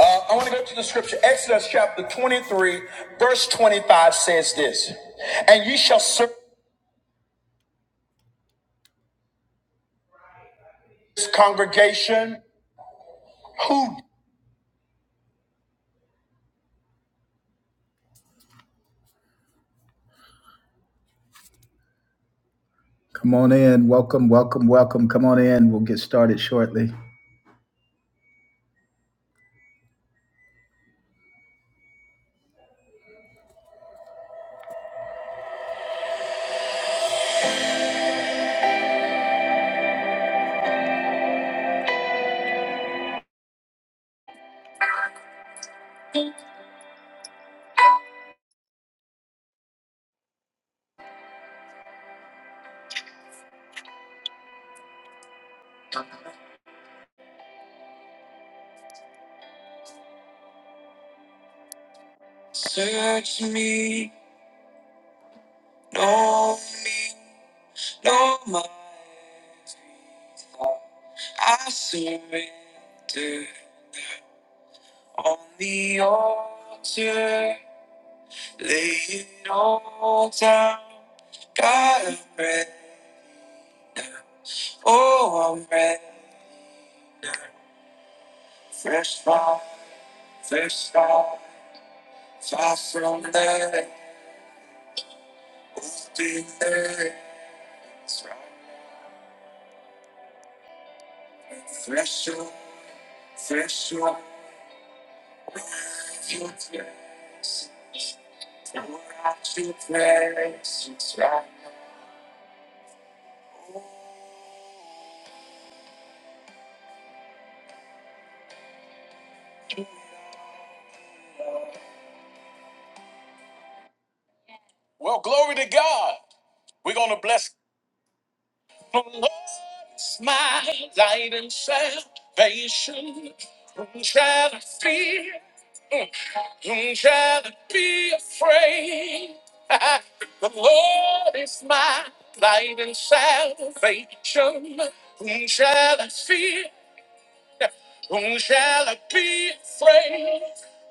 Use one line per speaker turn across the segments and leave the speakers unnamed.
Uh, I want to go to the scripture. Exodus chapter 23, verse 25 says this And ye shall serve this congregation who. Come on in. Welcome, welcome, welcome. Come on in. We'll get started shortly. Search me, know me, know my every thought. I surrender on the altar. Lay it all down. God, I'm ready. now. Oh, man, fresh fall, fresh fall, far from there, open there, fresh up, fresh up, without your grace, pour out your presence right Well, glory to God. We're going to bless the Lord. It's my light and salvation. Don't try to fear. Don't try to be afraid. the Lord is my light and salvation. Whom shall I fear? Whom shall I be afraid?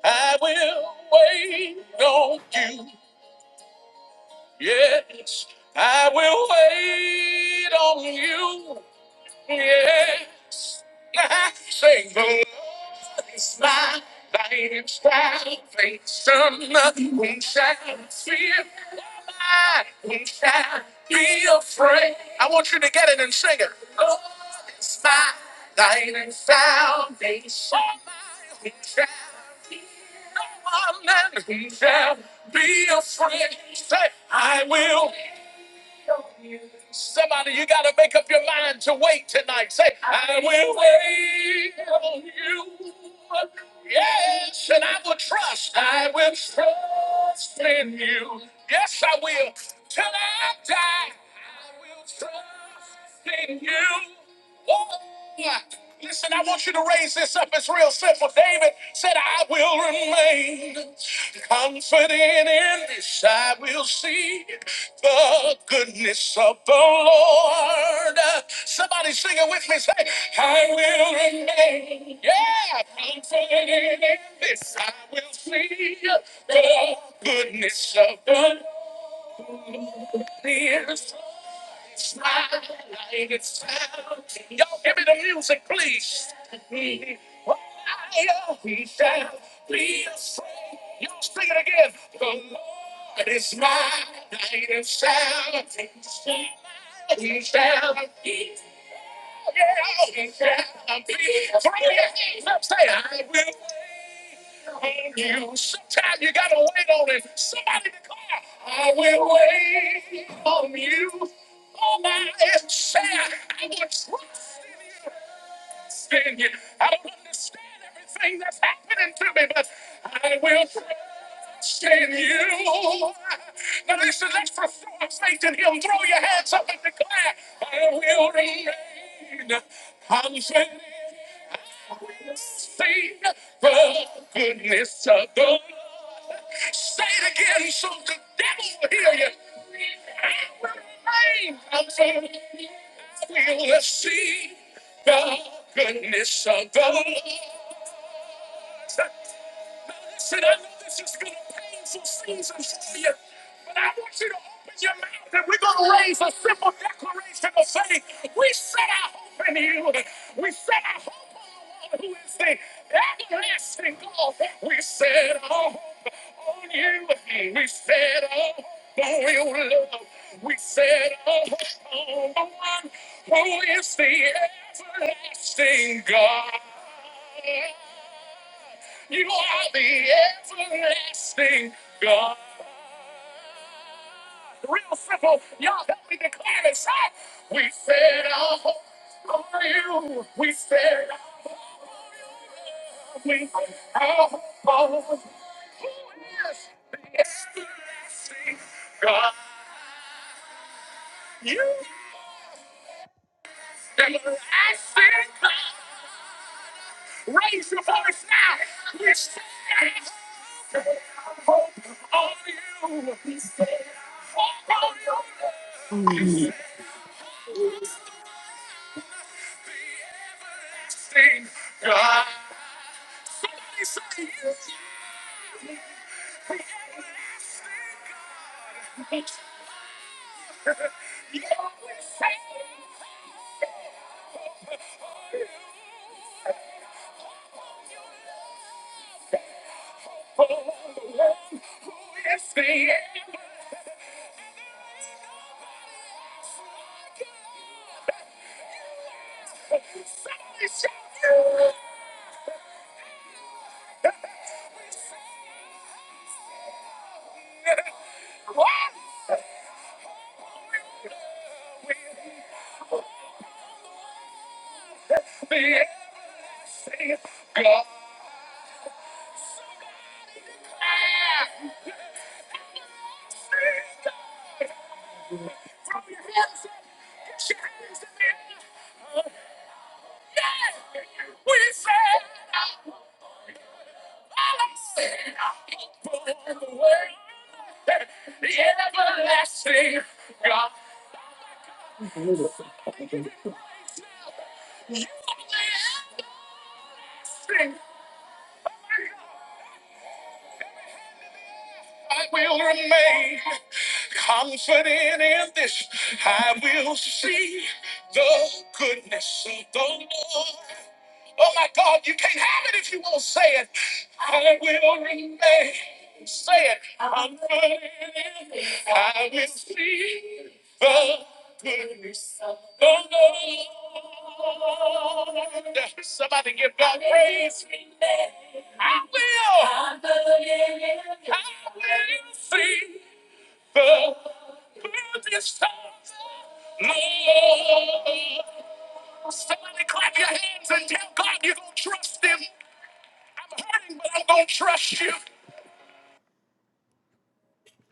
I will wait on you. Yes, I will wait on you. Yes. I Sing the Lord is my light and salvation. Whom shall I fear? Why? Whom shall I be afraid? I want you to get it and sing it. Lord is my light and salvation. Whom shall I fear? No one man who shall be afraid. Say, I will. Somebody, you got to make up your mind to wait tonight. Say, I will wait on you. Yes, and I will trust. I will trust in you. Yes, I will. Till I die, I will trust in you. Yeah. Listen, I want you to raise this up. It's real simple. David said, I will remain confident in this. I will see the goodness of the Lord. Somebody singing with me, say, I will remain. Yeah, confident in this. I will see the goodness of the Lord. Y'all give me the music, please. Y'all sing it again. The Lord is my light and salvation. He shall be. Yeah, he shall be. Three, eight, let's say, I will. You know, sometimes you gotta wait on it. Somebody declare, I will wait on you. Oh my and say I will trust in you. In you.
The
Wait, confident in this. I will.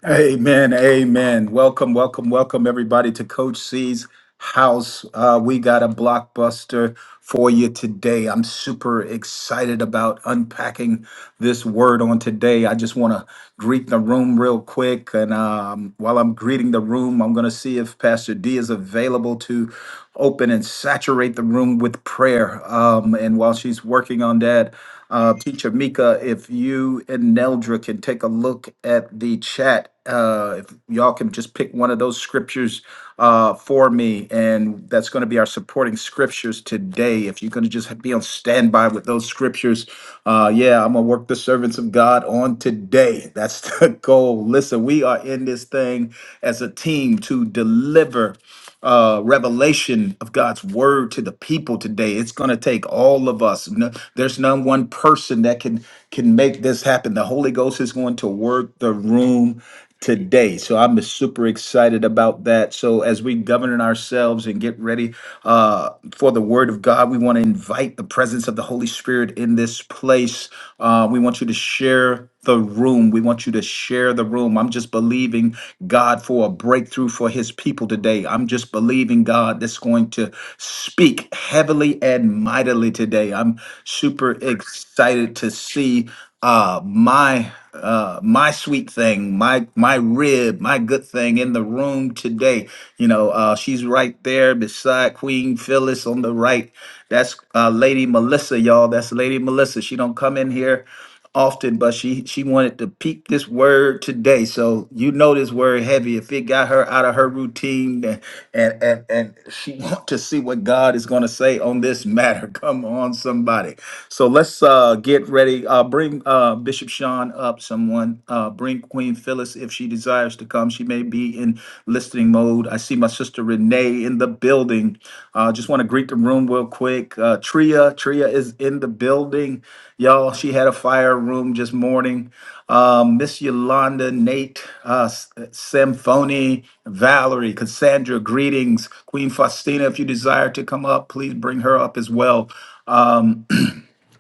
Amen. Amen. Welcome, welcome, welcome, everybody, to Coach C's house. Uh, we got a blockbuster for you today. I'm super excited about unpacking this word on today. I just want to greet the room real quick. And um, while I'm greeting the room, I'm going to see if Pastor D is available to open and saturate the room with prayer. Um, and while she's working on that, uh, Teacher Mika, if you and Neldra can take a look at the chat, uh, if y'all can just pick one of those scriptures uh, for me, and that's going to be our supporting scriptures today. If you're going to just be on standby with those scriptures, uh, yeah, I'm going to work the servants of God on today. That's the goal. Listen, we are in this thing as a team to deliver uh, revelation of God's word to the people today. It's going to take all of us. No, there's not one person that can can make this happen. The Holy Ghost is going to work the room today. So I'm super excited about that. So as we govern ourselves and get ready uh, for the word of God, we want to invite the presence of the Holy Spirit in this place. Uh, we want you to share the room. We want you to share the room. I'm just believing God for a breakthrough for his people today. I'm just believing God that's going to speak heavily and mightily today. I'm super excited to see uh my uh my sweet thing my my rib my good thing in the room today you know uh she's right there beside queen phyllis on the right that's uh lady melissa y'all that's lady melissa she don't come in here often, but she she wanted to peep this word today. So you know this word heavy. If it got her out of her routine, and and and, and she want to see what God is going to say on this matter. Come on, somebody. So let's uh, get ready. Uh, bring uh, Bishop Sean up. Someone uh, bring Queen Phyllis if she desires to come. She may be in listening mode. I see my sister Renee in the building. Uh, just want to greet the room real quick. Uh, Tria, Tria is in the building. Y'all, she had a fire room just morning. Um, Miss Yolanda, Nate, uh, S- uh, Symphony, Valerie, Cassandra, greetings. Queen Faustina, if you desire to come up, please bring her up as well. Um,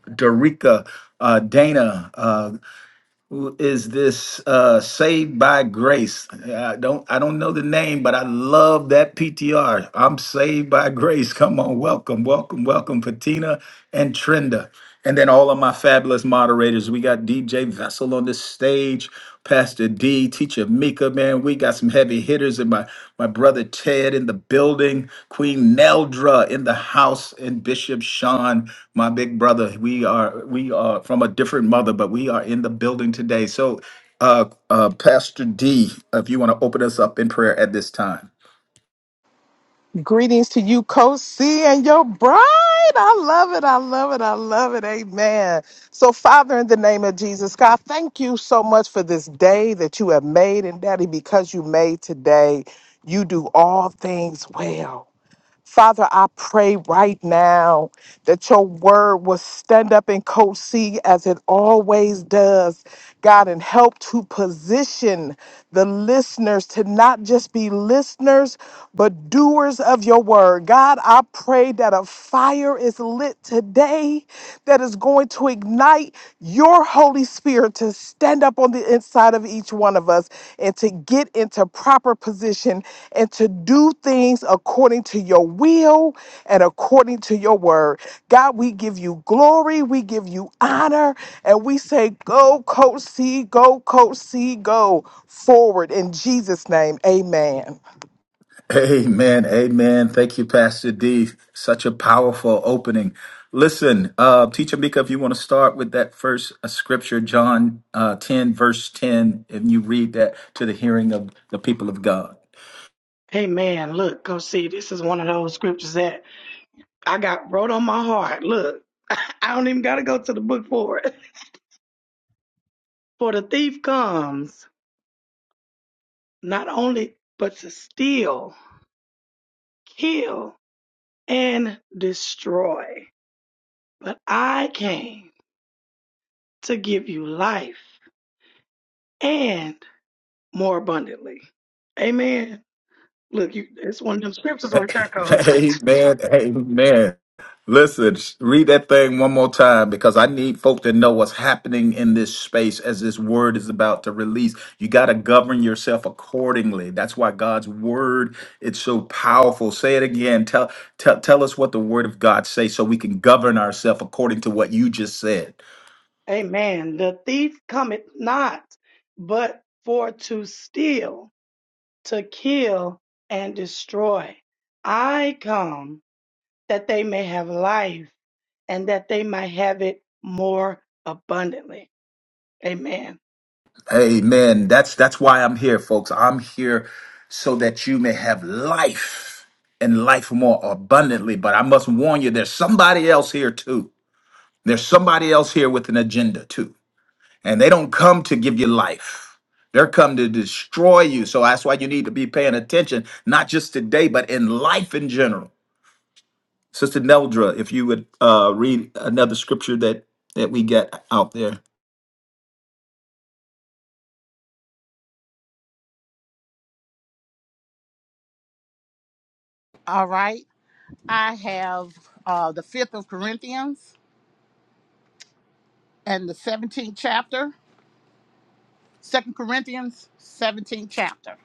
Dorica, uh, Dana, uh, is this uh saved by grace i don't i don't know the name but i love that ptr i'm saved by grace come on welcome welcome welcome patina and trenda and then all of my fabulous moderators we got dj vessel on the stage Pastor D, Teacher Mika, man. We got some heavy hitters and my, my brother Ted in the building, Queen Neldra in the house, and Bishop Sean, my big brother. We are we are from a different mother, but we are in the building today. So uh, uh, Pastor D, if you want to open us up in prayer at this time.
Greetings to you, Coach C, and your bride. I love it. I love it. I love it. Amen. So, Father, in the name of Jesus, God, thank you so much for this day that you have made. And, Daddy, because you made today, you do all things well. Father, I pray right now that your word will stand up in Coach C as it always does, God, and help to position the listeners to not just be listeners, but doers of your word. God, I pray that that a fire is lit today that is going to ignite your Holy Spirit to stand up on the inside of each one of us and to get into proper position and to do things according to your will and according to your word. God, we give you glory, we give you honor, and we say, Go, Coach C, go, Coach C, go forward in Jesus' name. Amen.
Amen. Amen. Thank you, Pastor D. Such a powerful opening. Listen, uh, Teacher Mika, if you want to start with that first uh, scripture, John uh, 10, verse 10, and you read that to the hearing of the people of God.
Hey man, look, go see. This is one of those scriptures that I got wrote on my heart. Look, I don't even gotta go to the book for it. For the thief comes not only but to steal, kill, and destroy. But I came to give you life and more abundantly. Amen. Look, you it's one of them scriptures right there, coach.
Amen. Amen. Listen, sh- read that thing one more time because I need folk to know what's happening in this space as this word is about to release. You got to govern yourself accordingly. That's why God's word it's so powerful. Say it again. Tell tell tell us what the word of God says so we can govern ourselves according to what you just said.
Amen. The thief cometh not but for to steal to kill and destroy. I come that they may have life and that they might have it more abundantly. Amen.
Amen. That's that's why I'm here, folks. I'm here so that you may have life and life more abundantly. But I must warn you, there's somebody else here too. There's somebody else here with an agenda too. And they don't come to give you life. They're come to destroy you. So that's why you need to be paying attention, not just today, but in life in general. Sister Neldra, if you would uh, read another scripture that that we get out there.
All right. I have uh, the 5th of Corinthians and the 17th chapter, 2nd Corinthians, 17th chapter.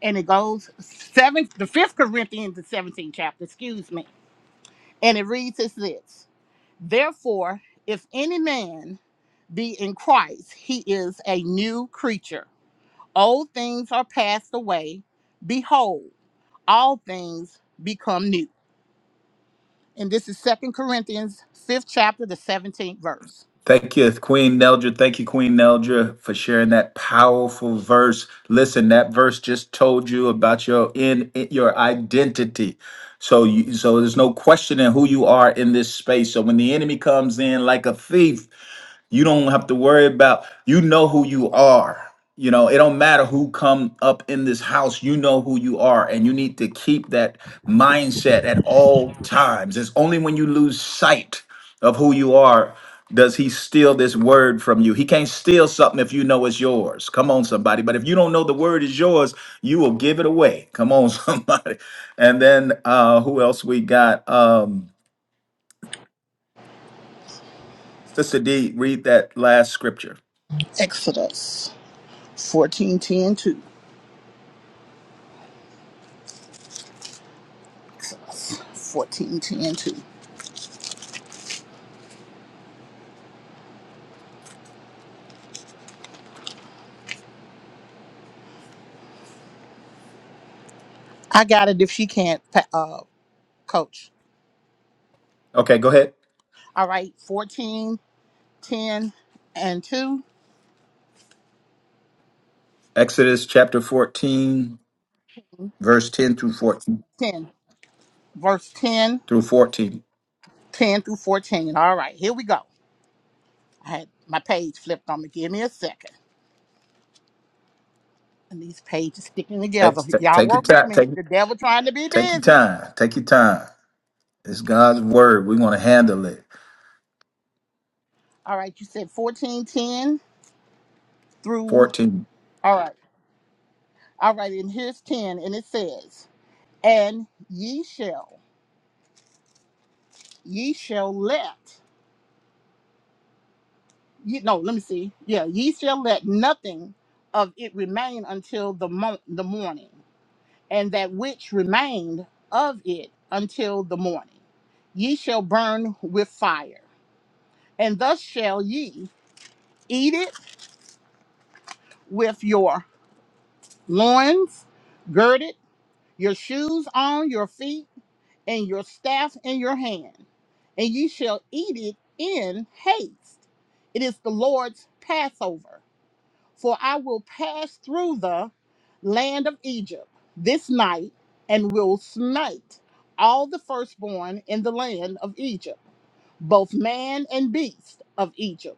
And it goes seventh, the 5th Corinthians, the 17th chapter, excuse me. And it reads as this Therefore, if any man be in Christ, he is a new creature. Old things are passed away. Behold, all things become new. And this is Second Corinthians, 5th chapter, the 17th verse.
Thank you, Queen Neldra. Thank you, Queen Neldra, for sharing that powerful verse. Listen, that verse just told you about your in, in- your identity. So you so there's no questioning who you are in this space. So when the enemy comes in like a thief, you don't have to worry about you know who you are. You know, it don't matter who come up in this house, you know who you are and you need to keep that mindset at all times. It's only when you lose sight of who you are does he steal this word from you. He can't steal something if you know it's yours. Come on somebody, but if you don't know the word is yours, you will give it away. Come on somebody. And then uh who else we got? Um Sister D, read that last scripture.
Exodus 14 10 2 Exodus fourteen ten two I got it if she can't, pa- uh, coach.
Okay, go ahead.
All right, 14 10 and 2.
Exodus chapter 14, verse 10 through 14
10, verse ten
through 14.
ten through 14. All right, here we go. I had my page flipped on me. Give me a second. And these pages sticking
Take,
together. Y'all
take your
work with
time.
me.
Take,
The devil trying to be
take your
busy.
time. Take your time. It's God's word. We want to handle it.
All right, you said 14 10 through.
14.
All right, all right, and here's 10. And it says, And ye shall. ye shall let ye, no let me see yeah ye shall let nothing of it remain until the mo- the morning and that which remained of it until the morning ye shall burn with fire and thus shall ye eat it with your loins girded your shoes on your feet and your staff in your hand and ye shall eat it in haste it is the lord's passover For I will pass through the land of Egypt this night and will smite all the firstborn in the land of Egypt, both man and beast of Egypt,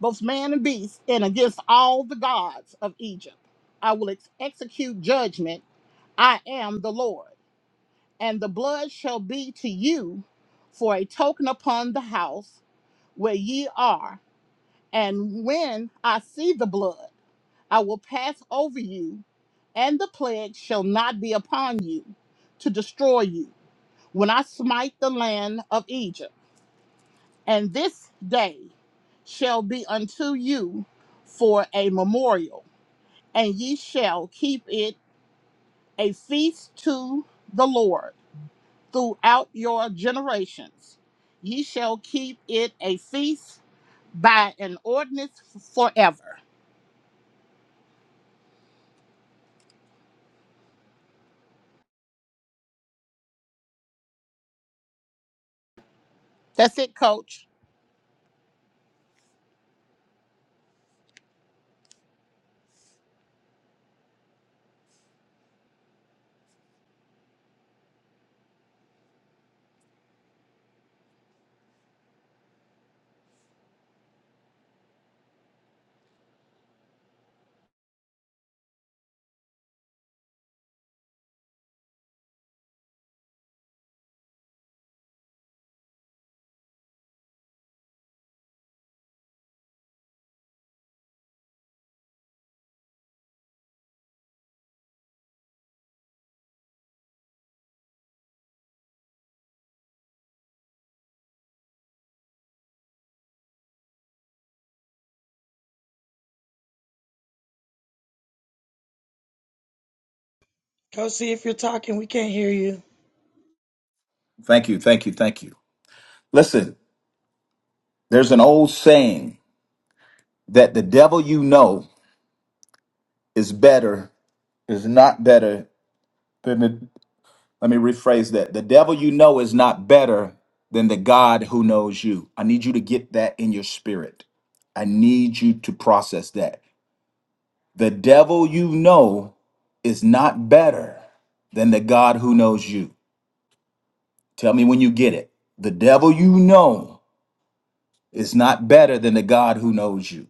both man and beast, and against all the gods of Egypt. I will ex- execute judgment. I am the Lord. And the blood shall be to you for a token upon the house where ye are. And when I see the blood, I will pass over you, and the plague shall not be upon you to destroy you when I smite the land of Egypt. And this day shall be unto you for a memorial, and ye shall keep it a feast to the Lord throughout your generations. Ye shall keep it a feast by an ordinance forever. That's it, Coach.
Go see if you're talking. We can't hear you.
Thank you. Thank you. Thank you. Listen, there's an old saying that the devil you know is better, is not better than the let me rephrase that. The devil you know is not better than the God who knows you. I need you to get that in your spirit. I need you to process that. The devil you know is not better than the God who knows you. Tell me when you get it. The devil you know is not better than the God who knows you.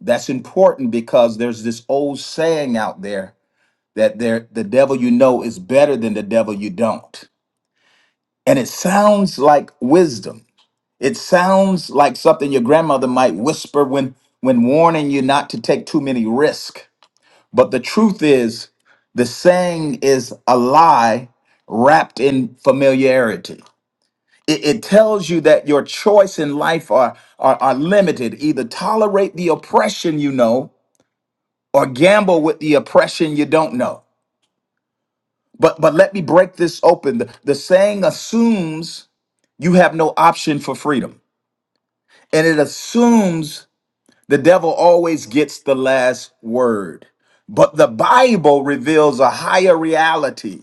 That's important because there's this old saying out there that there the devil you know is better than the devil you don't. And it sounds like wisdom. It sounds like something your grandmother might whisper when when warning you not to take too many risks But the truth is, the saying is a lie wrapped in familiarity. It, it tells you that your choice in life are, are, are limited. Either tolerate the oppression you know or gamble with the oppression you don't know. But, but let me break this open. The, the saying assumes you have no option for freedom, and it assumes the devil always gets the last word. But the Bible reveals a higher reality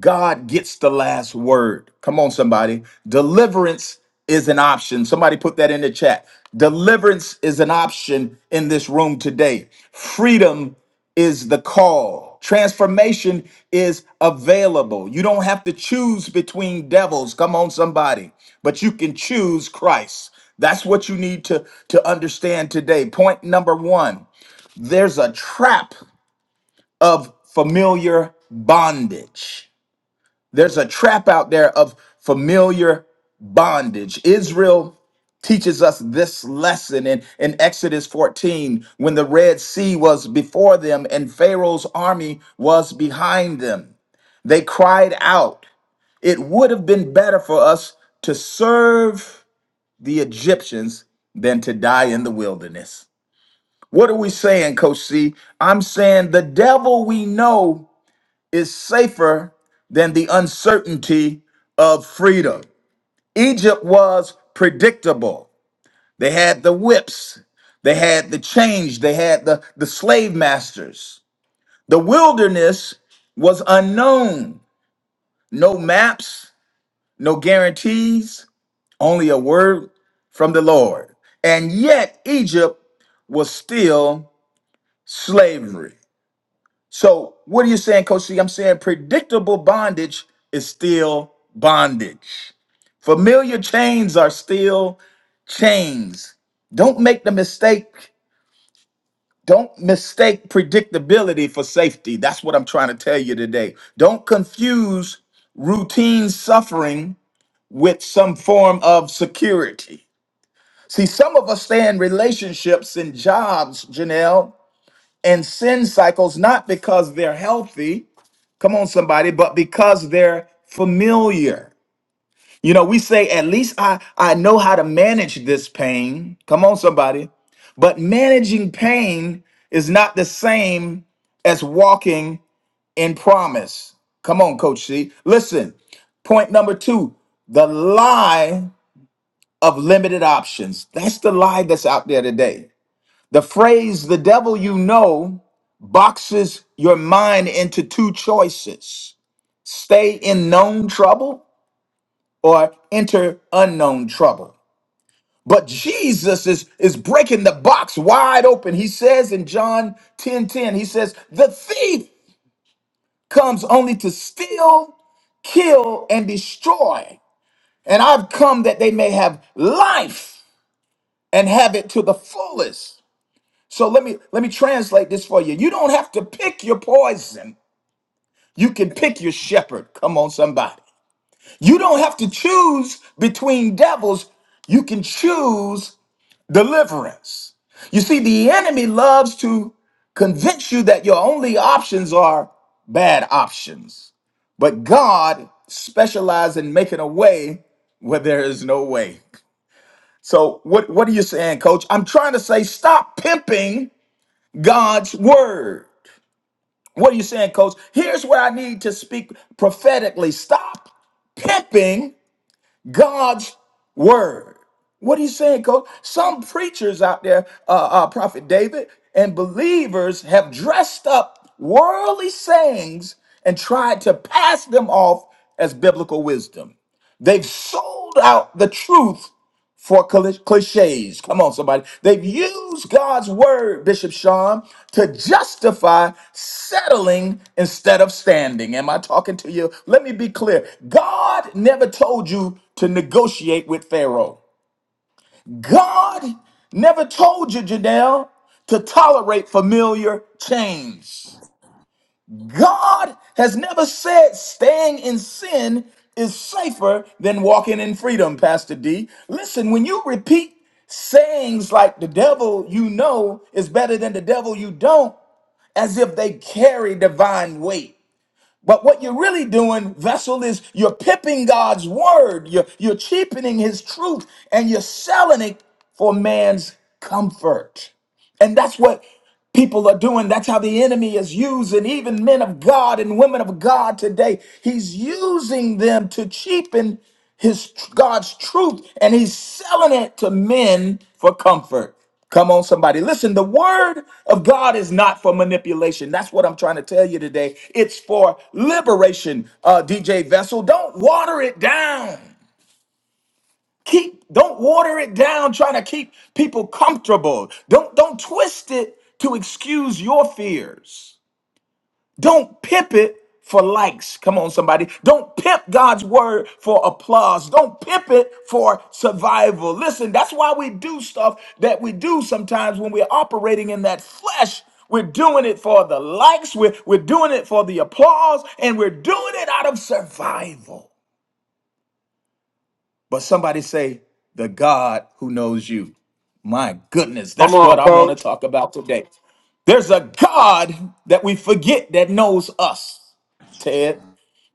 God gets the last word. Come on, somebody. Deliverance is an option. Somebody put that in the chat. Deliverance is an option in this room today. Freedom is the call. Transformation is available. You don't have to choose between devils. Come on, somebody. But you can choose Christ. That's what you need to, to understand today. Point number one there's a trap of familiar bondage. There's a trap out there of familiar bondage. Israel teaches us this lesson in, in Exodus 14 when the Red Sea was before them and Pharaoh's army was behind them. They cried out, It would have been better for us to serve the Egyptians than to die in the wilderness. What are we saying, Coach C? I'm saying the devil we know is safer than the uncertainty of freedom. Egypt was predictable. They had the whips, they had the change, they had the, the slave masters. The wilderness was unknown. No maps, no guarantees, only a word from the Lord. And yet, Egypt was still slavery. So what are you saying, Coach C? I'm saying predictable bondage is still bondage. Familiar chains are still chains. Don't make the mistake. Don't mistake predictability for safety. That's what I'm trying to tell you today. Don't confuse routine suffering with some form of security. See, some of us stay in relationships and jobs, Janelle, and sin cycles not because they're healthy, Come on, somebody. But because they're familiar. You know, we say, at least I, I know how to manage this pain. Come on, somebody. But managing pain is not the same as walking in promise. Come on, Coach C. Listen, point number two the lie of limited options. That's the lie that's out there today. The phrase, the devil you know, boxes your mind into two choices stay in known trouble or enter unknown trouble. But Jesus is, is breaking the box wide open. He says in John 10 10, he says, The thief comes only to steal, kill, and destroy. And I've come that they may have life and have it to the fullest. So let me let me translate this for you. You don't have to pick your poison. You can pick your shepherd. Come on, somebody. You don't have to choose between devils. You can choose deliverance. You see, the enemy loves to convince you that your only options are bad options. But God specializes in making a way where there is no way. So what, what are you saying, coach? I'm trying to say stop pimping God's word. What are you saying, coach? Here's where I need to speak prophetically. Stop pimping God's word. What are you saying, coach? Some preachers out there, uh, uh, Prophet David, and believers have dressed up worldly sayings and tried to pass them off as biblical wisdom. They've sold out the truth for cli- cliches. Come on, somebody. They've used God's word, Bishop Sean, to justify settling instead of standing. Am I talking to you? Let me be clear. God never told you to negotiate with Pharaoh. God never told you, Janelle, to tolerate familiar change. God has never said staying in sin is safer than walking in freedom, Pastor D. Listen, when you repeat sayings like the devil you know is better than the devil you don't, as if they carry divine weight. But what you're really doing, vessel, is you're pipping God's word, you're, you're cheapening his truth, and you're selling it for man's comfort. And that's what people are doing. That's how the enemy is using even men of God and women of God today. He's using them to cheapen his God's truth and he's selling it to men for comfort. Come on, somebody. Listen, the word of God is not for manipulation. That's what I'm trying to tell you today. It's for liberation, uh, DJ Vessel. Don't water it down keep don't water it down trying to keep people comfortable don't don't twist it to excuse your fears don't pimp it for likes come on somebody don't pimp god's word for applause don't pimp it for survival listen that's why we do stuff that we do sometimes when we're operating in that flesh we're doing it for the likes we're, we're doing it for the applause and we're doing it out of survival but somebody say, the God who knows you. My goodness,
Come
that's
on,
what I want to
coach.
talk about today. There's a God that we forget that knows us, Ted.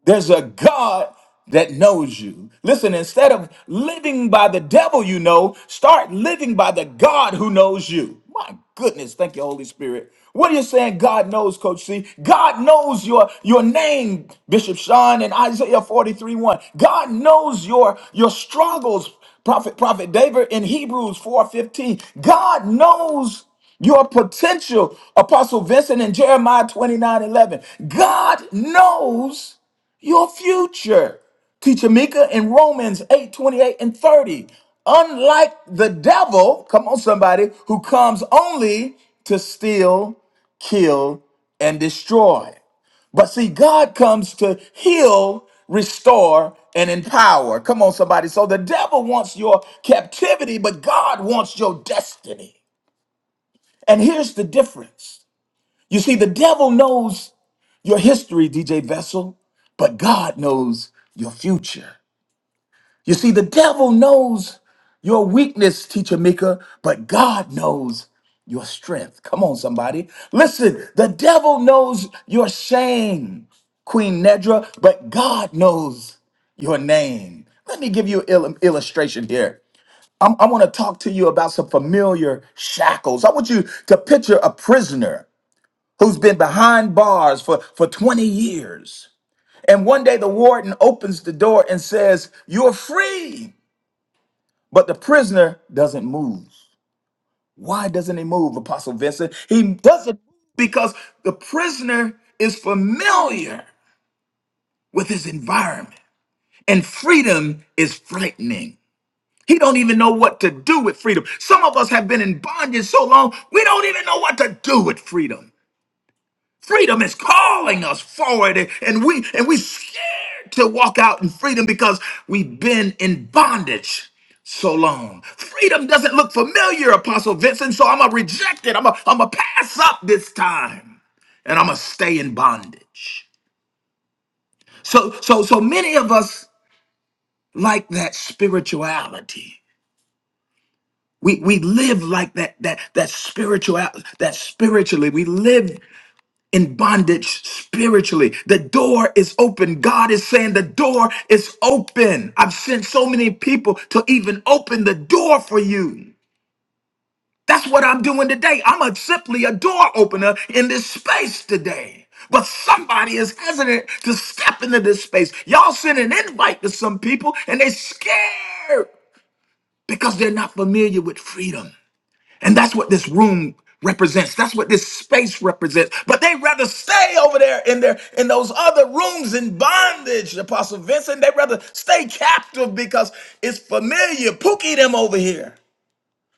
There's a God that knows you. Listen, instead of living by the devil you know, start living by the God who knows you. My goodness, thank you, Holy Spirit. What are you saying? God knows, Coach C. God knows your, your name, Bishop Sean and Isaiah 43 1. God knows your, your struggles, Prophet, Prophet David in Hebrews 4:15. God knows your potential, Apostle Vincent in Jeremiah 29 11. God knows your future. Teacher Mika in Romans 8 28 and 30. Unlike the devil, come on, somebody, who comes only to steal, kill, and destroy. But see, God comes to heal, restore, and empower. Come on, somebody. So the devil wants your captivity, but God wants your destiny. And here's the difference you see, the devil knows your history, DJ Vessel, but God knows your future. You see, the devil knows your weakness, Teacher Mika, but God knows your strength. Come on, somebody. Listen, the devil knows your shame, Queen Nedra, but God knows your name. Let me give you an il- illustration here. I'm- I want to talk to you about some familiar shackles. I want you to picture a prisoner who's been behind bars for, for 20 years. And one day the warden opens the door and says, You're free. But the prisoner doesn't move. Why doesn't he move, Apostle Vincent? He doesn't because the prisoner is familiar with his environment. And freedom is frightening. He don't even know what to do with freedom. Some of us have been in bondage so long, we don't even know what to do with freedom. Freedom is calling us forward, and and we and we scared to walk out in freedom because we've been in bondage so long. Freedom doesn't look familiar, Apostle Vincent, so I'm gonna reject it. I'm gonna, I'm gonna pass up this time, and I'm gonna stay in bondage. So so so many of us like that spirituality. We we live like that that that spiritual that spiritually we live in bondage spiritually. The door is open. God is saying the door is open. I've sent so many people to even open the door for you. That's what I'm doing today. I'm a, simply a door opener in this space today. But somebody is hesitant to step into this space. Y'all send an invite to some people and they're scared because they're not familiar with freedom. And that's what this room represents. That's what this space represents. But they'd rather stay over there in their in those other rooms in bondage, Apostle Vincent. They'd rather stay captive because it's familiar. Pookie them over here.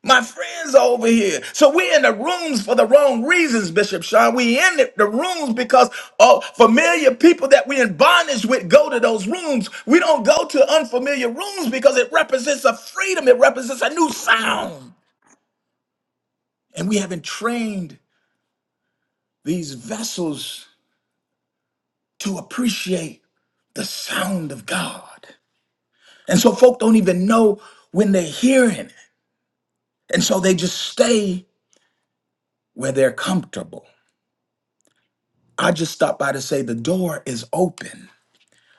My friends over here. So we're in the rooms for the wrong reasons, Bishop Sean. We in the the rooms because uh, familiar people that we in bondage with go to those rooms. We don't go to unfamiliar rooms because it represents a freedom. It represents a new sound and we haven't trained these vessels to appreciate the sound of God. And so folk don't even know when they're hearing it. And so they just stay where they're comfortable. I just stopped by to say the door is open.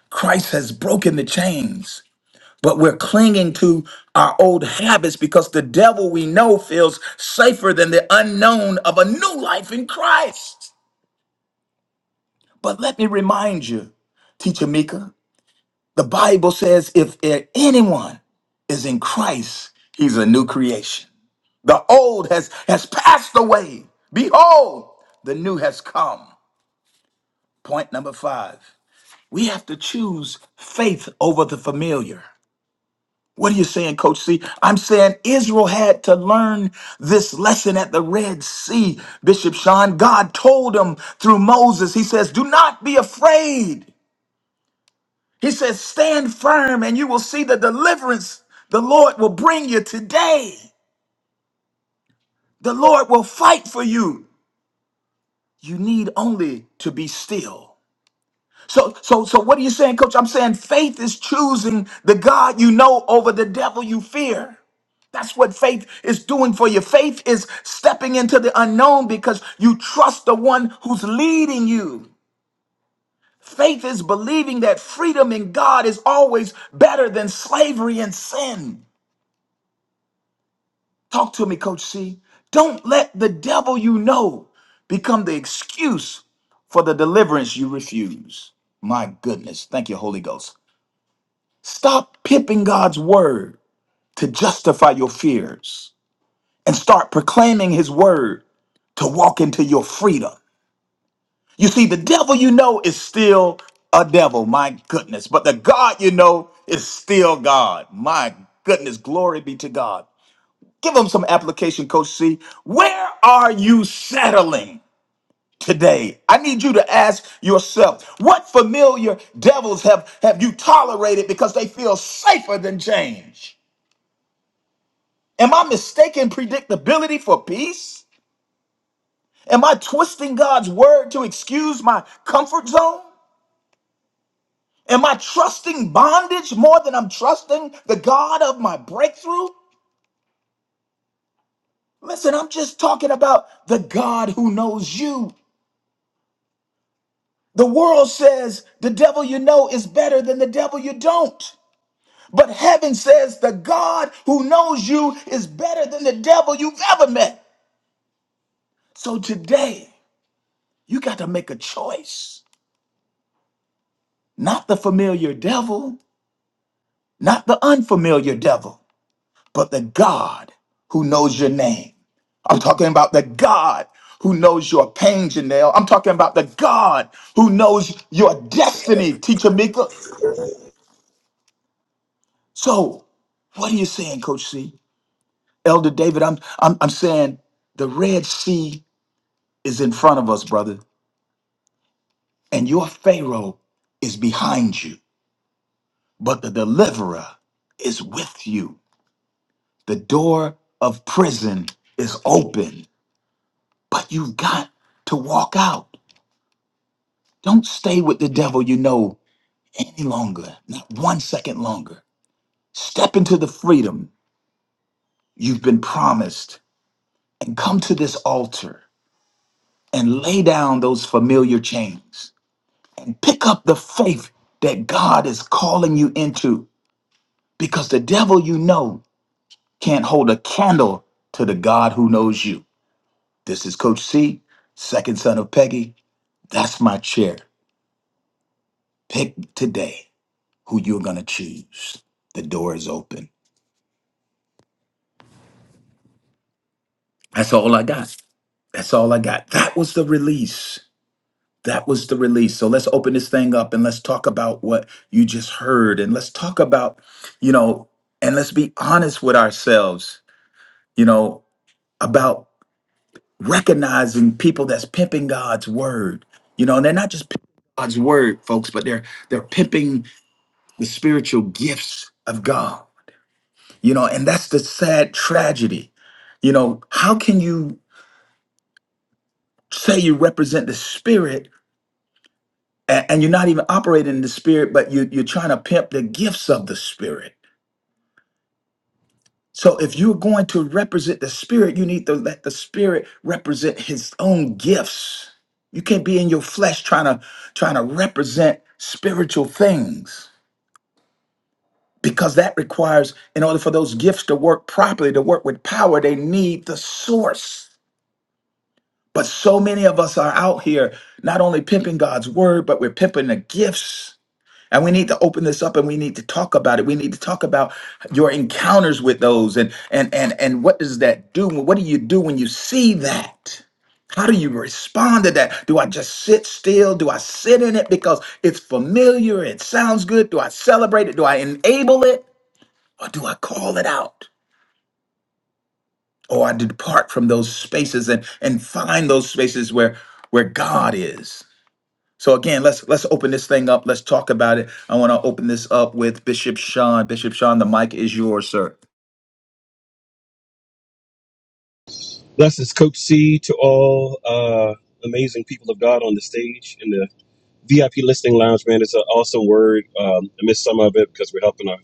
Christ has broken the chains, but we're clinging to our old habits because the devil we know feels safer than the unknown of a new life in Christ. But let me remind you, Teacher Mika. The Bible says if a- anyone is in Christ, he's a new creation. The old has, has passed away. Behold, the new has come. Point number five. We have to choose faith over the familiar. What are you saying, Coach C? I'm saying Israel had to learn this lesson at the Red Sea, Bishop Sean. God told them through Moses, He says, Do not be afraid. He says, Stand firm and you will see the deliverance the Lord will bring you today. The Lord will fight for you. You need only to be still. So, so, so what are you saying, coach? I'm saying faith is choosing the God you know over the devil you fear. That's what faith is doing for you. Faith is stepping into the unknown because you trust the one who's leading you. Faith is believing that freedom in God is always better than slavery and sin. Talk to me, Coach C. Don't let the devil you know become the excuse for the deliverance you refuse. My goodness. Thank you, Holy Ghost. Stop pipping God's word to justify your fears and start proclaiming his word to walk into your freedom. You see, the devil you know is still a devil, my goodness. But the God you know is still God. My goodness. Glory be to God. Give them some application, Coach C. Where are you settling today? I need you to ask yourself what familiar devils have, have you tolerated because they feel safer than change? Am I mistaking predictability for peace? Am I twisting God's word to excuse my comfort zone? Am I trusting bondage more than I'm trusting the God of my breakthrough? Listen, I'm just talking about the God who knows you. The world says the devil you know is better than the devil you don't. But heaven says the God who knows you is better than the devil you've ever met. So today, you got to make a choice. Not the familiar devil, not the unfamiliar devil, but the God who knows your name. I'm talking about the God who knows your pain, Janelle. I'm talking about the God who knows your destiny, Teacher Mika. So, what are you saying, Coach C? Elder David, I'm, I'm, I'm saying the Red Sea is in front of us, brother, and your Pharaoh is behind you, but the deliverer is with you. The door of prison is open, but you've got to walk out. Don't stay with the devil you know any longer, not one second longer. Step into the freedom you've been promised and come to this altar and lay down those familiar chains. Pick up the faith that God is calling you into because the devil you know can't hold a candle to the God who knows you. This is Coach C, second son of Peggy. That's my chair. Pick today who you're going to choose. The door is open. That's all I got. That's all I got. That was the release. That was the release. So let's open this thing up and let's talk about what you just heard. And let's talk about, you know, and let's be honest with ourselves you know, about recognizing people that's pimping God's word. You know, and they're not just pimping God's word, folks, but they're they're pimping the spiritual gifts of God. You know, and that's the sad tragedy. You know, how can you say you represent the spirit a- and, you're not even operating in the spirit, but you, you're trying to pimp the gifts of the spirit? So if you're going to represent the spirit, you need to let the spirit represent his own gifts. You can't be in your flesh trying to trying to represent spiritual things because that requires in order for those gifts to work properly, to work with power, they need the source. But so many of us are out here not only pimping God's word, but we're pimping the gifts And we need to open this up and we need to talk about it. We need to talk about your encounters with those and and and and what does that do? What do you do when you see that? How do you respond to that? Do I just sit still? Do I sit in it because it's familiar? It sounds good. Do I celebrate it? Do I enable it? Or do I call it out? Or I depart from those spaces and, and find those spaces where where God is. So again, let's let's open this thing up. Let's talk about it. I want to open this up with Bishop Sean. Bishop Sean, the mic is yours, sir.
Blessings, Coach C, to all uh, amazing people of God on the stage in the VIP listening lounge, man. It's an awesome word. Um, I missed some of it because we're helping our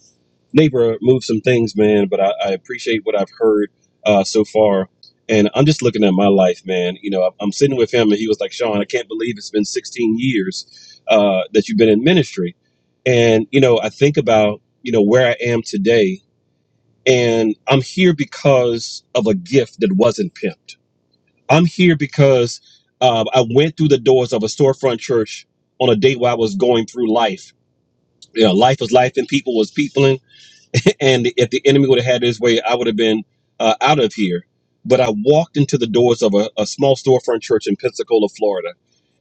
neighbor move some things, man. But I, I appreciate what I've heard uh, so far. And I'm just looking at my life, man. You know, I'm I'm sitting with him and he was like, Sean, I can't believe it's been 16 years uh, that you've been in ministry. And, you know, I think about, you know, where I am today. And I'm here because of a gift that wasn't pimped I'm here because um, I went through the doors of a storefront church on a day where I was going through life. You know, life was life and people was peopling. And if the enemy would have had his way, I would have been uh, out of here. But I walked into the doors of a, a small storefront church in Pensacola, Florida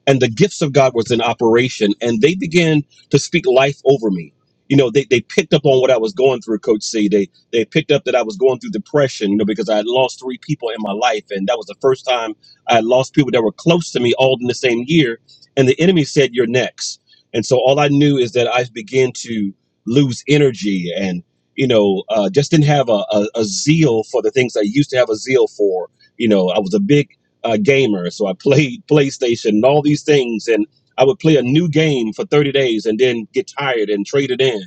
and the gifts of God was in operation, and they began to speak life over me. You know, they, they picked up on what I was going through, Coach C. They they picked up that I was going through depression, you know, because I had lost three people in my life, and that was the first time I had lost people that were close to me all in the same year. And the enemy said, "You're next." And so all I knew is that I began to lose energy, and you know, uh, just didn't have a, a, a zeal for the things I used to have a zeal for. You know, I was a big uh, gamer, so I played PlayStation and all these things, and I would play a new game for 30 days and then get tired and trade it in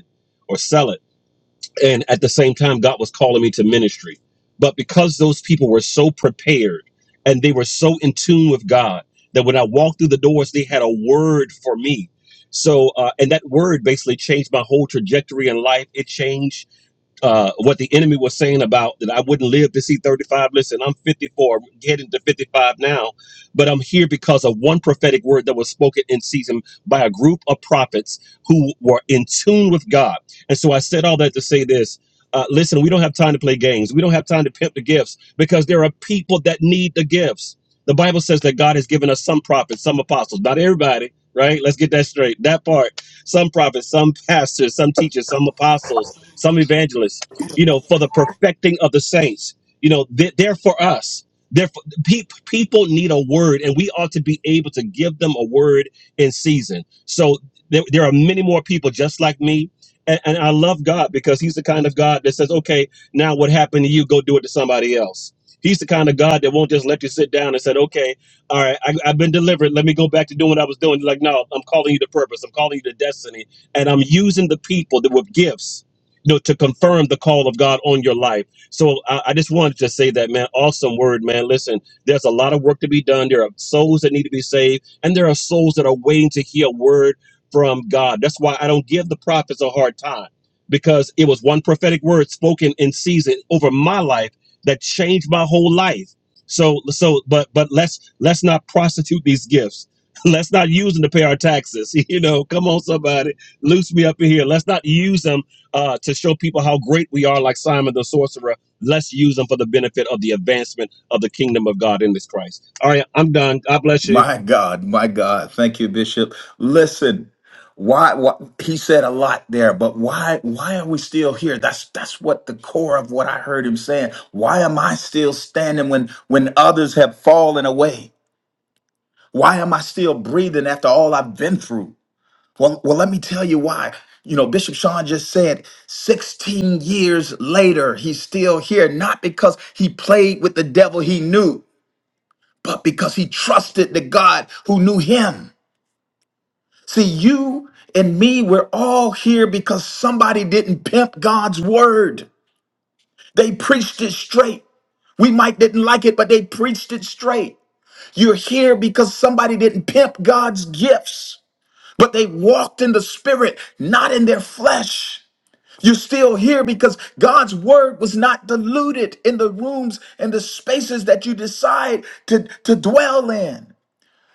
or sell it. And at the same time, God was calling me to ministry. But because those people were so prepared and they were so in tune with God that when I walked through the doors, they had a word for me. So, uh, and that word basically changed my whole trajectory in life. It changed uh, what the enemy was saying about that I wouldn't live to see 35. Listen, I'm 54, I'm heading to 55 now, but I'm here because of one prophetic word that was spoken in season by a group of prophets who were in tune with God. And so I said all that to say this. Uh, listen, we don't have time to play games. We don't have time to pimp the gifts because there are people that need the gifts. The Bible says that God has given us some prophets, some apostles, not everybody, right? Let's get that straight. That part, some prophets, some pastors, some teachers, some apostles some evangelists, you know, for the perfecting of the saints. You know, they're, they're for us. They're for, pe- people need a word, and we ought to be able to give them a word in season. So there, there are many more people just like me. And, and I love God because He's the kind of God that says, okay, now what happened to you? Go do it to somebody else. He's the kind of God that won't just let you sit down and said, okay, all right, I, I've been delivered. Let me go back to doing what I was doing. Like, no, I'm calling you to purpose. I'm calling you to destiny. And I'm using the people that with gifts you know, to confirm the call of God on your life. So I, I just wanted to say that, man, awesome word, man. Listen, there's a lot of work to be done. There are souls that need to be saved, and there are souls that are waiting to hear a word from God. That's why I don't give the prophets a hard time because it was one prophetic word spoken in season over my life that changed my whole life. So, so, but, but let's let's not prostitute these gifts. Let's not use them to pay our taxes. You know, come on, somebody, loose me up in here. Let's not use them uh, to show people how great we are, like Simon the sorcerer. Let's use them for the benefit of the advancement of the kingdom of God in this Christ. All right, I'm done. God bless you.
My God, my God. Thank you, Bishop. Listen, why, why he said a lot there, but why why are we still here? That's that's what the core of what I heard him saying. Why am I still standing when when others have fallen away? Why am I still breathing after all I've been through? Well, well, let me tell you why. You know, Bishop Sean just said 16 years later, he's still here, not because he played with the devil he knew, but because he trusted the God who knew him. See, you and me, we're all here because somebody didn't pimp God's word. They preached it straight. We might didn't like it, but they preached it straight. You're here because somebody didn't pimp God's gifts, but they walked in the spirit, not in their flesh. You're still here because God's word was not diluted in the rooms and the spaces that you decide to, to dwell in.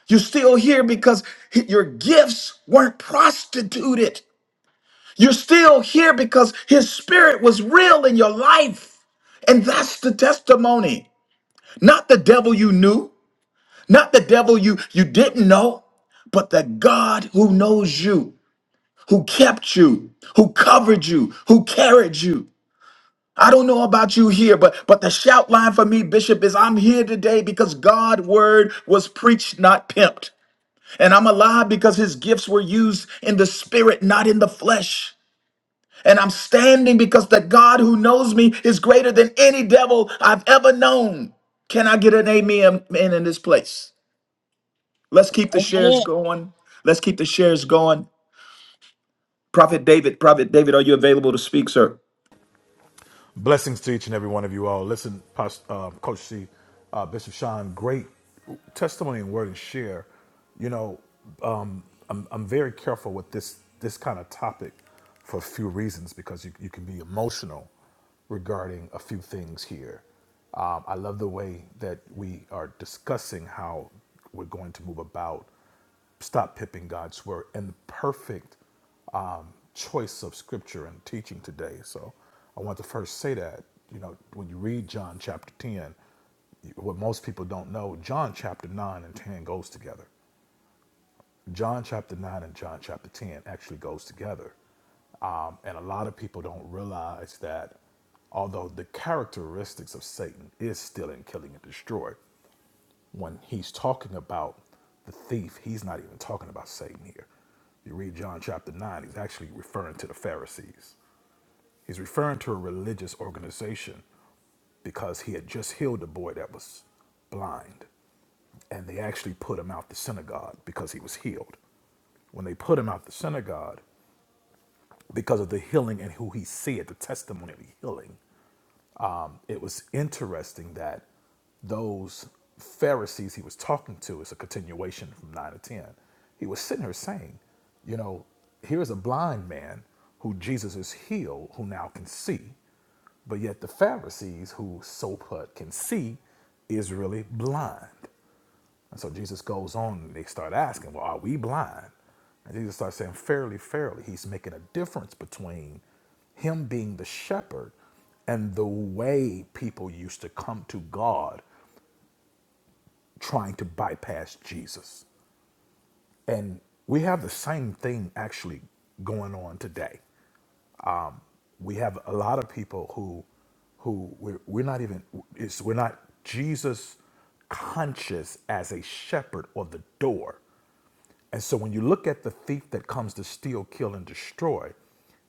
You're still here because your gifts weren't prostituted. You're still here because his spirit was real in your life. And that's the testimony. Not the devil you knew, not the devil you, you didn't know, but the God who knows you, who kept you, who covered you, who carried you. I don't know about you here, but but the shout line for me, Bishop, is I'm here today because God' word was preached, not pimped. And I'm alive because his gifts were used in the spirit, not in the flesh. And I'm standing because the God who knows me is greater than any devil I've ever known. Can I get an amen in, in this place? Let's keep the shares
Amen.
going. Let's keep the shares going. Prophet David, Prophet David, are you available to speak, sir?
Blessings to each and every one of you all. Listen, Pas- uh, Coach C, uh, Bishop Sean, great testimony and word and share. You know, um, I'm, I'm very careful with this this kind of topic for a few reasons because you, you can be emotional regarding a few things here. Um, I love the way that we are discussing how we're going to move about Stop pipping God's word and the perfect um, choice of scripture and teaching today. So I want to first say that, you know, when you read John chapter 10, what most people don't know, John chapter 9 and 10 goes together. John chapter 9 and John chapter 10 actually goes together. Um, and a lot of people don't realize that although the characteristics of Satan is still in killing and destroy, when he's talking about the thief, he's not even talking about Satan here. You read John chapter 9, he's actually referring to the Pharisees. He's referring to a religious organization because he had just healed a boy that was blind. And they actually put him out the synagogue because he was healed. When they put him out the synagogue because of the healing and who he said, the testimony of the healing, um, it was interesting that those Pharisees he was talking to is a continuation from 9 to 10. He was sitting here saying, you know, here's a blind man who Jesus has healed who now can see, but yet the Pharisees who so put can see is really blind. And so Jesus goes on and they start asking, Well, are we blind? And Jesus starts saying, Fairly, fairly. He's making a difference between him being the shepherd and the way people used to come to God trying to bypass Jesus. And we have the same thing actually going on today. We have a lot of people who who we're, we're not even it's, we're not Jesus conscious as a shepherd or the door. And so when you look at the thief that comes to steal, kill, and destroy,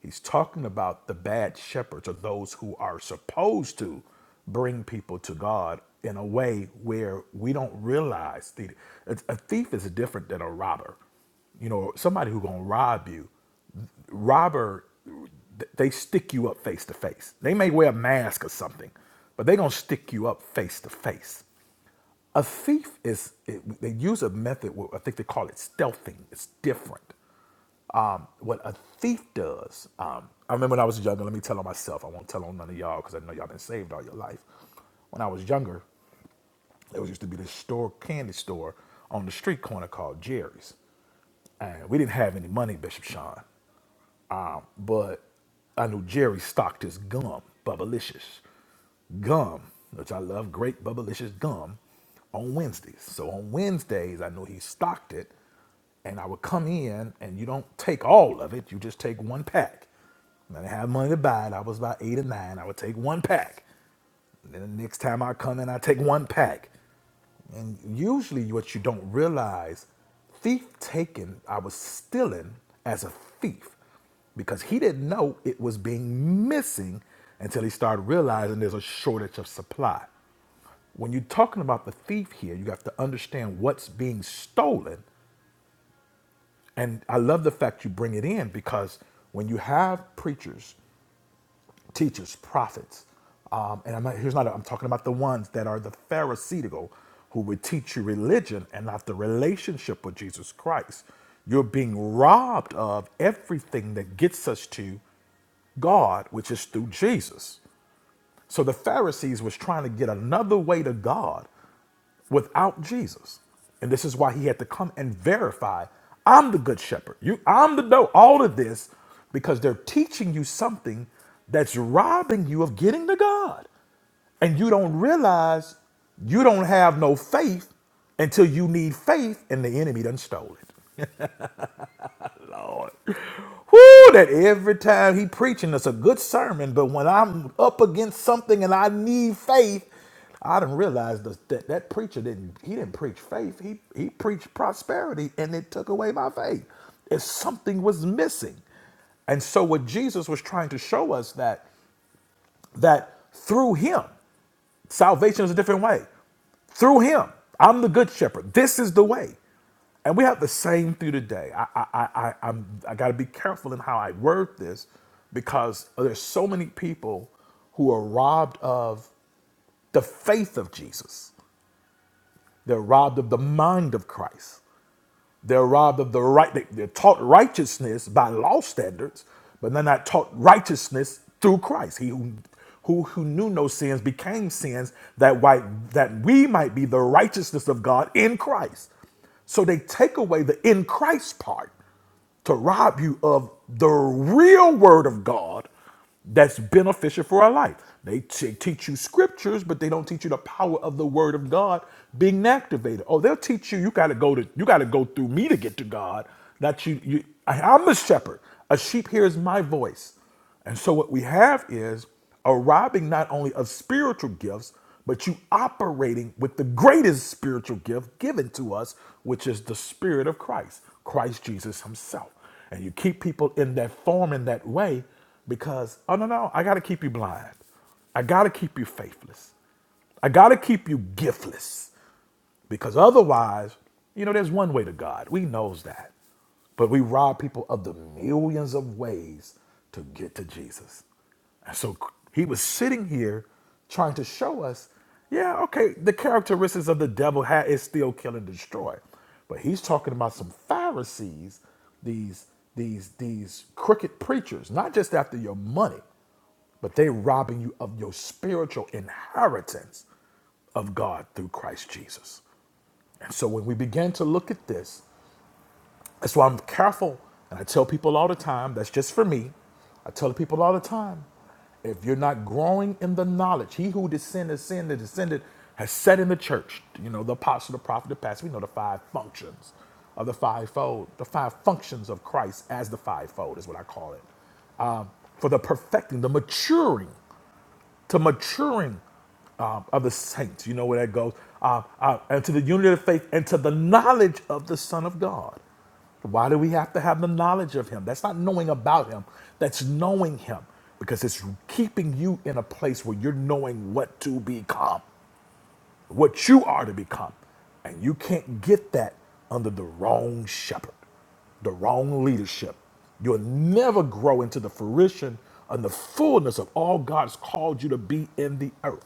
he's talking about the bad shepherds or those who are supposed to bring people to God in a way where we don't realize the a a thief is different than a robber. You know, somebody who gonna rob you, robber th- they stick you up face to face. They may wear a mask or something, but they gonna stick you up face to face. A thief is, it, they use a method, I think they call it stealthing. It's different. What a thief does, um, I remember when I was younger, let me tell on myself, I won't tell on none of y'all because I know y'all been saved all your life. When I was younger, there was used to be this store, candy store on the street corner called Jerry's. And we didn't have any money, Bishop Sean. Um, but I knew Jerry stocked his gum, Bubblicious gum, which I love, great Bubblicious gum, on Wednesdays. So on Wednesdays, I knew he stocked it, and I would come in, and you don't take all of it, you just take one pack. And I didn't have money to buy it. I was about eight or nine. I would take one pack. Then the next time I come in, I take one pack. And usually, what you don't realize, thief taken, I was stealing as a thief because he didn't know it was being missing until he started realizing there's a shortage of supply. When you're talking about the thief here, you have to understand what's being stolen. And I love the fact you bring it in because when you have preachers teachers, prophets. Um, and I'm not, here's not, a, I'm talking about the ones that are the Pharisaical who would teach you religion and not the relationship with Jesus Christ. You're being robbed of everything that gets us to God, which is through Jesus. So the Pharisees was trying to get another way to God without Jesus. And this is why he had to come and verify, I'm the good shepherd. You I'm the no all of this because they're teaching you something that's robbing you of getting to God. And you don't realize you don't have no faith until you need faith and the enemy done stole it. Lord. Whoo, that every time he preaching, it's a good sermon, but when I'm up against something and I need faith, I didn't realize that, that that preacher didn't he didn't preach faith. He he preached prosperity and it took away my faith. If something was missing. And so what Jesus was trying to show us that that through him. Salvation is a different way. Through him, I'm the good shepherd. This is the way. And we have the same through today. I, I, I, I- I'm, I got to be careful in how I word this because there's so many people who are robbed of the faith of Jesus. They're robbed of the mind of Christ. They're robbed of the right. They, they're taught righteousness by law standards, but they're not taught righteousness through Christ. He who who, who knew no sins became sins that why that we might be the righteousness of God in Christ. So they take away the in Christ part to rob you of the real word of God that's beneficial for our life. They t- teach you scriptures, but they don't teach you the power of the word of God being activated. Oh, they'll teach you you got to go to you got to go through me to get to God. That you you I, I'm the shepherd. A sheep hears my voice. And so what we have is arriving not only of spiritual gifts, but you operating with the greatest spiritual gift given to us, which is the Spirit of Christ, Christ Jesus Himself. And you keep people in that form in that way because, oh no, no, I gotta keep you blind. I gotta keep you faithless. I gotta keep you giftless. Because otherwise, you know, there's one way to God. We knows that. But we rob people of the millions of ways to get to Jesus. And so he was sitting here trying to show us, yeah, okay, the characteristics of the devil ha- is still kill and destroy. But he's talking about some Pharisees, these these these crooked preachers, not just after your money, but they robbing you of your spiritual inheritance of God through Christ Jesus. And so when we begin to look at this, that's why I'm careful. And I tell people all the time, that's just for me. I tell people all the time, if you're not growing in the knowledge, he who descended, sin, descended, has set in the church, you know, the apostle, the prophet, the pastor, we know the five functions of the fivefold, the five functions of Christ as the fivefold is what I call it. Um, for the perfecting, the maturing to maturing um, of the saints. You know where that goes. Uh, uh, and to the unity of faith and to the knowledge of the Son of God. Why do we have to have the knowledge of Him? That's not knowing about Him, that's knowing Him because it's keeping you in a place where you're knowing what to become what you are to become. And you can't get that under the wrong shepherd, the wrong leadership. You'll never grow into the fruition and the fullness of all God's called you to be in the earth.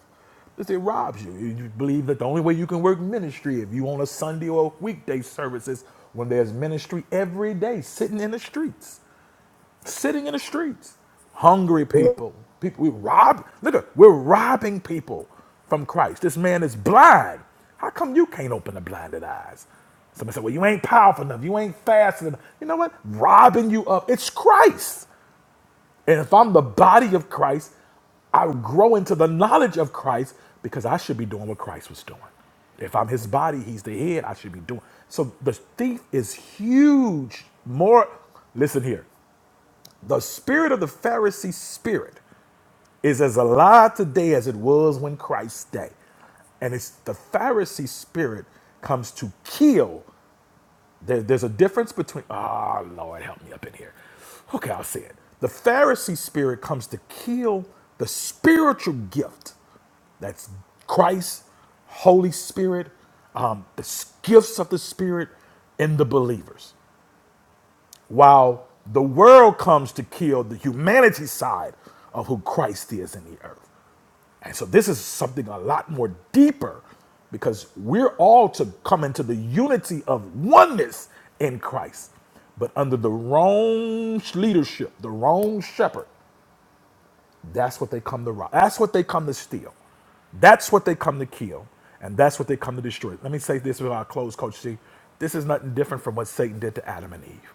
Because it robs you. You believe that the only way you can work ministry if you on a Sunday or a weekday services when there's ministry every day sitting in the streets sitting in the streets, hungry people. People we rob. Look, at- we're robbing people from Christ. This man is blind. How come you can't open the blinded eyes? Somebody said, "Well, you ain't powerful enough. You ain't fast enough." You know what? Robbing you up. it's Christ. And if I'm the body of Christ, I grow into the knowledge of Christ because I should be doing what Christ was doing. If I'm his body, he's the head, I should be doing. So the thief is huge. More, listen here. The spirit of the Pharisee spirit is as alive today as it was when Christ's day. And it's the Pharisee spirit comes to kill. There- there's a difference between, ah, Lord, help me up in here. Okay, I'll say it. The Pharisee spirit comes to kill the spiritual gift that's Christ, Holy Spirit, um, the s- gifts of the Spirit in the believers while the world comes to kill the humanity side of who Christ is in the earth. And so this is something a lot more deeper because we're all to come into the unity of oneness in Christ. But under the wrong leadership, the wrong shepherd, that's what they come to rob. That's what they come to steal. That's what they come to kill, and that's what they come to destroy. Let me say this with our close, Coach C. This is nothing different from what Satan did to Adam and Eve.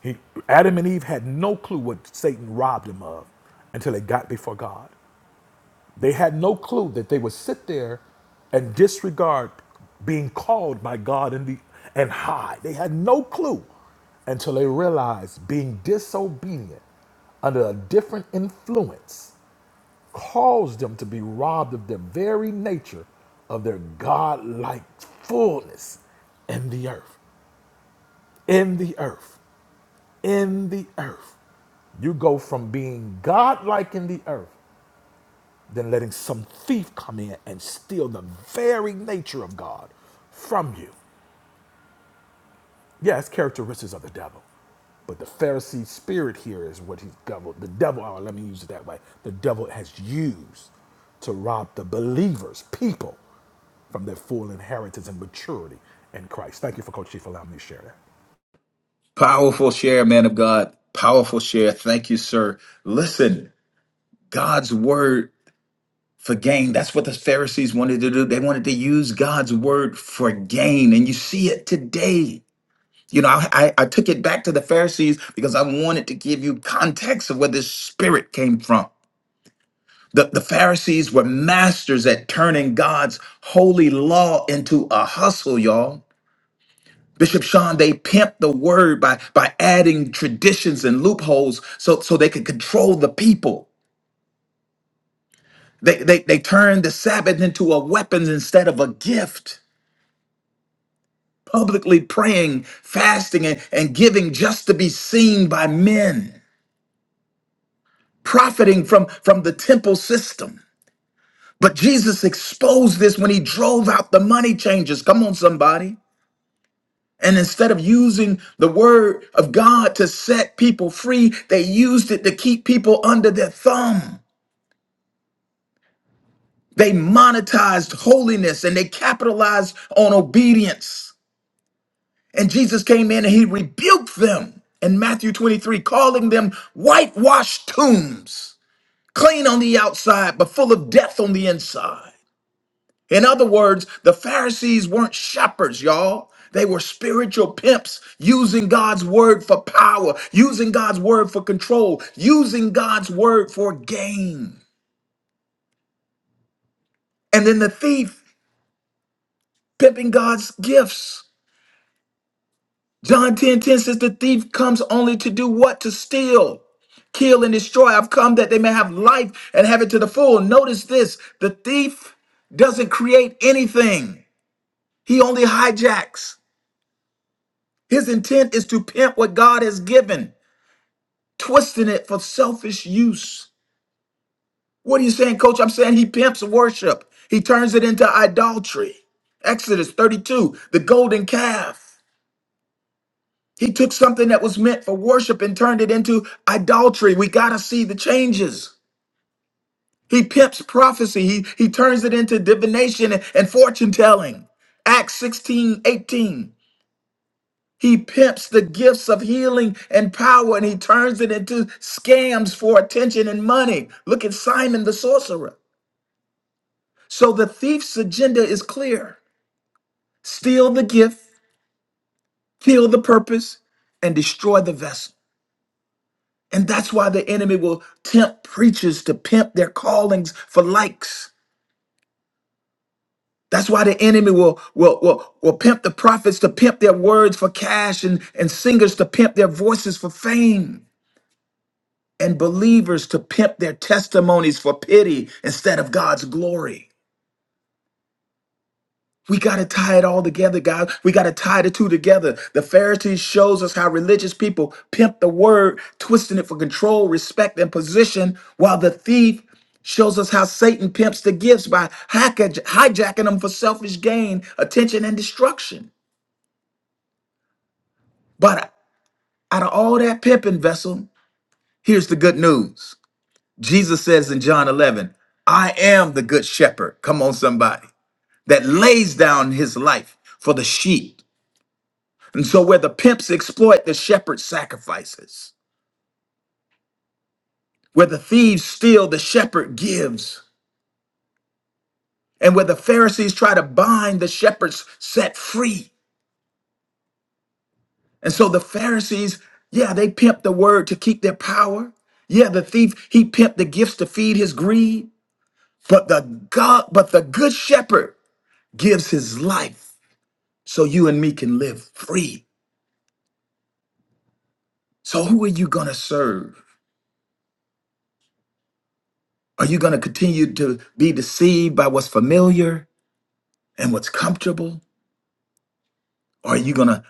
He, Adam and Eve had no clue what Satan robbed them of until they got before God. They had no clue that they would sit there and disregard being called by God and, the, and hide. They had no clue until they realized being disobedient under a different influence caused them to be robbed of their very nature of their God-like fullness in the earth. In the earth in the earth. You go from being godlike in the earth, then letting some thief come in and steal the very nature of God from you. Yes, characteristics of the devil. But the Pharisee spirit here is what he's devil. The devil, oh, let me use it that way. The devil has used to rob the believers, people, from their full inheritance and maturity in Christ. Thank you for Coach Chief allowing me to share that.
Powerful share, man of God. Powerful share. Thank you, sir. Listen, God's word for gain. That's what the Pharisees wanted to do. They wanted to use God's word for gain. And you see it today. You know, I, I I took it back to the Pharisees because I wanted to give you context of where this spirit came from. The, the Pharisees were masters at turning God's holy law into a hustle, y'all. Bishop Sean, they pimped the word by, by adding traditions and loopholes so, so they could control the people. They, they, they turned the Sabbath into a weapon instead of a gift, publicly praying, fasting, and, and giving just to be seen by men, profiting from, from the temple system. But Jesus exposed this when he drove out the money changers. Come on, somebody. And instead of using the word of God to set people free, they used it to keep people under their thumb. They monetized holiness and they capitalized on obedience. And Jesus came in and he rebuked them in Matthew 23, calling them whitewashed tombs, clean on the outside, but full of death on the inside. In other words, the Pharisees weren't shepherds, y'all. They were spiritual pimps using God's word for power, using God's word for control, using God's word for gain. And then the thief pimping God's gifts. John 10 10 says, The thief comes only to do what? To steal, kill, and destroy. I've come that they may have life and have it to the full. Notice this the thief doesn't create anything, he only hijacks. His intent is to pimp what God has given, twisting it for selfish use. What are you saying, coach? I'm saying he pimps worship, he turns it into idolatry. Exodus 32, the golden calf. He took something that was meant for worship and turned it into idolatry. We got to see the changes. He pimps prophecy, he, he turns it into divination and fortune telling. Acts 16:18. He pimps the gifts of healing and power and he turns it into scams for attention and money. Look at Simon the sorcerer. So the thief's agenda is clear steal the gift, kill the purpose, and destroy the vessel. And that's why the enemy will tempt preachers to pimp their callings for likes. That's why the enemy will, will, will, will pimp the prophets to pimp their words for cash and, and singers to pimp their voices for fame. and believers to pimp their testimonies for pity instead of God's glory. We got to tie it all together, guys. We got to tie the two together. The Pharisees shows us how religious people pimp the word, twisting it for control, respect, and position, while the thief shows us how Satan pimps the gifts by hack- hijacking them for selfish gain, attention, and destruction. But out of all that pimping vessel, here's the good news. Jesus says in John 11, I am the good shepherd. Come on, somebody that lays down his life for the sheep. And so, where the pimps exploit, the shepherd sacrifices. Where the thieves steal, the shepherd gives. And where the Pharisees try to bind, the shepherds set free. And so, the Pharisees, yeah, they pimp the word to keep their power. Yeah, the thief, he pimped the gifts to feed his greed. But the God, but the good shepherd gives his life so you and me can live free. So who are you going to serve? Are you going to continue to be deceived by what's familiar and what's comfortable? Or are you going to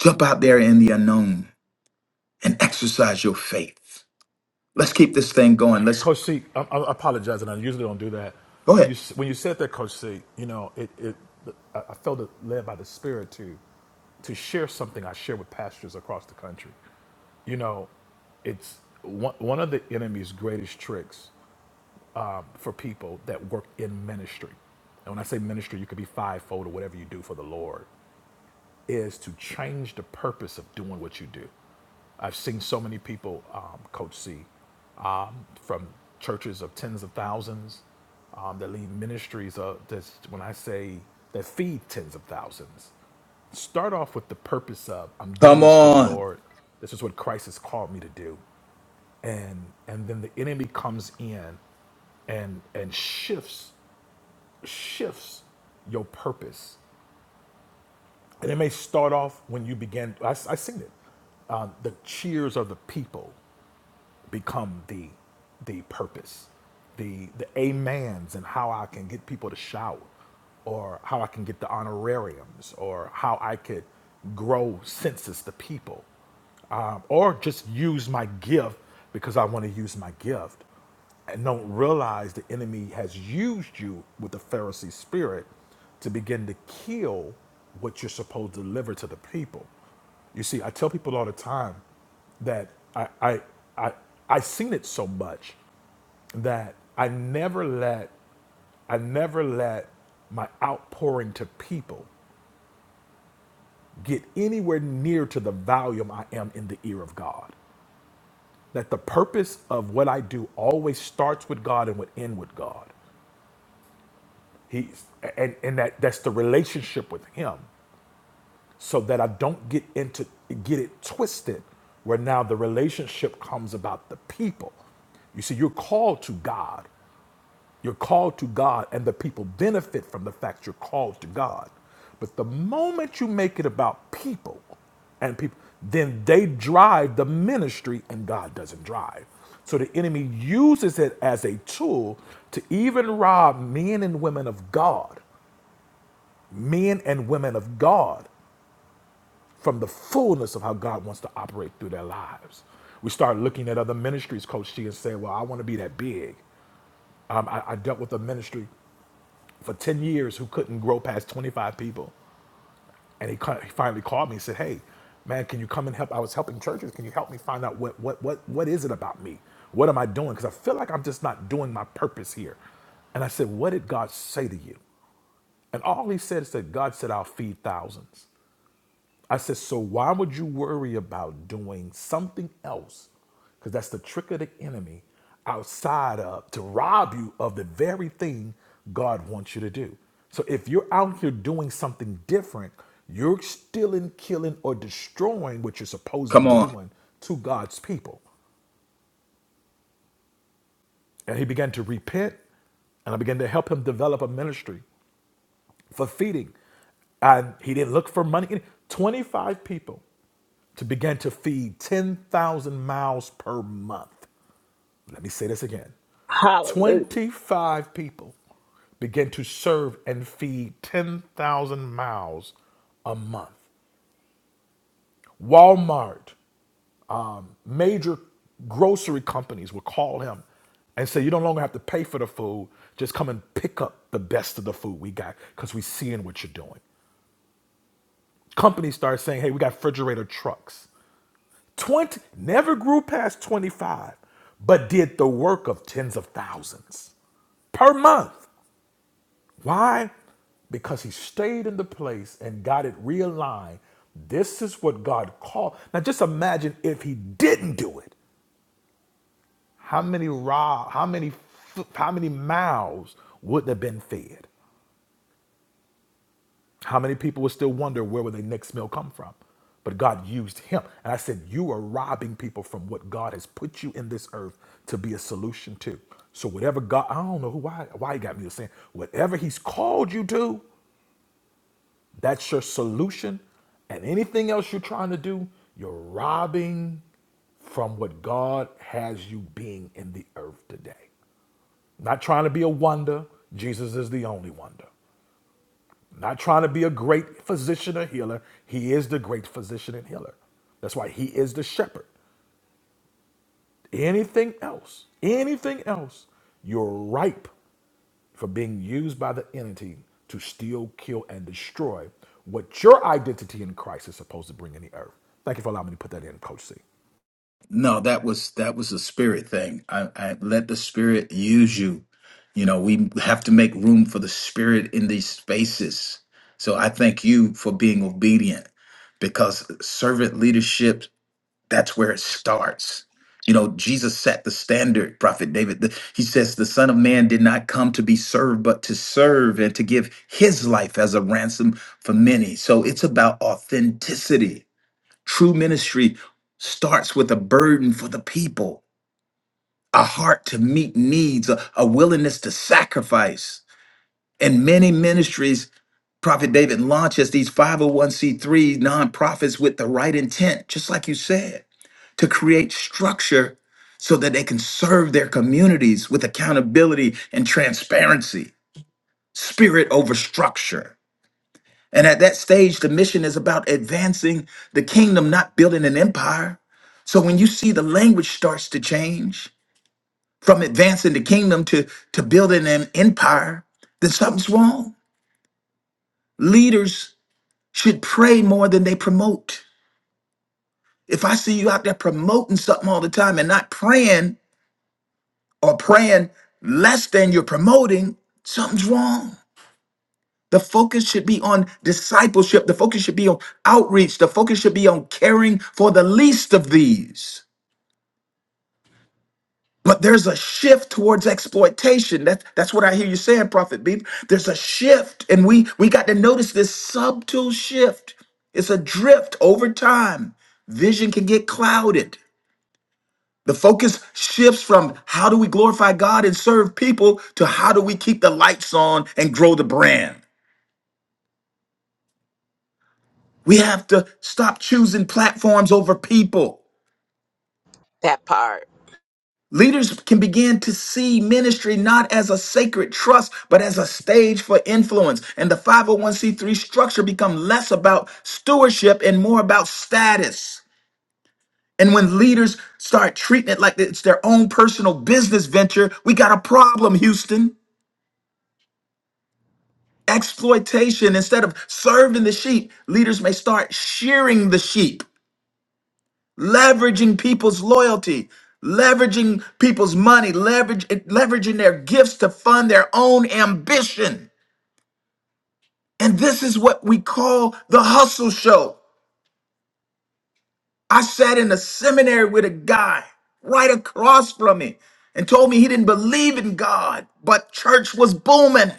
jump out there in the unknown and exercise your faith? Let's keep this thing going. Let's
Coach C, I, I apologize, and I usually don't do that.
go
When you
ahead.
when you said that, Coach C, you know, it, it I felt led by the Spirit to to share something I share with pastors across the country. You know, it's one one of the enemy's greatest tricks um, for people that work in ministry. And when I say ministry, you could be fivefold or whatever you do for the Lord is to change the purpose of doing what you do. I've seen so many people, um, Coach C, um, from churches of tens of thousands um, that lead ministries. Of, that's when I say that feed tens of thousands. Start off with the purpose of I'm doing
Come
this for the
on.
Lord. This is what Christ has called me to do, and and then the enemy comes in and and shifts shifts your purpose and it may start off when you begin, I, I seen it. Um, the cheers of the people become the the purpose, the the amens, and how I can get people to shout, or how I can get the honorariums, or how I could grow census the people, um, or just use my gift because I want to use my gift and don't realize the enemy has used you with the Pharisee spirit to begin to kill what you're supposed to deliver to the people. You see, I tell people all the time that I I I I seen it so much that I never let I never let my outpouring to people get anywhere near to the volume I am in the ear of God. That the purpose of what I do always starts with God and would end with God. He's and, and that that's the relationship with him. So that I don't get into get it twisted where now the relationship comes about the people. You see, you're called to God. You're called to God, and the people benefit from the fact you're called to God. But the moment you make it about people and people, then they drive the ministry and God doesn't drive. So the enemy uses it as a tool to even rob men and women of God men and women of God from the fullness of how God wants to operate through their lives. We start looking at other ministries, Coach G, and say, Well, I want to be that big. Um, I, I dealt with a ministry for 10 years who couldn't grow past 25 people. And he, ca- he finally called me and said, Hey, man, can you come and help? I was helping churches. Can you help me find out what, what, what, what is it about me? What am I doing? Because I feel like I'm just not doing my purpose here. And I said, What did God say to you? And all he said is that God said, I'll feed thousands. I said, so why would you worry about doing something else? Because that's the trick of the enemy outside of to rob you of the very thing God wants you to do. So if you're out here doing something different, you're stealing, killing, or destroying what you're supposed to be
Come on.
doing to God's people. And he began to repent, and I began to help him develop a ministry for feeding. And he didn't look for money. 25 people to begin to feed 10,000 miles per month. Let me say this again
Hallelujah.
25 people begin to serve and feed 10,000 miles a month. Walmart, um, major grocery companies will call him and say, You no longer have to pay for the food, just come and pick up the best of the food we got because we're seeing what you're doing. companies start saying, hey, we got refrigerator trucks. 20 never grew past 25, but did the work of tens of thousands per month. Why? Because he stayed in the place and got it realigned. This is what God called. Now just imagine if he didn't do it. How many raw, how many how many mouths wouldn't have been fed? How many people would still wonder where would their next meal come from? But God used him. And I said, You are robbing people from what God has put you in this earth to be a solution to. So whatever God, I don't know who why why he got me to saying, whatever he's called you to, that's your solution. And anything else you're trying to do, you're robbing from what God has you being in the earth today. Not trying to be a wonder. Jesus is the only wonder. I'm Not trying to be a great physician or healer. He is the great physician and healer. That's why he is the shepherd. Anything else, anything else, you're ripe for being used by the entity to steal, kill, and destroy what your identity in Christ is supposed to bring in the earth. Thank you for allowing me to put that in, Coach C.
No, that was that was a spirit thing. I, I let the spirit use you. You know, we have to make room for the spirit in these spaces. So I thank you for being obedient because servant leadership, that's where it starts. You know, Jesus set the standard, Prophet David. The- He says, The Son of Man did not come to be served, but to serve and to give his life as a ransom for many. So it's about authenticity True ministry starts with a burden for the people, a heart to meet needs, a, a willingness to sacrifice. And many ministries, Prophet David launches these 501c3 nonprofits with the right intent, just like you said, to create structure so that they can serve their communities with accountability and transparency, spirit over structure. And at that stage, the mission is about advancing the kingdom, not building an empire. So when you see the language starts to change from advancing the kingdom to, to building an empire, then something's wrong. Leaders should pray more than they promote. If I see you out there promoting something all the time and not praying or praying less than you're promoting, something's wrong. The focus should be on discipleship. The focus should be on outreach. The focus should be on caring for the least of these. But there's a shift towards exploitation. That, that's what I hear you saying, Prophet Beef. There's a shift, and we we got to notice this subtle shift. It's a drift over time. Vision can get clouded. The focus shifts from how do we glorify God and serve people to how do we keep the lights on and grow the brand. We have to stop choosing platforms over people. Leaders can begin to see ministry not as a sacred trust, but as a stage for influence. And the 501c3 structure become less about stewardship and more about status. And when leaders start treating it like it's their own personal business venture, we got a problem, Houston. Exploitation, instead of serving the sheep, leaders may start shearing the sheep. leveraging people's loyalty, leveraging people's money, leverage, leveraging their gifts to fund their own ambition. And this is what we call the hustle show. I sat in a seminary with a guy right across from me and told me he didn't believe in God, but church was booming.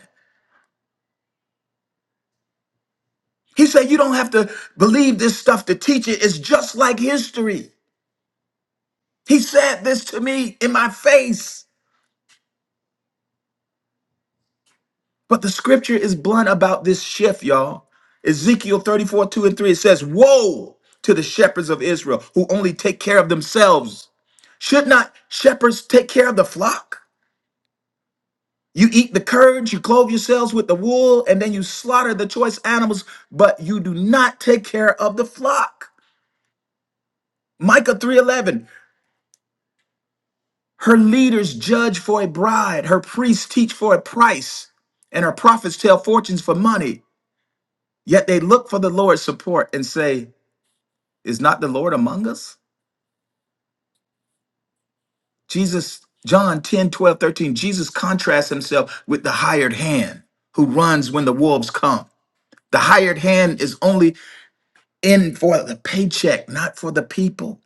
He said, You don't have to believe this stuff to teach it. It's just like history. He said this to me in my face. But the scripture is blunt about this shift, y'all. Ezekiel 34, 2 and 3, it says, Woe to the shepherds of Israel who only take care of themselves. Should not shepherds take care of the flock? You eat the curds, you clothe yourselves with the wool, and then you slaughter the choice animals, but you do not take care of the flock. Micah 3:11. Her leaders judge for a bride, her priests teach for a price, and her prophets tell fortunes for money. Yet they look for the Lord's support and say, Is not the Lord among us? Jesus, John 10, 12, 13. Jesus contrasts himself with the hired hand who runs when the wolves come. The hired hand is only in for the paycheck, not for the people.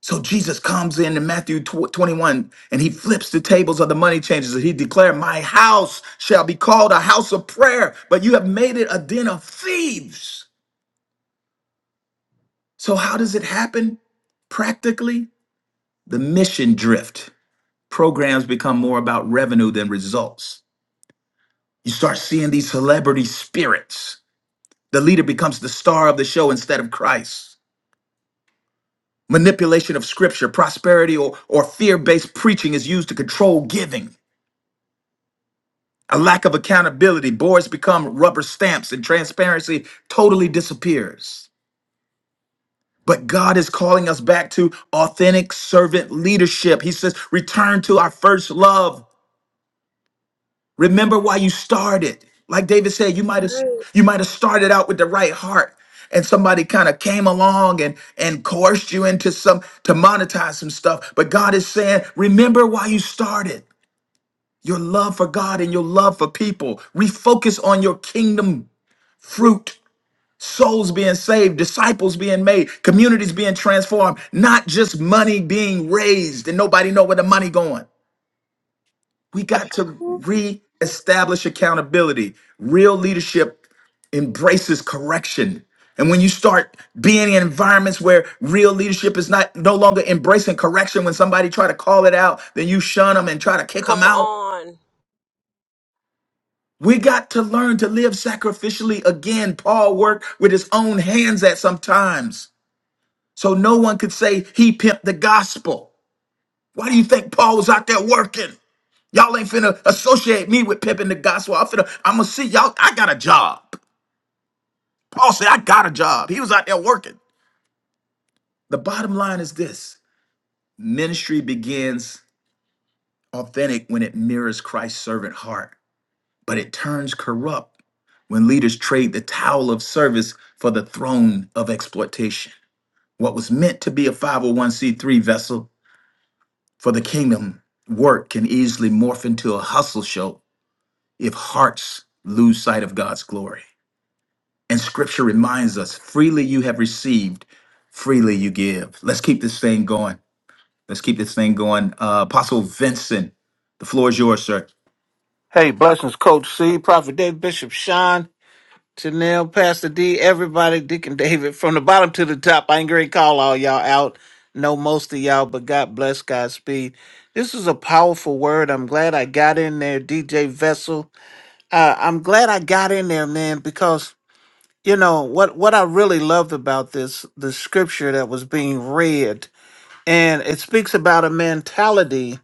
So Jesus comes in in Matthew tw- 21 and he flips the tables of the money changers and he declared, My house shall be called a house of prayer, but you have made it a den of thieves. So, how does it happen? Practically, the mission drift. programs become more about revenue than results. You start seeing these celebrity spirits. The leader becomes the star of the show instead of Christ. Manipulation of scripture, prosperity, or, or fear based preaching is used to control giving. A lack of accountability, boards become rubber stamps, and transparency totally disappears. But God is calling us back to authentic servant leadership. He says, Return to our first love. Remember why you started. Like David said, you might have you might have started out with the right heart, and somebody kind of came along and and coerced you into some to monetize some stuff. But God is saying, remember why you started. Your love for God and your love for people. Refocus on your kingdom fruit. Souls being saved, disciples being made, communities being transformed, not just money being raised and nobody know where the money going. We got to reestablish accountability. Real leadership embraces correction. And when you start being in environments where real leadership is not no longer embracing correction, when somebody try to call it out, then you shun them and try to kick
Come
them out.
on.
We got to learn to live sacrificially again. Paul worked with his own hands at some times. So no one could say he pimped the gospel. Why do you think Paul was out there working? Y'all ain't finna associate me with pimping the gospel. I'm finna, I'm gonna see y'all. I got a job. Paul said, I got a job. He was out there working. The bottom line is this ministry begins authentic when it mirrors Christ's servant heart, but it turns corrupt when leaders trade the towel of service for the throne of exploitation. What was meant to be a 501c3 vessel for the kingdom work can easily morph into a hustle show if hearts lose sight of God's glory. And scripture reminds us freely you have received, freely you give. Let's keep this thing going. Let's keep this thing going. Uh, Apostle Vincent, the floor is yours, sir.
Hey, blessings, Coach C, Prophet Dave, Bishop Sean, Chanel, Pastor D, everybody, Deacon David, from the bottom to the top. I ain't gonna call all y'all out. Know most of y'all, but God bless Godspeed. This is a powerful word. I'm glad I got in there, DJ Vessel. Uh, I'm glad I got in there, man, because you know what what I really loved about this the scripture that was being read, and it speaks about a mentality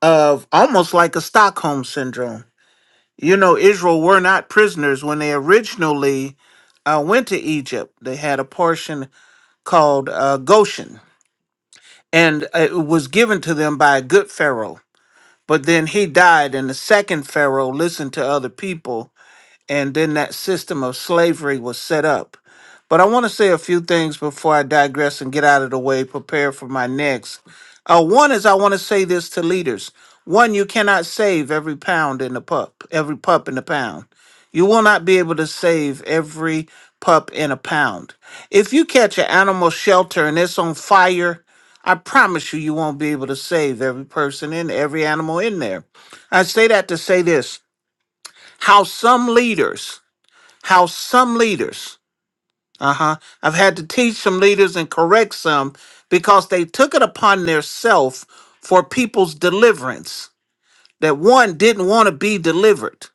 of almost like a Stockholm syndrome you know, Israel were not prisoners when they originally uh, went to Egypt. They had a portion called uh, Goshen, and it was given to them by a good Pharaoh. But then he died, and the second Pharaoh listened to other people and then that system of slavery was set up. But I want to say a few things before I digress and get out of the way, prepare for my next. Uh, one is I want to say this to leaders. One, you cannot save every pound in the pup, every pup in the pound. You will not be able to save every pup in a pound. If you catch an animal shelter and it's on fire, I promise you, you won't be able to save every person in every animal in there. I say that to say this how some leaders how some leaders, uh huh, I've had to teach some leaders and correct some because they took it upon themselves for people's deliverance. That one didn't want to be delivered.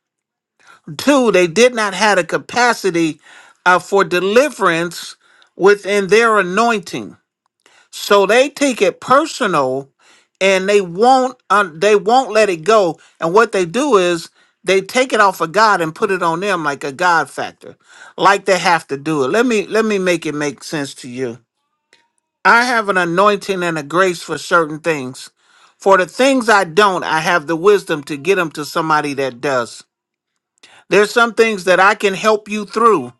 Two, they did not have a capacity uh, for deliverance within their anointing. So they take it personal and they won't un they won't let it go. And what they do is they take it off of God and put it on them like a God factor. Like they have to do it. Let me let me make it make sense to you. I have an anointing and a grace for certain things. For the things I don't, I have the wisdom to get them to somebody that does. There's some things that I can help you through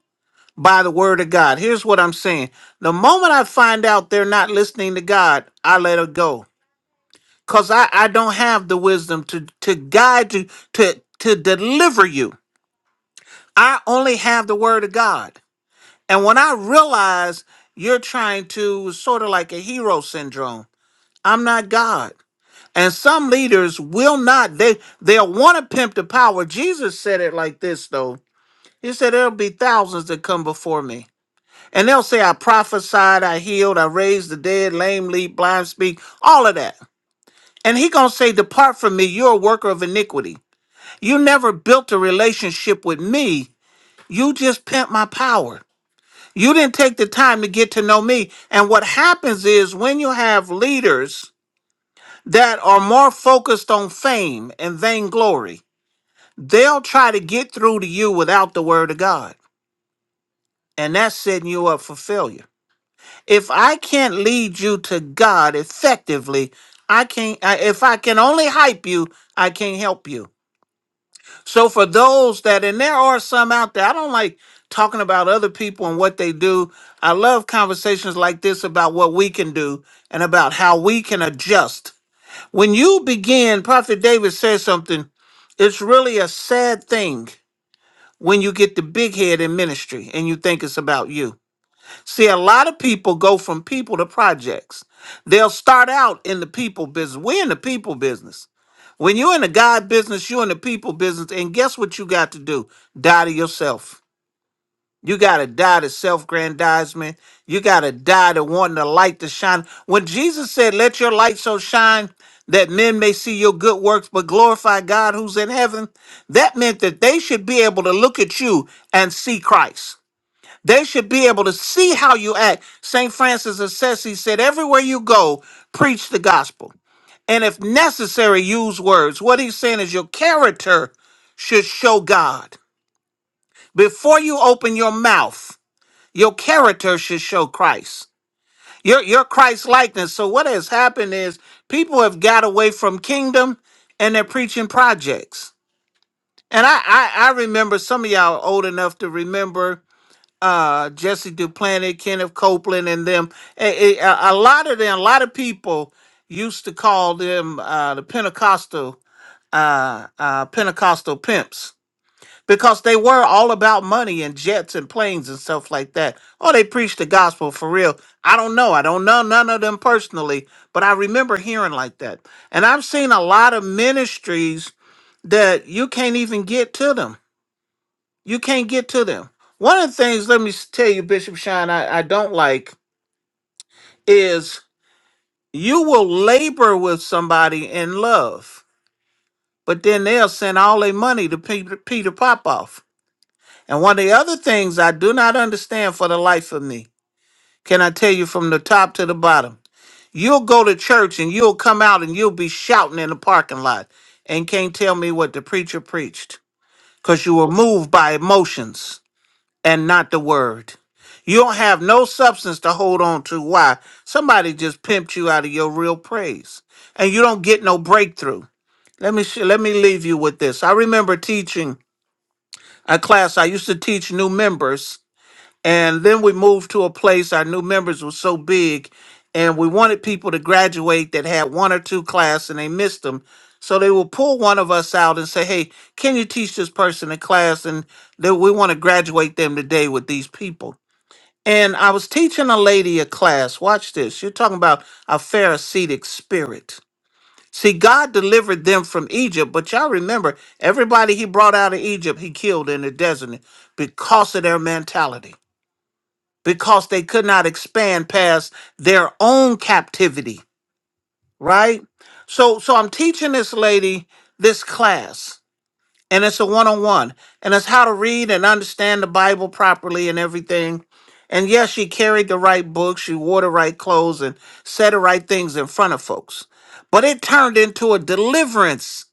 by the word of God. Here's what I'm saying. The moment I find out they're not listening to God, I let it go because I, I don't have the wisdom to, to guide you, to, to deliver you. I only have the word of God. And when I realize you're trying to, sort of like a hero syndrome, I'm not God. And some leaders will not, they, they'll want to pimp the power. Jesus said it like this, though. He said, There'll be thousands that come before me. And they'll say, I prophesied, I healed, I raised the dead, lame leap, blind speak, all of that. And he gonna say, Depart from me, you're a worker of iniquity. You never built a relationship with me. You just pimped my power. You didn't take the time to get to know me. And what happens is when you have leaders that are more focused on fame and vainglory, they'll try to get through to you without the word of God. And that's setting you up for failure. If I can't lead you to God effectively, I can't, I- if I can only hype you, I can't help you. So for those that, and there are some out there, I don't like talking about other people and what they do. I love conversations like this about what we can do and about how we can adjust. When you begin, Prophet David says something, it's really a sad thing when you get the big head in ministry and you think it's about you. See, a lot of people go from people to projects. They'll start out in the people business. We're in the people business. When you're in the God business, you're in the people business. And guess what you got to do? Die to yourself. You got to die to self grandizement. You got to die to wanting the light to shine. When Jesus said, Let your light so shine that men may see your good works, but glorify God who's in heaven, that meant that they should be able to look at you and see Christ. They should be able to see how you act. St. Francis of Assisi said, Everywhere you go, preach the gospel. And if necessary, use words. What he's saying is your character should show God. Before you open your mouth, your character should show Christ. Your, your Christ likeness. So, what has happened is people have got away from kingdom and they're preaching projects. And I, I, I remember some of y'all are old enough to remember uh, Jesse Duplantis, Kenneth Copeland, and them. A, a, a lot of them, a lot of people used to call them uh, the Pentecostal uh, uh, Pentecostal pimps because they were all about money and jets and planes and stuff like that. Oh, they preached the gospel for real. I don't know. I don't know none of them personally, but I remember hearing like that. And I've seen a lot of ministries that you can't even get to them you can't get to them. One of the things, let me s- tell you, Bishop Shine, I, I don't like is you will labor with somebody in love, but then they'll send all their money to Peter, Peter Popoff. And one of the other things I do not understand for the life of me, can I tell you from the top to the bottom? You'll go to church and you'll come out and you'll be shouting in the parking lot and can't tell me what the preacher preached because you were moved by emotions and not the word. You don't have no substance to hold on to. Why? Somebody just pimped you out of your real praise, and you don't get no breakthrough. Let me sh- let me leave you with this. I remember teaching a class. I used to teach new members, and then we moved to a place. Our new members were so big, and we wanted people to graduate that had one or two class, and they missed them. So they will pull one of us out and say, "Hey, can you teach this person a class?" And that we want to graduate them today with these people. And I was teaching a lady a class. Watch this. You're talking about a Pharisaic spirit. See, God delivered them from Egypt, but y'all remember everybody he brought out of Egypt, he killed in the desert because of their mentality, because they could not expand past their own captivity, right? So, so I'm teaching this lady this class and it's a one-on-one and it's how to read and understand the bible properly and everything and yes she carried the right books she wore the right clothes and said the right things in front of folks but it turned into a deliverance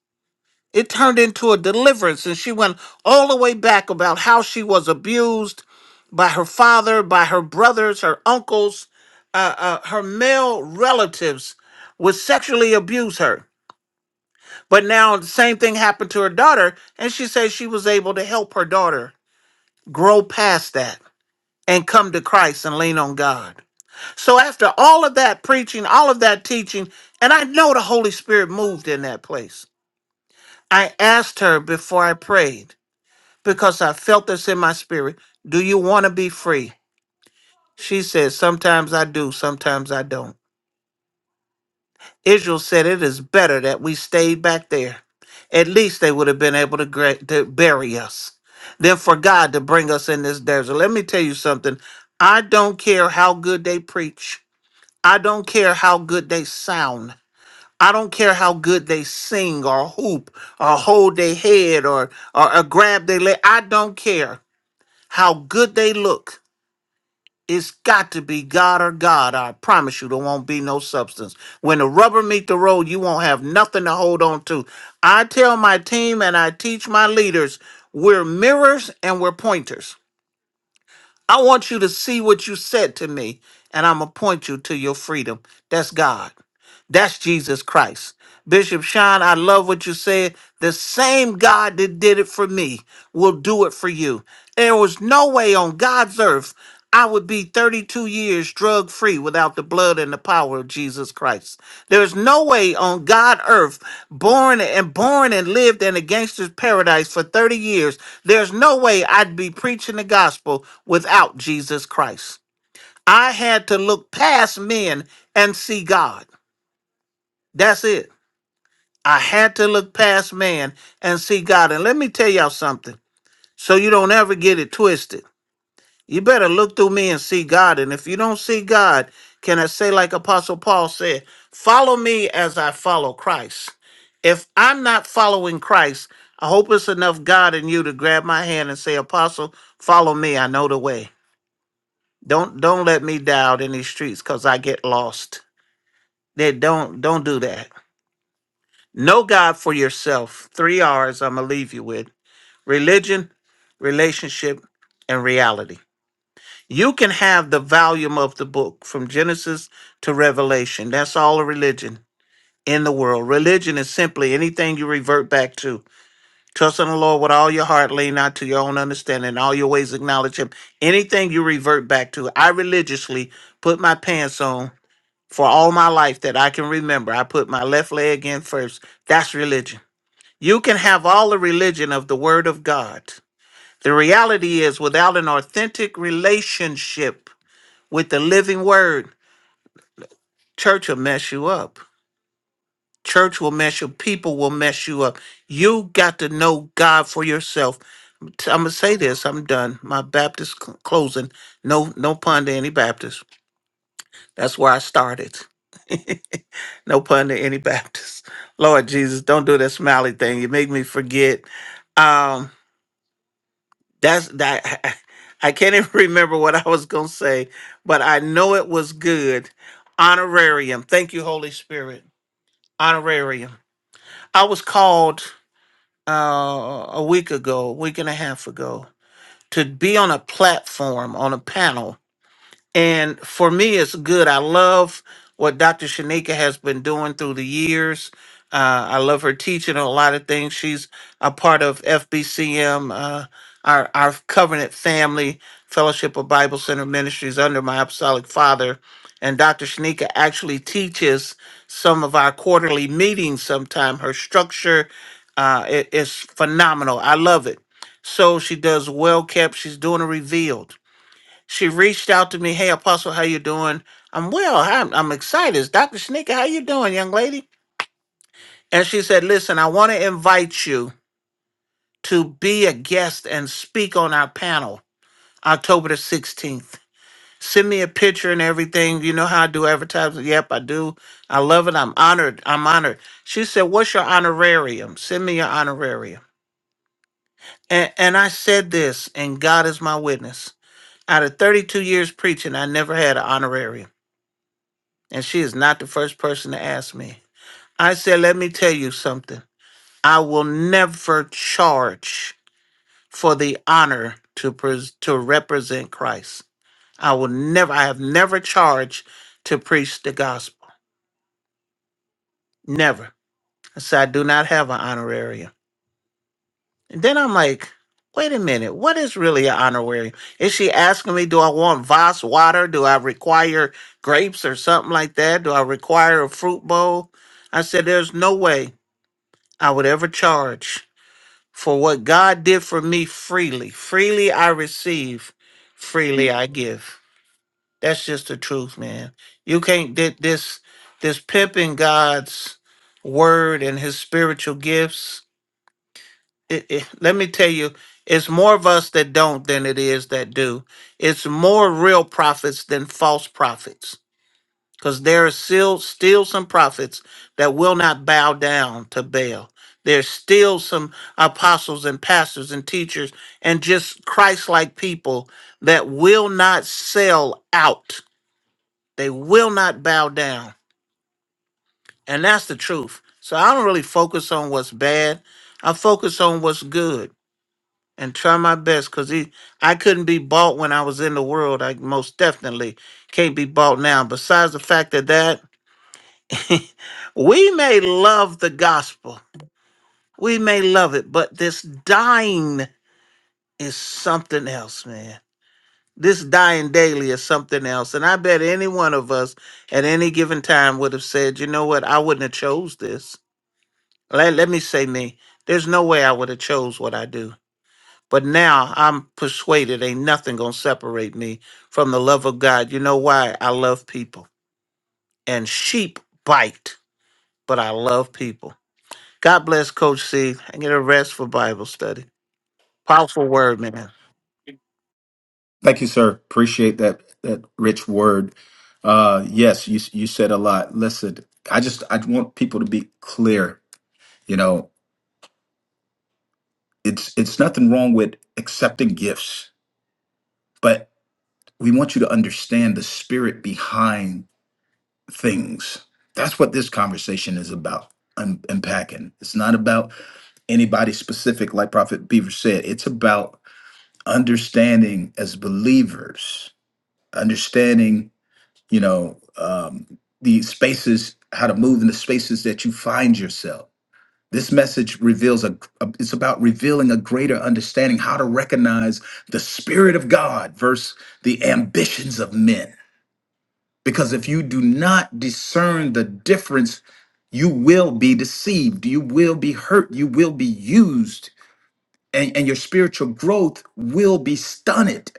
it turned into a deliverance and she went all the way back about how she was abused by her father by her brothers her uncles uh, uh, her male relatives would sexually abuse her but now the same thing happened to her daughter, and she says she was able to help her daughter grow past that and come to Christ and lean on God. So after all of that preaching, all of that teaching, and I know the Holy Spirit moved in that place. I asked her before I prayed because I felt this in my spirit. Do you want to be free? She said, Sometimes I do, sometimes I don't. Israel said, It is better that we stayed back there. At least they would have been able to, gra- to bury us than for God to bring us in this desert. Let me tell you something. I don't care how good they preach, I don't care how good they sound. I don't care how good they sing or hoop or hold their head or, or, or grab their leg. I don't care how good they look. It's got to be God or God. I promise you, there won't be no substance. When the rubber meet the road, you won't have nothing to hold on to. I tell my team and I teach my leaders, we're mirrors and we're pointers. I want you to see what you said to me, and I'm gonna point you to your freedom. That's God. That's Jesus Christ. Bishop Sean, I love what you said. The same God that did it for me will do it for you. There was no way on God's earth I would be 32 years drug free without the blood and the power of Jesus Christ. There's no way on God earth, born and born and lived in a gangster's paradise for 30 years, there's no way I'd be preaching the gospel without Jesus Christ. I had to look past men and see God. That's it. I had to look past man and see God. And let me tell y'all something so you don't ever get it twisted. You better look through me and see God. And if you don't see God, can I say, like Apostle Paul said, follow me as I follow Christ? If I'm not following Christ, I hope it's enough God in you to grab my hand and say, Apostle, follow me. I know the way. Don't don't let me die out in these streets because I get lost. They don't don't do that. Know God for yourself. Three R's I'm gonna leave you with. religion, relationship, and reality. You can have the volume of the book from Genesis to Revelation. That's all a religion in the world. Religion is simply anything you revert back to. Trust in the Lord with all your heart, lean not to your own understanding, in all your ways acknowledge Him. Anything you revert back to. I religiously put my pants on for all my life that I can remember. I put my left leg in first. That's religion. You can have all the religion of the Word of God the reality is, without an authentic relationship with the living word, church will mess you up. Church will mess you People will mess you up. You got to know God for yourself. I'm going to say this. I'm done. My Baptist cl- closing. No, no pun to any Baptist. That's where I started. No pun to any Baptist. Lord Jesus, don't do that smiley thing. You make me forget. Um. That's that. I can't even remember what I was going to say, but I know it was good. Honorarium. Thank you, Holy Spirit. Honorarium. I was called uh, a week ago, a week and a half ago, to be on a platform, on a panel and for me, it's good. I love what Dr. Shanika has been doing through the years. Uh, I love her teaching on a lot of things. She's a part of FBCM, uh, our, our covenant family, Fellowship of Bible Center Ministries under my Apostolic Father. And Dr. Shanika actually teaches some of our quarterly meetings sometime. Her structure uh, i- is phenomenal. I love it. So she does well kept. She's doing a revealed. She reached out to me, "Hey, Apostle, how you doing? I'm well. I'm, I'm excited. It's Dr. Sneaker, how you doing, young lady?" And she said, "Listen, I want to invite you to be a guest and speak on our panel October the 16th. Send me a picture and everything. You know how I do advertising? Yep, I do. I love it. I'm honored. I'm honored." She said, "What's your honorarium? Send me your honorarium." And, and I said this, and God is my witness. Out of 32 years preaching, I never had an honorarium. and she is not the first person to ask me. I said, let me tell you something. I will never charge for the honor to pres- to represent Christ. I will never. I have never charged to preach the gospel. Never. I said, I do not have an honorarium. And then I'm like, wait a minute. What is really an honorarium? Is she asking me, do I want Voss water? Do I require grapes or something like that? Do I require a fruit bowl? I said, there's no way. I would ever charge for what God did for me freely. Freely I receive, freely I give. That's just the truth, man. You can't get this this pimping God's word and his spiritual gifts. It, it, let me tell you, it's more of us that don't than it is that do. It's more real prophets than false prophets because there are still still some prophets that will not bow down to Baal. There's still some apostles and pastors and teachers and just Christ-like people that will not sell out. They will not bow down. And that's the truth. So I don't really focus on what's bad. I focus on what's good and try my best because I couldn't be bought when I was in the world. I most definitely can't be bought now. Besides the fact that that we may love the gospel, we may love it, but this dying is something else, man. This dying daily is something else. And I bet any one of us at any given time would have said, you know what, I wouldn't have chose this. Let, let me say me. There's no way I would have chose what I do. But now I'm persuaded ain't nothing gonna separate me from the love of God. You know why? I love people. And sheep bite, but I love people. God bless Coach C and get a rest for Bible study. Powerful word, man.
Thank you, sir. Appreciate that that rich word. Uh, yes, you you said a lot. Listen, I just I want people to be clear. You know, it's it's nothing wrong with accepting gifts, but we want you to understand the spirit behind things. That's what this conversation is about. un- unpacking. It's not about anybody specific, like Prophet Beaver said. It's about understanding as believers, understanding, you know, um, the spaces, how to move in the spaces that you find yourself. This message reveals a, a- it's about revealing a greater understanding how to recognize the spirit of God versus the ambitions of men because if you do not discern the difference, you will be deceived, you will be hurt, you will be used, and, and your spiritual growth will be stunted.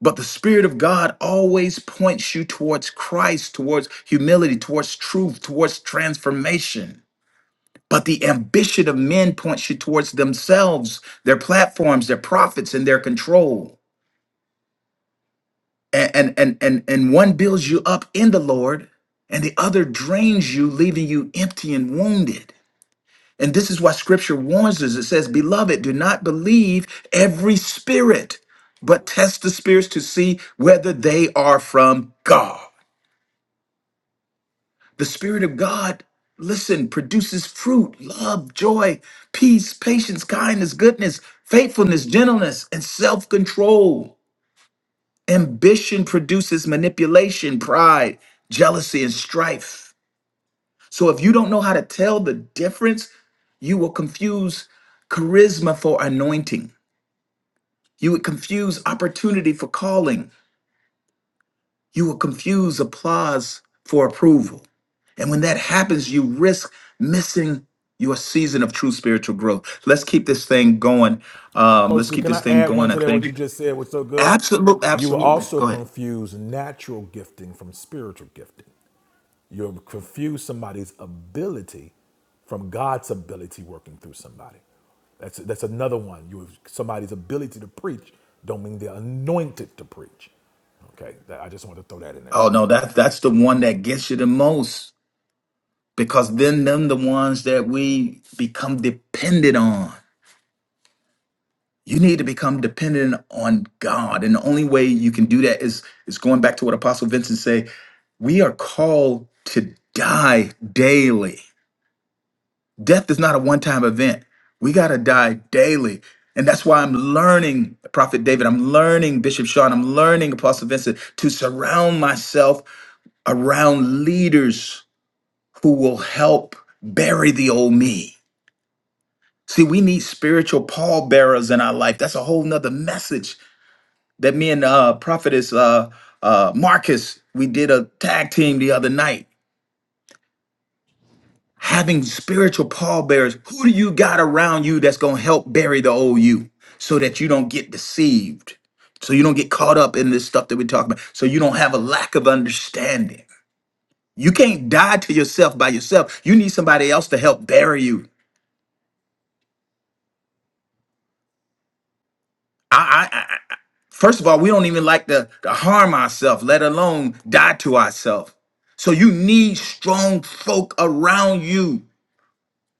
But the Spirit of God always points you towards Christ, towards humility, towards truth, towards transformation. But the ambition of men points you towards themselves, their platforms, their profits, and their control. and and and and, and one builds you up in the lord and the other drains you leaving you empty and wounded and this is why scripture warns us it says beloved do not believe every spirit but test the spirits to see whether they are from god the spirit of god listen produces fruit love joy peace patience kindness goodness faithfulness gentleness and self-control Ambition produces manipulation, pride, jealousy, and strife. So if you don't know how to tell the difference, you will confuse charisma for anointing. You would confuse opportunity for calling. You will confuse applause for approval. And when that happens, you risk missing your season of true spiritual growth. Let's keep this thing going. Um,
Coach
let's
C,
keep
can I
this thing
add one
going. I
to that? What you
think.
just said was so good.
Absolutely,
You will
absolutely.
also
Go ahead.
confuse natural gifting from spiritual gifting. You're confuse somebody's ability from God's ability working through somebody. That's that's another one. You somebody's ability to preach don't mean they're anointed to preach. Okay, that, I just want to throw that in there
Oh
too.
no, that that's the one that gets you the most because then them the ones that we become dependent on. You need to become dependent on God, and the only way you can do that is is going back to what Apostle Vincent say. We are called to die daily. Death is not a one time event. We got to die daily. And that's why I'm learning, Prophet David, I'm learning Bishop Sean, I'm learning Apostle Vincent to surround myself around leaders who will help bury the old me. See, we need spiritual pallbearers in our life. That's a whole nother message that me and uh prophetess uh uh Marcus, we did a tag team the other night. Having spiritual pallbearers, who do you got around you that's gonna help bury the old you so that you don't get deceived? So you don't get caught up in this stuff that we talk about. So you don't have a lack of understanding. You can't die to yourself by yourself. You need somebody else to help bury you. I. I, First of all, we don't even like to, to harm ourselves, let alone die to ourselves. So you need strong folk around you.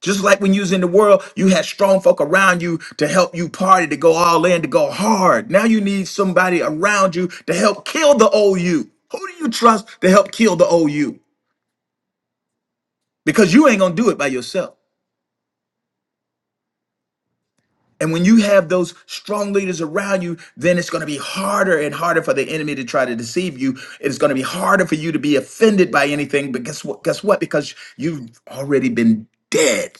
Just like when you was in the world, you had strong folk around you to help you party, to go all in, to go hard. Now you need somebody around you to help kill the old you. Who do you trust to help kill the old you? Because you ain't gonna do it by yourself. And when you have those strong leaders around you, then it's going to be harder and harder for the enemy to try to deceive you. It's going to be harder for you to be offended by anything. But guess what? Guess what? Because you've already been dead.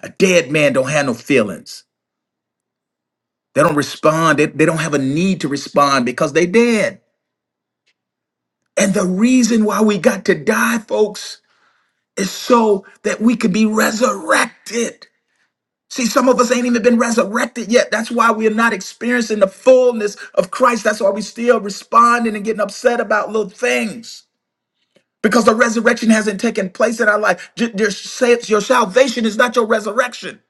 A dead man don't have no feelings. They don't respond. They, they don't have a need to respond because they dead. And the reason why we got to die, folks, is so that we could be resurrected. See, some of us ain't even been resurrected yet. That's why we're not experiencing the fullness of Christ. That's why we still responding and getting upset about little things because the resurrection hasn't taken place in our life. J- Your sa- your salvation is not your resurrection.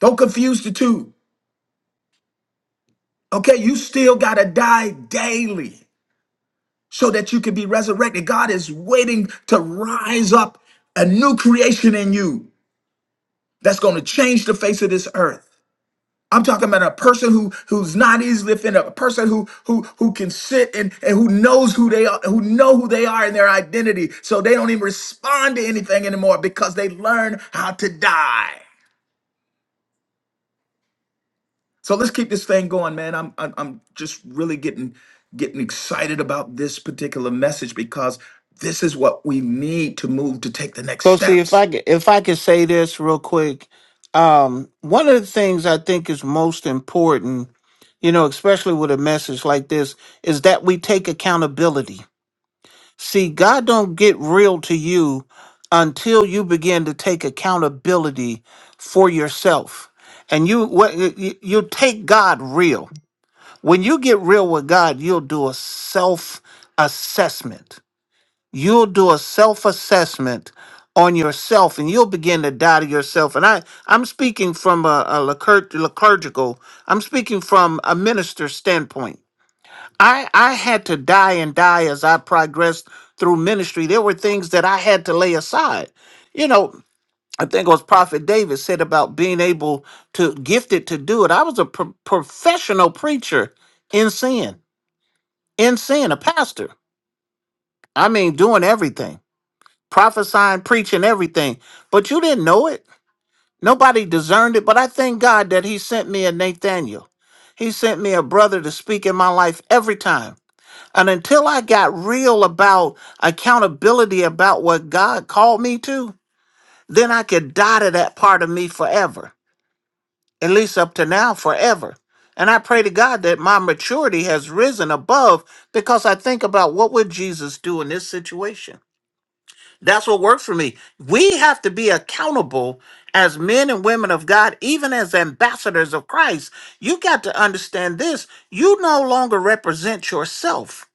Don't confuse the two. Okay, you still got to die daily so that you can be resurrected. God is waiting to rise up a new creation in you that's going to change the face of this earth. I'm talking about a person who who's not easily offended, a person who who who can sit and, and who knows who they are, who know who they are in their identity, so they don't even respond to anything anymore because they learn how to die. So let's keep this thing going, man. I'm I'm, I'm just really getting getting excited about this particular message because this is what we need to move to take the next
Coach C, if I
steps.
c- if I could say this real quick, um, one of the things I think is most important, you know, especially with a message like this, is that we take accountability. See, God don't get real to you until you begin to take accountability for yourself, and you what you you take God real. When you get real with God, you'll do a self assessment. You'll do a self assessment on yourself and you'll begin to die to yourself. And I, I'm speaking from a, a lecur- liturgical, I'm speaking from a minister's standpoint. I, I had to die and die as I progressed through ministry. There were things that I had to lay aside. You know, I think it was Prophet David said about being able to gifted to do it. I was a pro- professional preacher in sin in sin, a pastor. I mean, doing everything, prophesying, preaching, everything. But you didn't know it. Nobody discerned it. But I thank God that He sent me a Nathaniel. He sent me a brother to speak in my life every time. And until I got real about accountability about what God called me to, then I could die to that part of me forever, at least up to now, forever. And I pray to God that my maturity has risen above because I think about what would Jesus do in this situation? That's what works for me. We have to be accountable as men and women of God, even as ambassadors of Christ. You got to understand this. You no longer represent yourself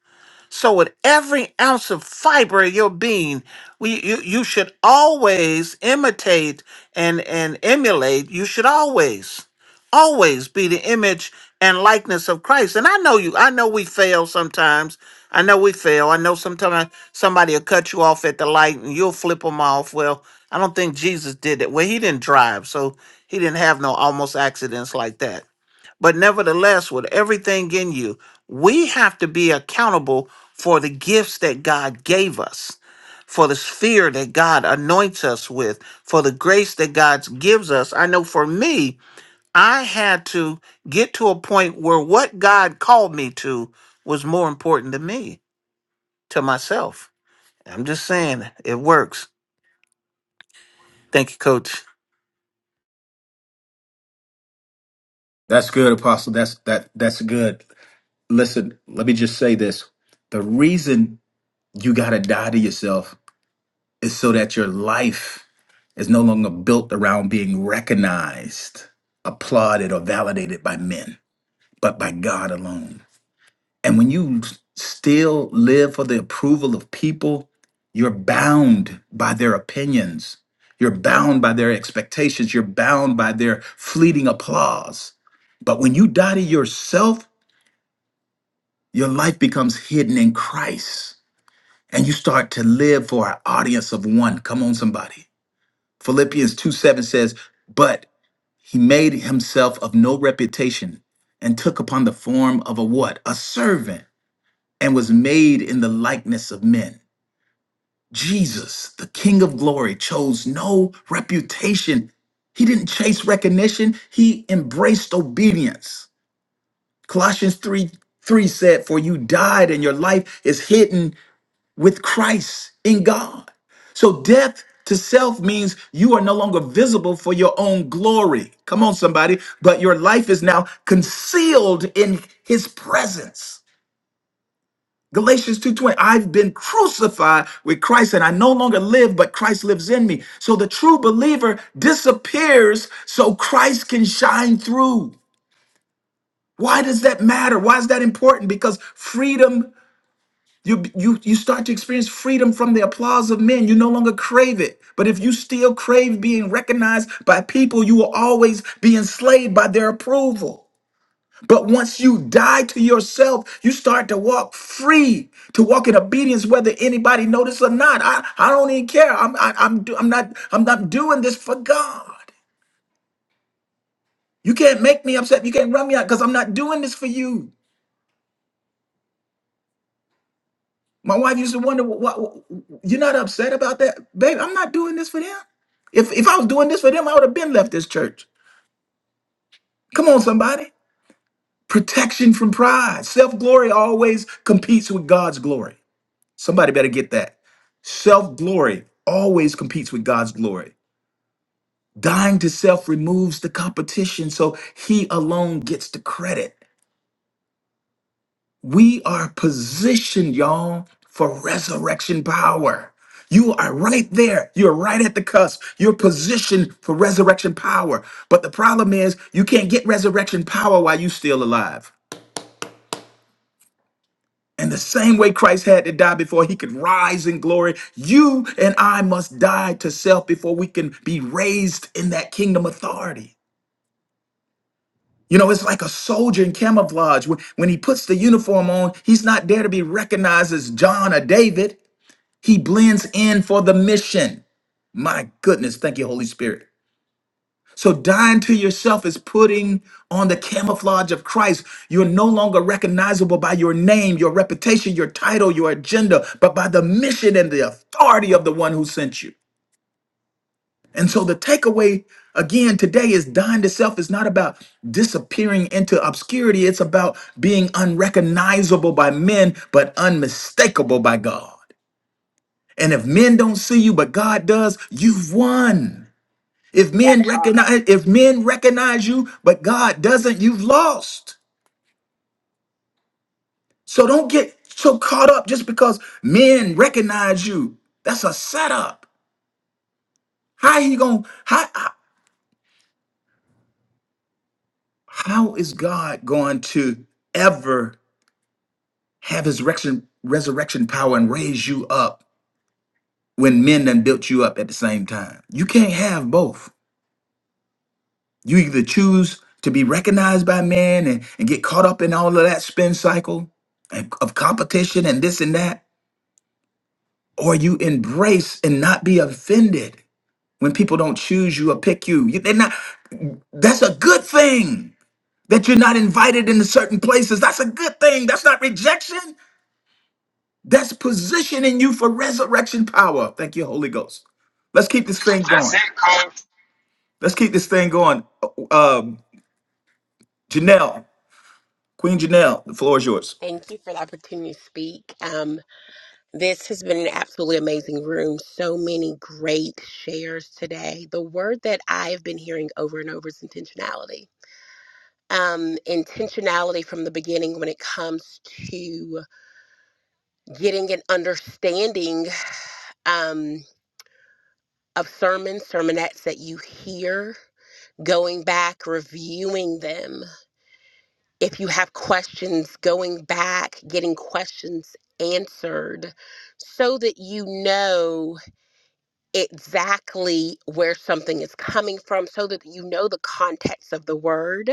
so, with every ounce of fiber of your being, we, you, you should always imitate and, and emulate. You should always, always be the image and likeness of Christ. And I know you, I know we fail sometimes. I know we fail. I know sometimes somebody will cut you off at the light and you'll flip them off. Well, I don't think Jesus did it. Well, he didn't drive, so he didn't have no almost accidents like that. But nevertheless, with everything in you, we have to be accountable for the gifts that God gave us, for the sphere that God anoints us with, for the grace that God gives us. I know for me, I had to get to a point where what God called me to was more important to me, to myself. I'm just saying, it works. Thank you, coach.
That's good, Apostle. That's that that's good. Listen, let me just say this. The reason you gotta die to yourself is so that your life is no longer built around being recognized, applauded, or validated by men, but by God alone. And when you s- still live for the approval of people, you're bound by their opinions. You're bound by their expectations. You're bound by their fleeting applause. But when you die to yourself, your life becomes hidden in Christ and you start to live for an audience of one. Come on, somebody Philippians 2 7 says, But he made himself of no reputation and took upon the form of a what? A servant and was made in the likeness of men. Jesus, the King of glory, chose no reputation. He didn't chase recognition, he embraced obedience. Colossians 3 3 said, For you died and your life is hidden with Christ in God. So death to self means you are no longer visible for your own glory. Come on, somebody. But your life is now concealed in his presence. Galatians 2:20 I've been crucified with Christ and I no longer live but Christ lives in me. So the true believer disappears so Christ can shine through. Why does that matter? Why is that important? Because freedom You, you, you start to experience freedom from the applause of men. You no longer crave it. But if you still crave being recognized by people, you will always be enslaved by their approval. But once you die to yourself, you start to walk free, to walk in obedience, whether anybody notices or not. I, I don't even care. I'm, I, I'm, do- I'm not, I'm not doing this for God. You can't make me upset. You can't run me out because I'm not doing this for you. My wife used to wonder, "What? You're not upset about that, babe? I'm not doing this for them. If if I was doing this for them, I would have been left this church. Come on, somebody. Protection from pride. Self glory always competes with God's glory. Somebody better get that. Self glory always competes with God's glory. Dying to self removes the competition, so He alone gets the credit. We are positioned, y'all, for resurrection power. You are right there. You're right at the cusp. You're positioned for resurrection power. But the problem is, you can't get resurrection power while you're still alive. And the same way Christ had to die before he could rise in glory, you and I must die to self before we can be raised in that kingdom authority. You know, it's like a soldier in camouflage. When, when he puts the uniform on, he's not there to be recognized as John or David. He blends in for the mission. My goodness, thank you, Holy Spirit. So dying to yourself is putting on the camouflage of Christ. You're no longer recognizable by your name, your reputation, your title, your agenda, but by the mission and the authority of the one who sent you. And so the takeaway again today is dying to self is not about disappearing into obscurity. It's about being unrecognizable by men, but unmistakable by God. And if men don't see you, but God does, you've won. If
That
men
part.
recognize, if men recognize you, but God doesn't, you've lost. So don't get so caught up just because men recognize you. That's a setup. How he going how how is God going to ever have his resurrection, resurrection power and raise you up when men done built you up at the same time? You can't have both. You either choose to be recognized by man and, and get caught up in all of that spin cycle and- of competition and this and that, or you embrace and not be offended when people don't choose you or pick you. You- They're not, that's a good thing that you're not invited into certain places. That's a good thing. That's not rejection. That's positioning you for resurrection power. Thank you, Holy Ghost. Let's keep this thing going. Let's keep this thing going. Uh, Um, Janelle, Queen Janelle, the floor is yours.
Thank you for the opportunity to speak. Um, this has been an absolutely amazing room. So many great shares today. The word that I've been hearing over and over is intentionality. Um, intentionality from the beginning when it comes to getting an understanding um, of sermons, sermonettes that you hear, going back, reviewing them, if you have questions, going back, getting questions answered so that you know exactly where something is coming from, so that you know the context of the word,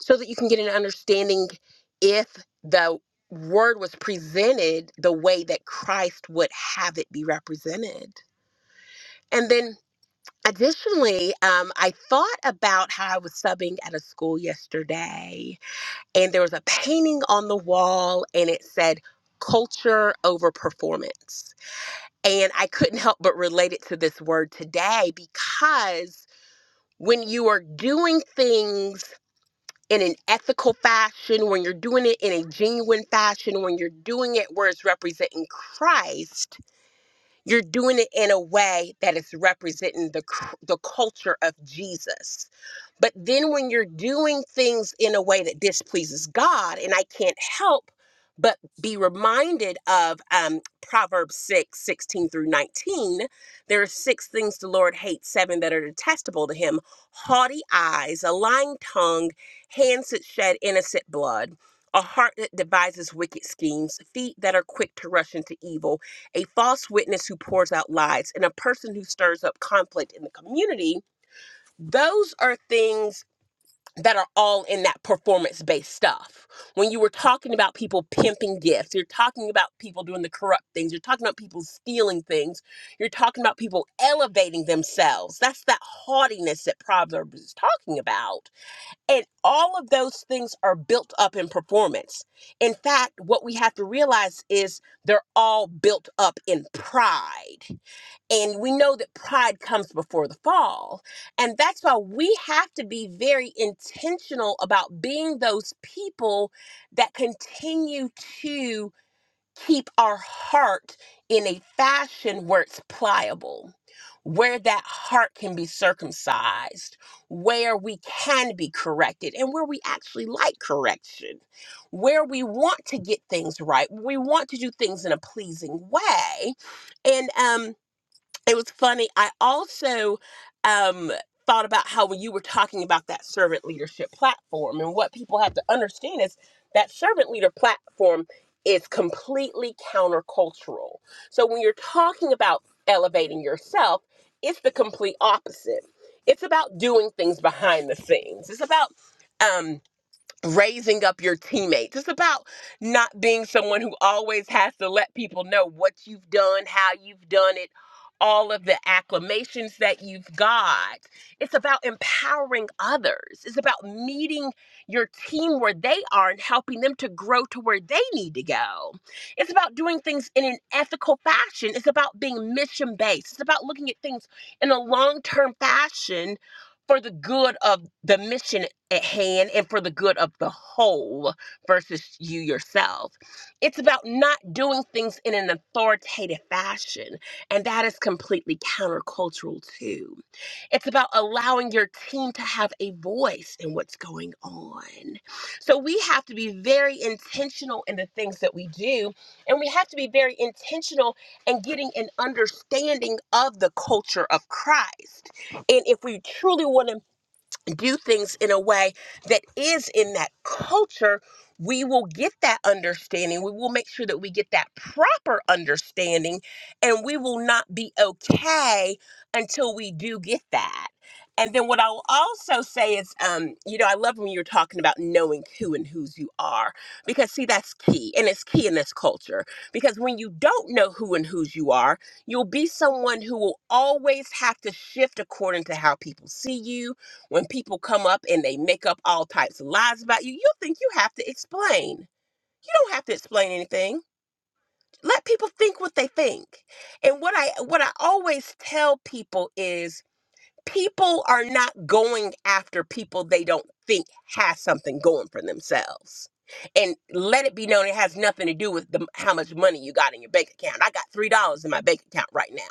so that you can get an understanding if the word was presented the way that Christ would have it be represented. And then additionally, um, I thought about how I was subbing at a school yesterday and there was a painting on the wall and it said culture over performance. And I couldn't help but relate it to this word today because when you are doing things in an ethical fashion, when you're doing it in a genuine fashion, when you're doing it where it's representing Christ, you're doing it in a way that is representing the cr- the culture of Jesus. But then when you're doing things in a way that displeases God, and I can't help but be reminded of um, Proverbs 6 16 through 19. There are six things the Lord hates, seven that are detestable to him haughty eyes, a lying tongue, hands that shed innocent blood, a heart that devises wicked schemes, feet that are quick to rush into evil, a false witness who pours out lies, and a person who stirs up conflict in the community, those are things that are all in that performance based stuff. When you were talking about people pimping gifts, you're talking about people doing the corrupt things, you're talking about people stealing things, you're talking about people elevating themselves. That's that haughtiness that Proverbs is talking about. And all of those things are built up in performance. In fact, what we have to realize is they're all built up in pride. And we know that pride comes before the fall. And that's why we have to be very intentional about being those people that continue to keep our heart in a fashion where it's pliable, where that heart can be circumcised, where we can be corrected, and where we actually like correction, where we want to get things right, we want to do things in a pleasing way. And um it was funny. I also um, thought about how when you were talking about that servant leadership platform and what people have to understand is that servant leader platform is completely countercultural. So when you're talking about elevating yourself, it's the complete opposite. It's about doing things behind the scenes. It's about um, raising up your teammates. It's about not being someone who always has to let people know what you've done, how you've done it, all of the acclamations that you've got. It's about empowering others. It's about meeting your team where they are and helping them to grow to where they need to go. It's about doing things in an ethical fashion. It's about being mission based. It's about looking at things in a long term fashion for the good of the mission at hand and for the good of the whole versus you yourself. It's about not doing things in an authoritative fashion, and that is completely countercultural too. It's about allowing your team to have a voice in what's going on. So we have to be very intentional in the things that we do, and we have to be very intentional in getting an understanding of the culture of Christ. And if we truly want to do things in a way that is in that culture, we will get that understanding. We will make sure that we get that proper understanding, and we will not be okay until we do get that. And then what I'll also say is, um, you know, I love when you're talking about knowing who and whose you are, because see, that's key, and it's key in this culture. Because when you don't know who and whose you are, you'll be someone who will always have to shift according to how people see you, when people come up and they make up all types of lies about you, you think you have to explain. You don't have to explain anything. Let people think what they think. And what I what I always tell people is people are not going after people they don't think has something going for themselves. And let it be known it has nothing to do with the, how much money you got in your bank account. I got $3 in my bank account right now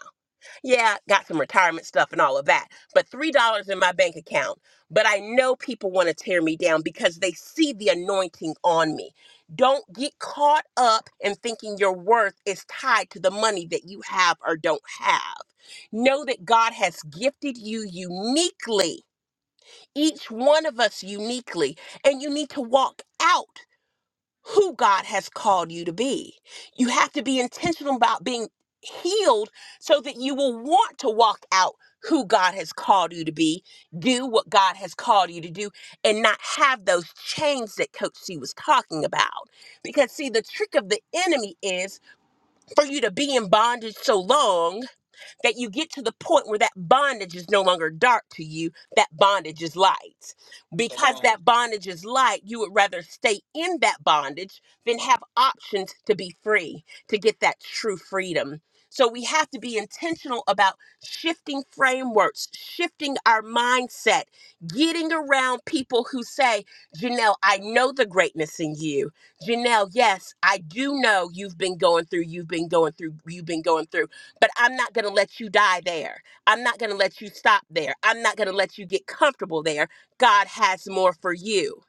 yeah, got some retirement stuff and all of that, but $3 in my bank account. But I know people want to tear me down because they see the anointing on me. Don't get caught up in thinking your worth is tied to the money that you have or don't have. Know that God has gifted you uniquely, each one of us uniquely, and you need to walk out who God has called you to be. You have to be intentional about being healed so that you will want to walk out who God has called you to be, do what God has called you to do, and not have those chains that Coach C was talking about. Because, see, the trick of the enemy is for you to be in bondage so long that you get to the point where that bondage is no longer dark to you, that bondage is light. Because that bondage is light, you would rather stay in that bondage than have options to be free, to get that true freedom. So we have to be intentional about shifting frameworks, shifting our mindset, getting around people who say, Janelle, I know the greatness in you. Janelle, yes, I do know you've been going through, you've been going through, you've been going through. But I'm not going to let you die there. I'm not going to let you stop there. I'm not going to let you get comfortable there. God has more for you.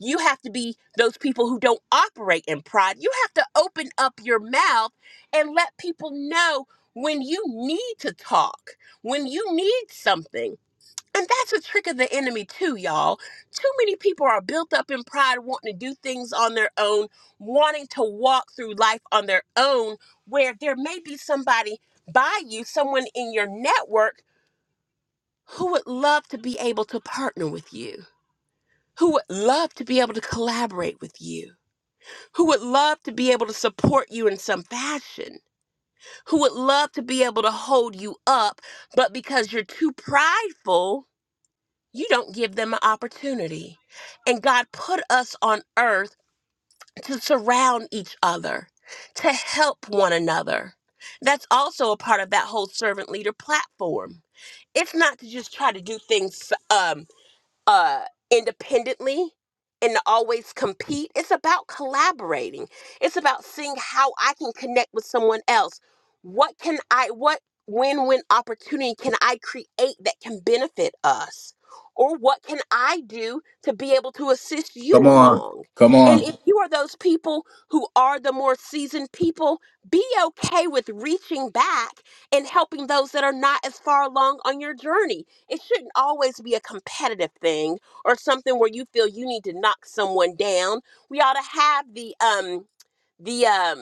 You have to be those people who don't operate in pride. You have to open up your mouth and let people know when you need to talk, when you need something. And that's a trick of the enemy, too, y'all. Too many people are built up in pride, wanting to do things on their own, wanting to walk through life on their own, where there may be somebody by you, someone in your network who would love to be able to partner with you, who would love to be able to collaborate with you, who would love to be able to support you in some fashion, who would love to be able to hold you up, but because you're too prideful, you don't give them an opportunity. And God put us on earth to surround each other, to help one another. That's also a part of that whole servant leader platform. It's not to just try to do things um, uh, independently and to always compete. It's about collaborating. It's about seeing how I can connect with someone else. What can I, what win win opportunity can I create that can benefit us? Or what can I do to be able to assist you along? And if you are those people who are the more seasoned people, be okay with reaching back and helping those that are not as far along on your journey it shouldn't always be a competitive thing or something where you feel you need to knock someone down. We ought to have the um the um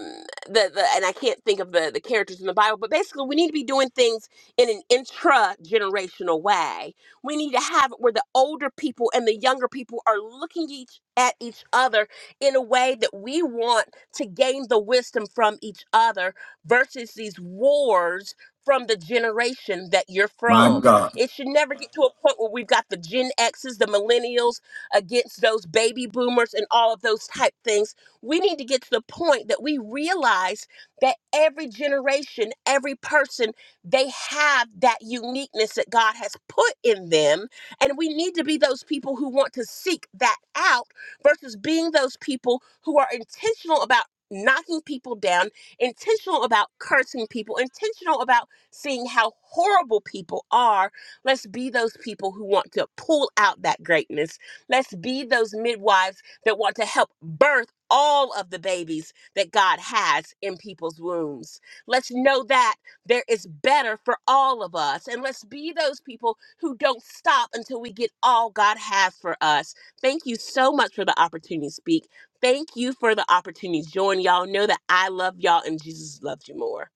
the, the and I can't think of the the characters in the Bible, but basically we need to be doing things in an intra generational way. We need to have it where the older people and the younger people are looking each at each other in a way that we want to gain the wisdom from each other versus these wars from the generation that you're
My
from.
God.
It should never get to a point where we've got the Gen X's, the millennials against those baby boomers and all of those type things. We need to get to the point that we realize that every generation, every person, they have that uniqueness that God has put in them. And we need to be those people who want to seek that out versus being those people who are intentional about knocking people down, intentional about cursing people, intentional about seeing how horrible people are Let's be those people who want to pull out that greatness. Let's be those midwives that want to help birth all of the babies that God has in people's wombs. Let's know that there is better for all of us. And let's be those people who don't stop until we get all God has for us. Thank you so much for the opportunity to speak. Thank you for the opportunity to join. Y'all know that I love y'all and Jesus loves you more.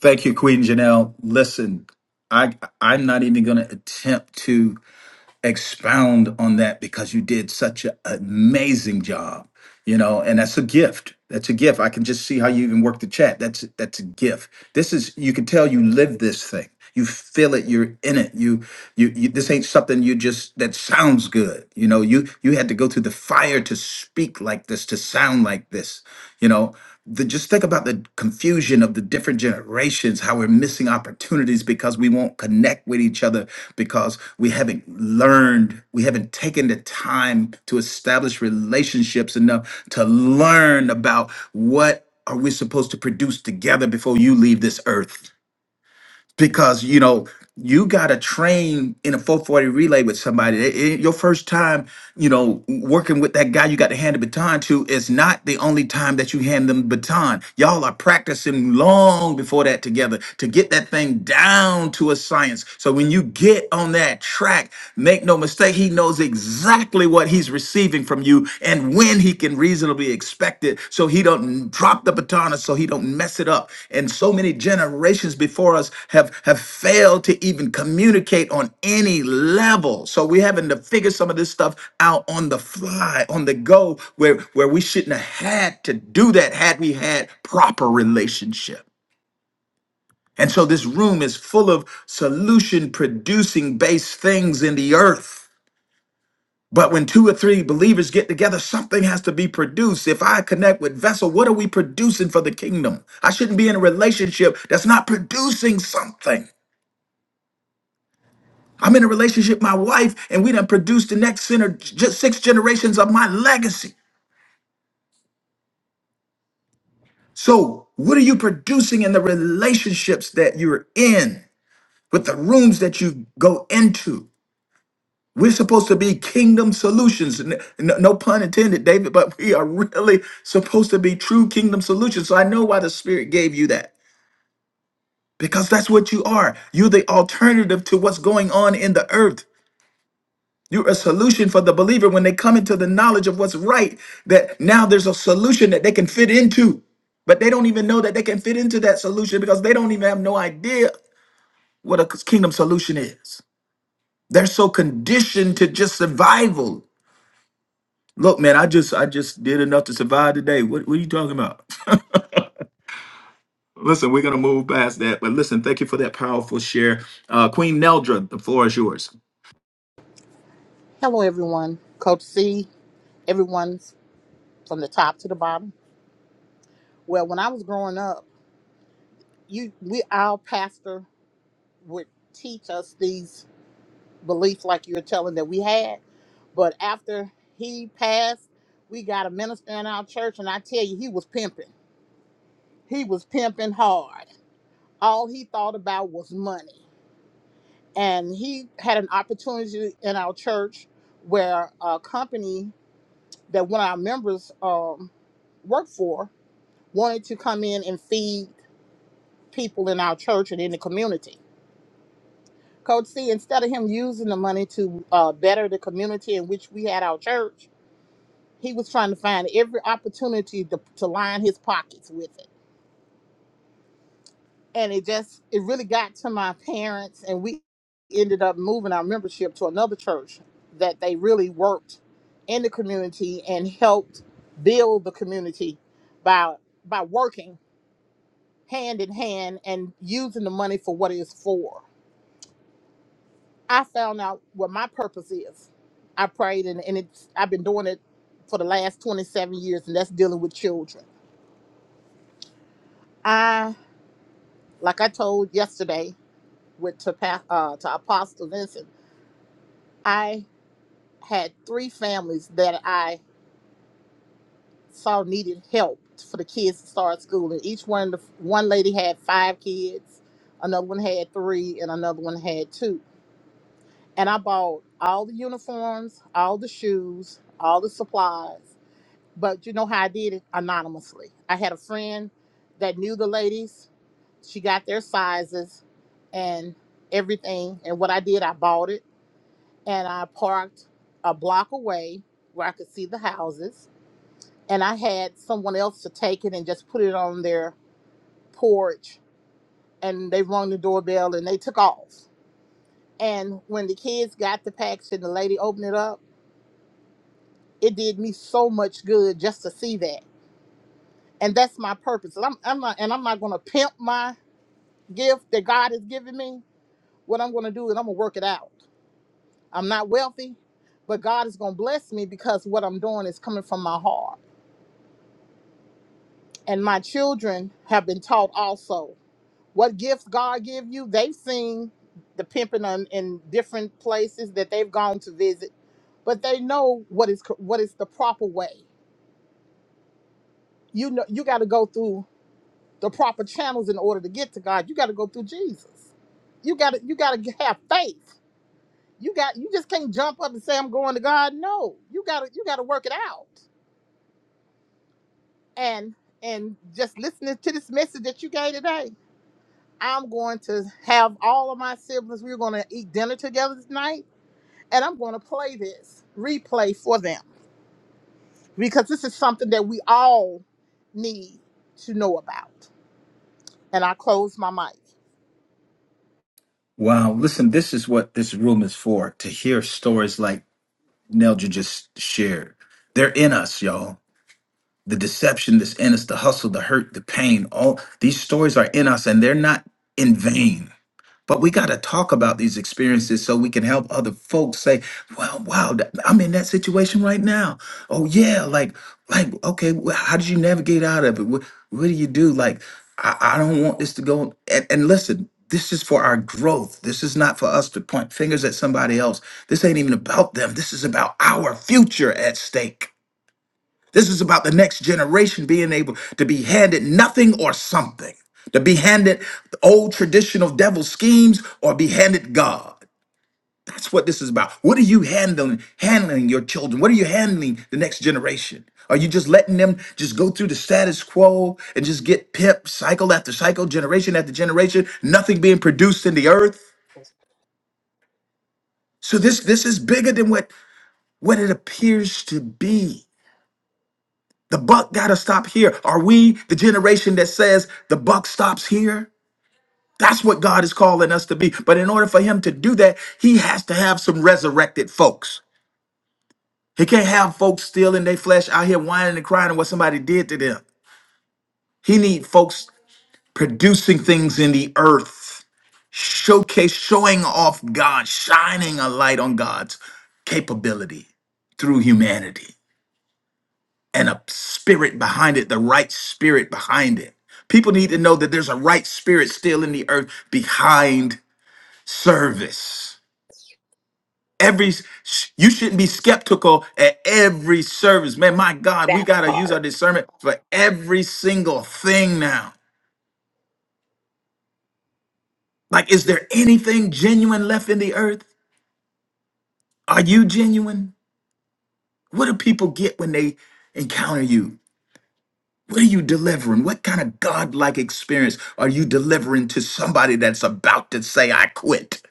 Thank you, Queen Janelle. Listen, I I'm not even gonna attempt to expound on that because you did such an amazing job, you know, and that's a gift. That's a gift. I can just see how you even work the chat. That's that's a gift. This is you can tell you live this thing. You feel it, you're in it. You you, you this ain't something you just that sounds good. You know, you you had to go through the fire to speak like this, to sound sound like this you know the, just think about the confusion of the different generations how we're missing opportunities because we won't connect with each other because we haven't learned we haven't taken the time to establish relationships enough to learn about what are we supposed to produce together before you leave this earth because you know you got to train in a 440 relay with somebody It- it- your first time you know working with that guy you got to hand the baton to is not the only time that you hand them the baton y'all are practicing long before that together to get that thing down to a science so when you get on that track make no mistake he knows exactly what he's receiving from you and when he can reasonably expect it so he don't drop the baton and so he don't mess it up and so many generations before us have have failed to even communicate on any level so we're having to figure some of this stuff out on the fly on the go where where we shouldn't have had to do that had we had proper relationship and so this room is full of solution producing based things in the earth but when two or three believers get together, something has to be produced. If I connect with Vessel, what are we producing for the kingdom? I shouldn't be in a relationship that's not producing something. I'm in a relationship with my wife, and we done produced the next center, just six generations of my legacy. So, what are you producing in the relationships that you're in, with the rooms that you go into? We're supposed to be kingdom solutions. N- n- No, pun intended, David, but we are really supposed to be true kingdom solutions. So I know why the Spirit gave you that because that's what you are. You're the alternative to what's going on in the earth. You're a solution for the believer when they come into the knowledge of what's right, that now there's a solution that they can fit into. But they don't even know that they can fit into that solution because they don't even have no idea what a kingdom solution is. They're so conditioned to just survival Look, man, I just I just did enough to survive today. What, what are you talking about? listen, we're gonna move past that, but listen, thank you for that powerful share, uh, Queen Neldra. The floor is yours.
Hello, everyone. Coach C. everyone from the top to the bottom. Well, when I was growing up, you we our pastor would teach us these beliefs like you're telling that we had. But after he passed, we got a minister in our church, and I tell you, he was pimping. He was pimping hard. All he thought about was money. And he had an opportunity in our church where a company that one of our members um, worked for wanted to come in and feed people in our church and in the community. Coach C, instead of him using the money to uh, better the community in which we had our church, he was trying to find every opportunity to, to line his pockets with it. And it just, it really got to my parents, and we ended up moving our membership to another church that they really worked in the community and helped build the community by by working hand in hand and using the money for what it's for I found out what my purpose is. I prayed and, and it's I've been doing it for the last 27 years and that's dealing with children. I like I told yesterday with to pa- uh, to Apostle Vincent, I had three families that I saw needed help for the kids to start school and each one the one lady had five kids, another one had three and another one had two. And I bought all the uniforms, all the shoes, all the supplies But you know how I did it? Anonymously. I had a friend that knew the ladies. She got their sizes and everything. And what I did, I bought it and I parked a block away where I could see the houses. And I had someone else to take it and just put it on their porch. And they rung the doorbell and they took off. And when the kids got the package and the lady opened it up, it did me so much good just to see that and that's my purpose. And I'm, I'm not, and I'm not going to pimp my gift that God has given me, what I'm going to do is I'm going to work it out. I'm not wealthy, but God is going to bless me because what I'm doing is coming from my heart. And my children have been taught also what gifts God give you. They've seen the pimping on, in different places that they've gone to visit, but they know what is co- what is the proper way. You know, you got to go through the proper channels in order to get to God. You got to go through Jesus. You got to you got to have faith you got you just can't jump up and say i'm going to god no you gotta you gotta work it out and and just listening to this message that you gave today i'm going to have all of my siblings we're going to eat dinner together tonight and i'm going to play this replay for them because this is something that we all need to know about and i close my mic
Wow. Listen, this is what this room is for to hear stories like Nelja just shared. They're in us, y'all. The deception that's in us, the hustle, the hurt, the pain, all these stories are in us and they're not in vain. But we got to talk about these experiences so we can help other folks say, "Well, wow, th- I'm in that situation right now." Oh yeah, like, like, okay, wh- how did you navigate out of it? What, what do you do? Like, I, I don't want this to go. And, and listen, this is for our growth. This is not for us to point fingers at somebody else. This ain't even about them. This is about our future at stake. This is about the next generation being able to be handed nothing or something, to be handed old traditional devil schemes or be handed God. That's what this is about. What are you handling, handling your children? What are you handling the next generation? Are you just letting them just go through the status quo and just get pimped cycle after cycle, generation after generation, nothing being produced in the earth? So this this is bigger than what what it appears to be. The buck got to stop here. Are we the generation that says the buck stops here? That's what God is calling us to be. But in order for him to do that, he has to have some resurrected folks. He can't have folks still in their flesh out here whining and crying at what somebody did to them. He need folks producing things in the earth, showcase, showing off God, shining a light on God's capability through humanity. and a spirit behind it, the right spirit behind it. People need to know that there's a right spirit still in the earth behind service. Every you shouldn't be skeptical at every service. Man, my God, we
That
gotta use
part.
our discernment for every single thing now. Like, is there anything genuine left in the earth? Are you genuine? What do people get when they encounter you? What are you delivering? What kind of godlike experience are you delivering to somebody that's about to say, I quit?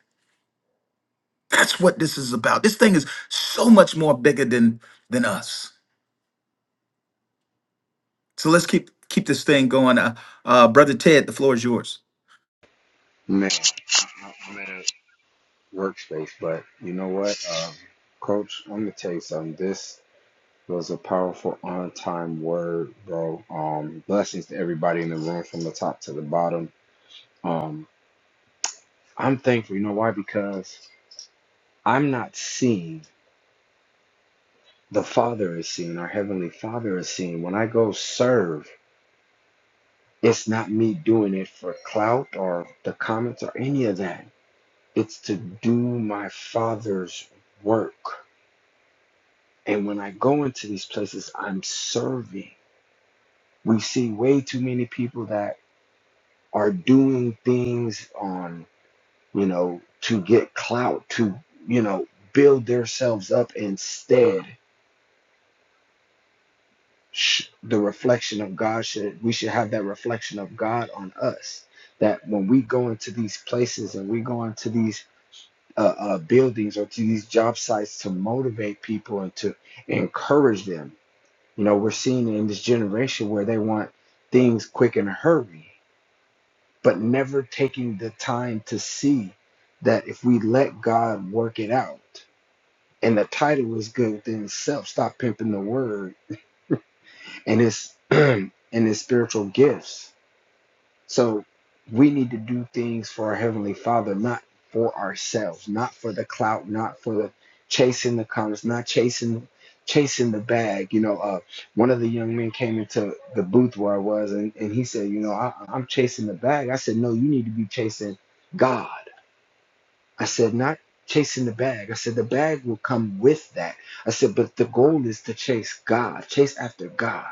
That's what this is about. This thing is so much more bigger than than us. So let's keep keep this thing going. Uh, uh, Brother Ted, the floor is yours.
Man, I- I'm at a workspace, but you know what, um, Coach? I'm gonna tell you something. This was a powerful on-time word, bro. Um, blessings to everybody in the room from the top to the bottom. Um, I'm thankful. You know why? Because I'm not seeing. The Father is seeing. Our Heavenly Father is seeing. When I go serve, it's not me doing it for clout or the comments or any of that. It's to do my Father's work And when I go into these places, I'm serving. We see way too many people that are doing things on, you know, to get clout, to, you know, build themselves up instead. sh- The reflection of God should, we should have that reflection of God on us. That when we go into these places and we go into these uh, uh, buildings or to these job sites to motivate people and to encourage them, You know, we're seeing in this generation where they want things quick in a hurry, but never taking the time to see that if we let God work it out, and the title is good within itself, stop pimping the word and its and its spiritual gifts So we need to do things for our Heavenly Father, not for ourselves, not for the clout, not for the chasing the comments, not chasing chasing the bag. You know, uh, one of the young men came into the booth where I was and, and he said, you know, I, I'm chasing the bag. I said, no, you need to be chasing God. I said, not chasing the bag. I said, the bag will come with that. I said, but the goal is to chase God, chase after God.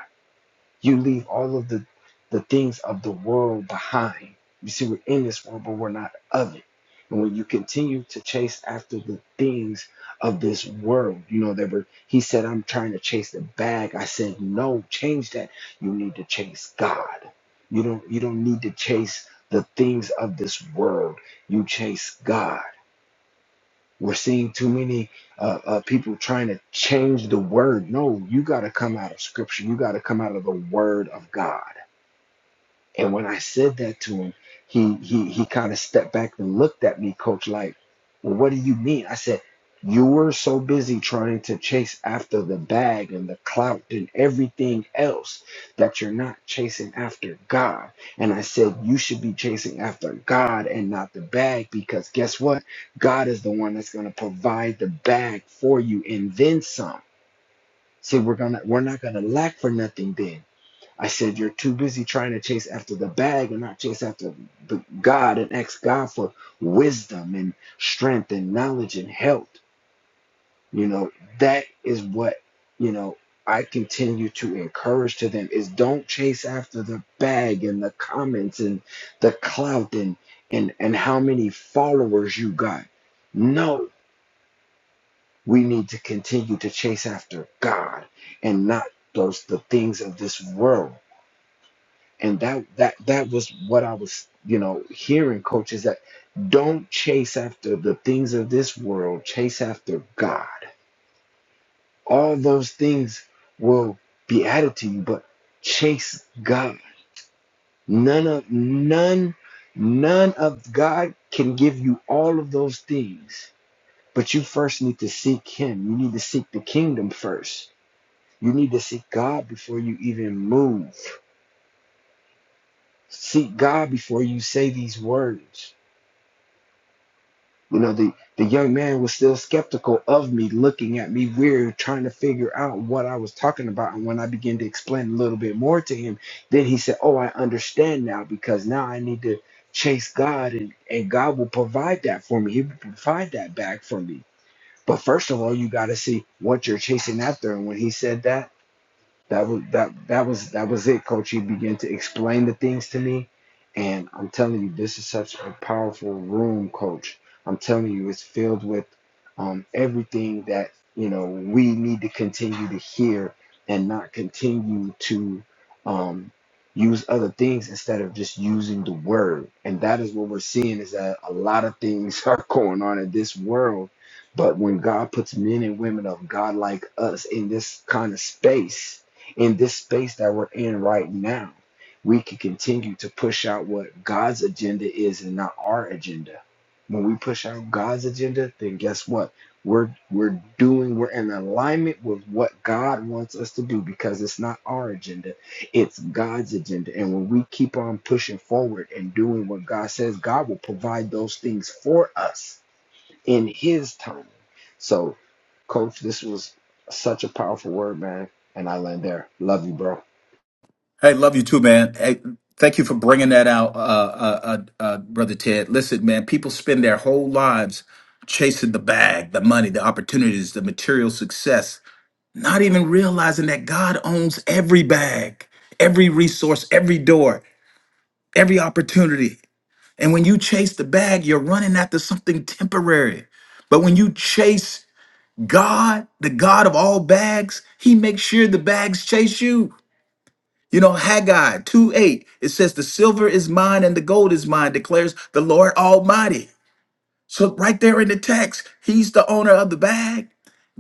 You leave all of the, the things of the world behind. You see, we're in this world, but we're not of it. And when you continue to chase after the things of this world, you know, that were, he said, I'm trying to chase the bag. I said, no, change that. You need to chase God. You don't, you don't need to chase the things of this world. You chase God. We're seeing too many uh, uh, people trying to change the word. No, you got to come out of scripture. You got to come out of the word of God. And when I said that to him, he he he kind of stepped back and looked at me, coach, like, well, what do you mean? I said, you were so busy trying to chase after the bag and the clout and everything else that you're not chasing after God. And I said, you should be chasing after God and not the bag because guess what? God is the one that's going to provide the bag for you and then some. See, we're gonna we're not gonna lack for nothing then I said, You're too busy trying to chase after the bag and not chase after God and ask God for wisdom and strength and knowledge and health. You know, that is what, you know, I continue to encourage to them is don't chase after the bag and the comments and the clout and and and how many followers you got. No, we need to continue to chase after God and not those the things of this world and that that that was what I was you know hearing coaches that don't chase after the things of this world chase after God all those things will be added to you but chase God none of none none of God can give you all of those things but you first need to seek him you need to seek the kingdom first you need to seek God before you even move seek God before you say these words You know, the, the young man was still skeptical of me, looking at me weird, trying to figure out what I was talking about. And when I began to explain a little bit more to him, then he said, Oh, I understand now because now I need to chase God and, and God will provide that for me. He will provide that back for me. But first of all, you got to see what you're chasing after. And when he said that, that was that that was that was it, coach. He began to explain the things to me. And I'm telling you, this is such a powerful room, coach. I'm telling you, it's filled with um, everything that you know we need to continue to hear and not continue to um, use other things instead of just using the word. And that is what we're seeing is that a lot of things are going on in this world. But when God puts men and women of God like us in this kind of space, in this space that we're in right now, we can continue to push out what God's agenda is and not our agenda. When we push out God's agenda, then guess what? We're we're doing we're in alignment with what God wants us to do because it's not our agenda, it's God's agenda. And when we keep on pushing forward and doing what God says, God will provide those things for us in his time. So, coach, this was such a powerful word, man. And I land there. Love you, bro.
Hey, love you too, man. Hey, thank you for bringing that out, uh, uh, uh, uh, Brother Ted. Listen, man, people spend their whole lives chasing the bag, the money, the opportunities, the material success not even realizing that God owns every bag, every resource, every door, every opportunity. And when you chase the bag, you're running after something temporary. But when you chase God, the God of all bags, he makes sure the bags chase you. You know, Haggai 2 8, it says, The silver is mine and the gold is mine, declares the Lord Almighty. So, right there in the text, he's the owner of the bag.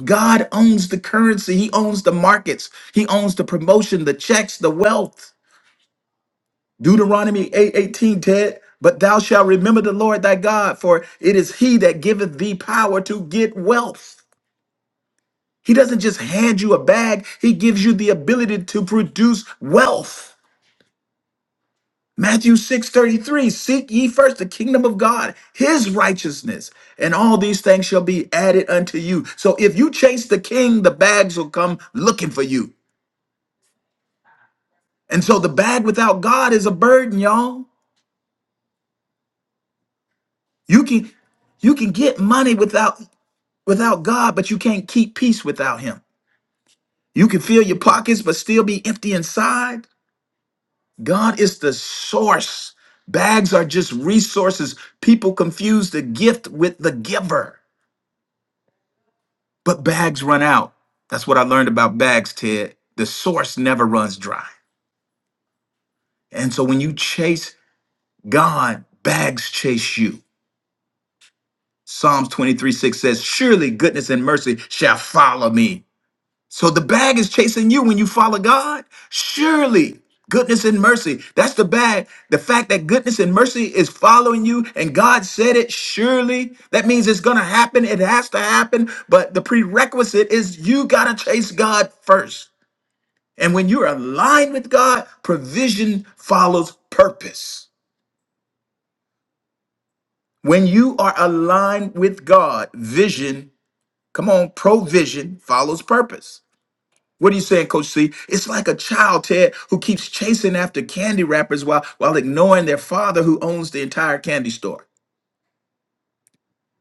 God owns the currency, He owns the markets, He owns the promotion, the checks, the wealth. Deuteronomy 8 18, Ted. But thou shalt remember the Lord thy God, for it is he that giveth thee power to get wealth. He doesn't just hand you a bag, he gives you the ability to produce wealth. Matthew 6 33. seek ye first the kingdom of God, his righteousness, and all these things shall be added unto you. So if you chase the king, the bags will come looking for you. And so the bag without God is a burden, y'all. You can you can get money without without God, but you can't keep peace without him. You can fill your pockets but still be empty inside. God is the source. Bags are just resources. People confuse the gift with the giver. But bags run out. That's what I learned about bags, Ted. The source never runs dry. And so when you chase God, bags chase you. Psalms 23 6 says, Surely goodness and mercy shall follow me. So the bag is chasing you when you follow God. Surely goodness and mercy. That's the bag. The fact that goodness and mercy is following you and God said it, surely. That means it's going to happen. It has to happen. But the prerequisite is you got to chase God first. And when you're aligned with God, provision follows purpose. When you are aligned with God, vision Come on, provision follows purpose. What are you saying, Coach C? It's like a child, Ted, who keeps chasing after candy wrappers while, while ignoring their father who owns the entire candy store.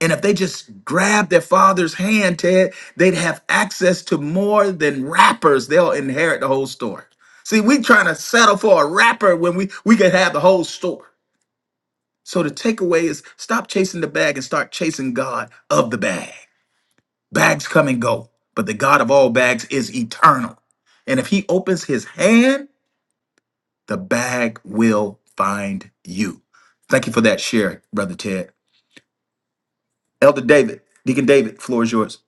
And if they just grab their father's hand, Ted, they'd have access to more than wrappers. They'll inherit the whole store. See, we trying to settle for a wrapper when we, we could have the whole store. So the takeaway is stop chasing the bag and start chasing God of the bag. Bags come and go, but the God of all bags is eternal. And if he opens his hand, the bag will find you. Thank you for that share, Brother Ted. Elder David, Deacon David, floor is yours.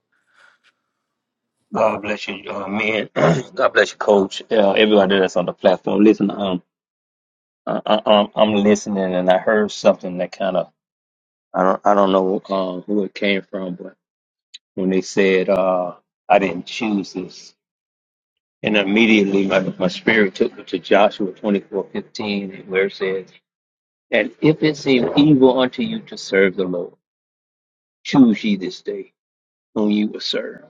God bless you, uh, man. God bless you, Coach. Uh, everybody that's on the platform, listen. Um, I, I, I'm I'm listening, and I heard something that kind of I don't I don't know um, who it came from, but when they said uh, I didn't choose this, and immediately my, my spirit took me to Joshua 24:15, where it says, "And if it seem evil unto you to serve the Lord, choose ye this day whom you will serve."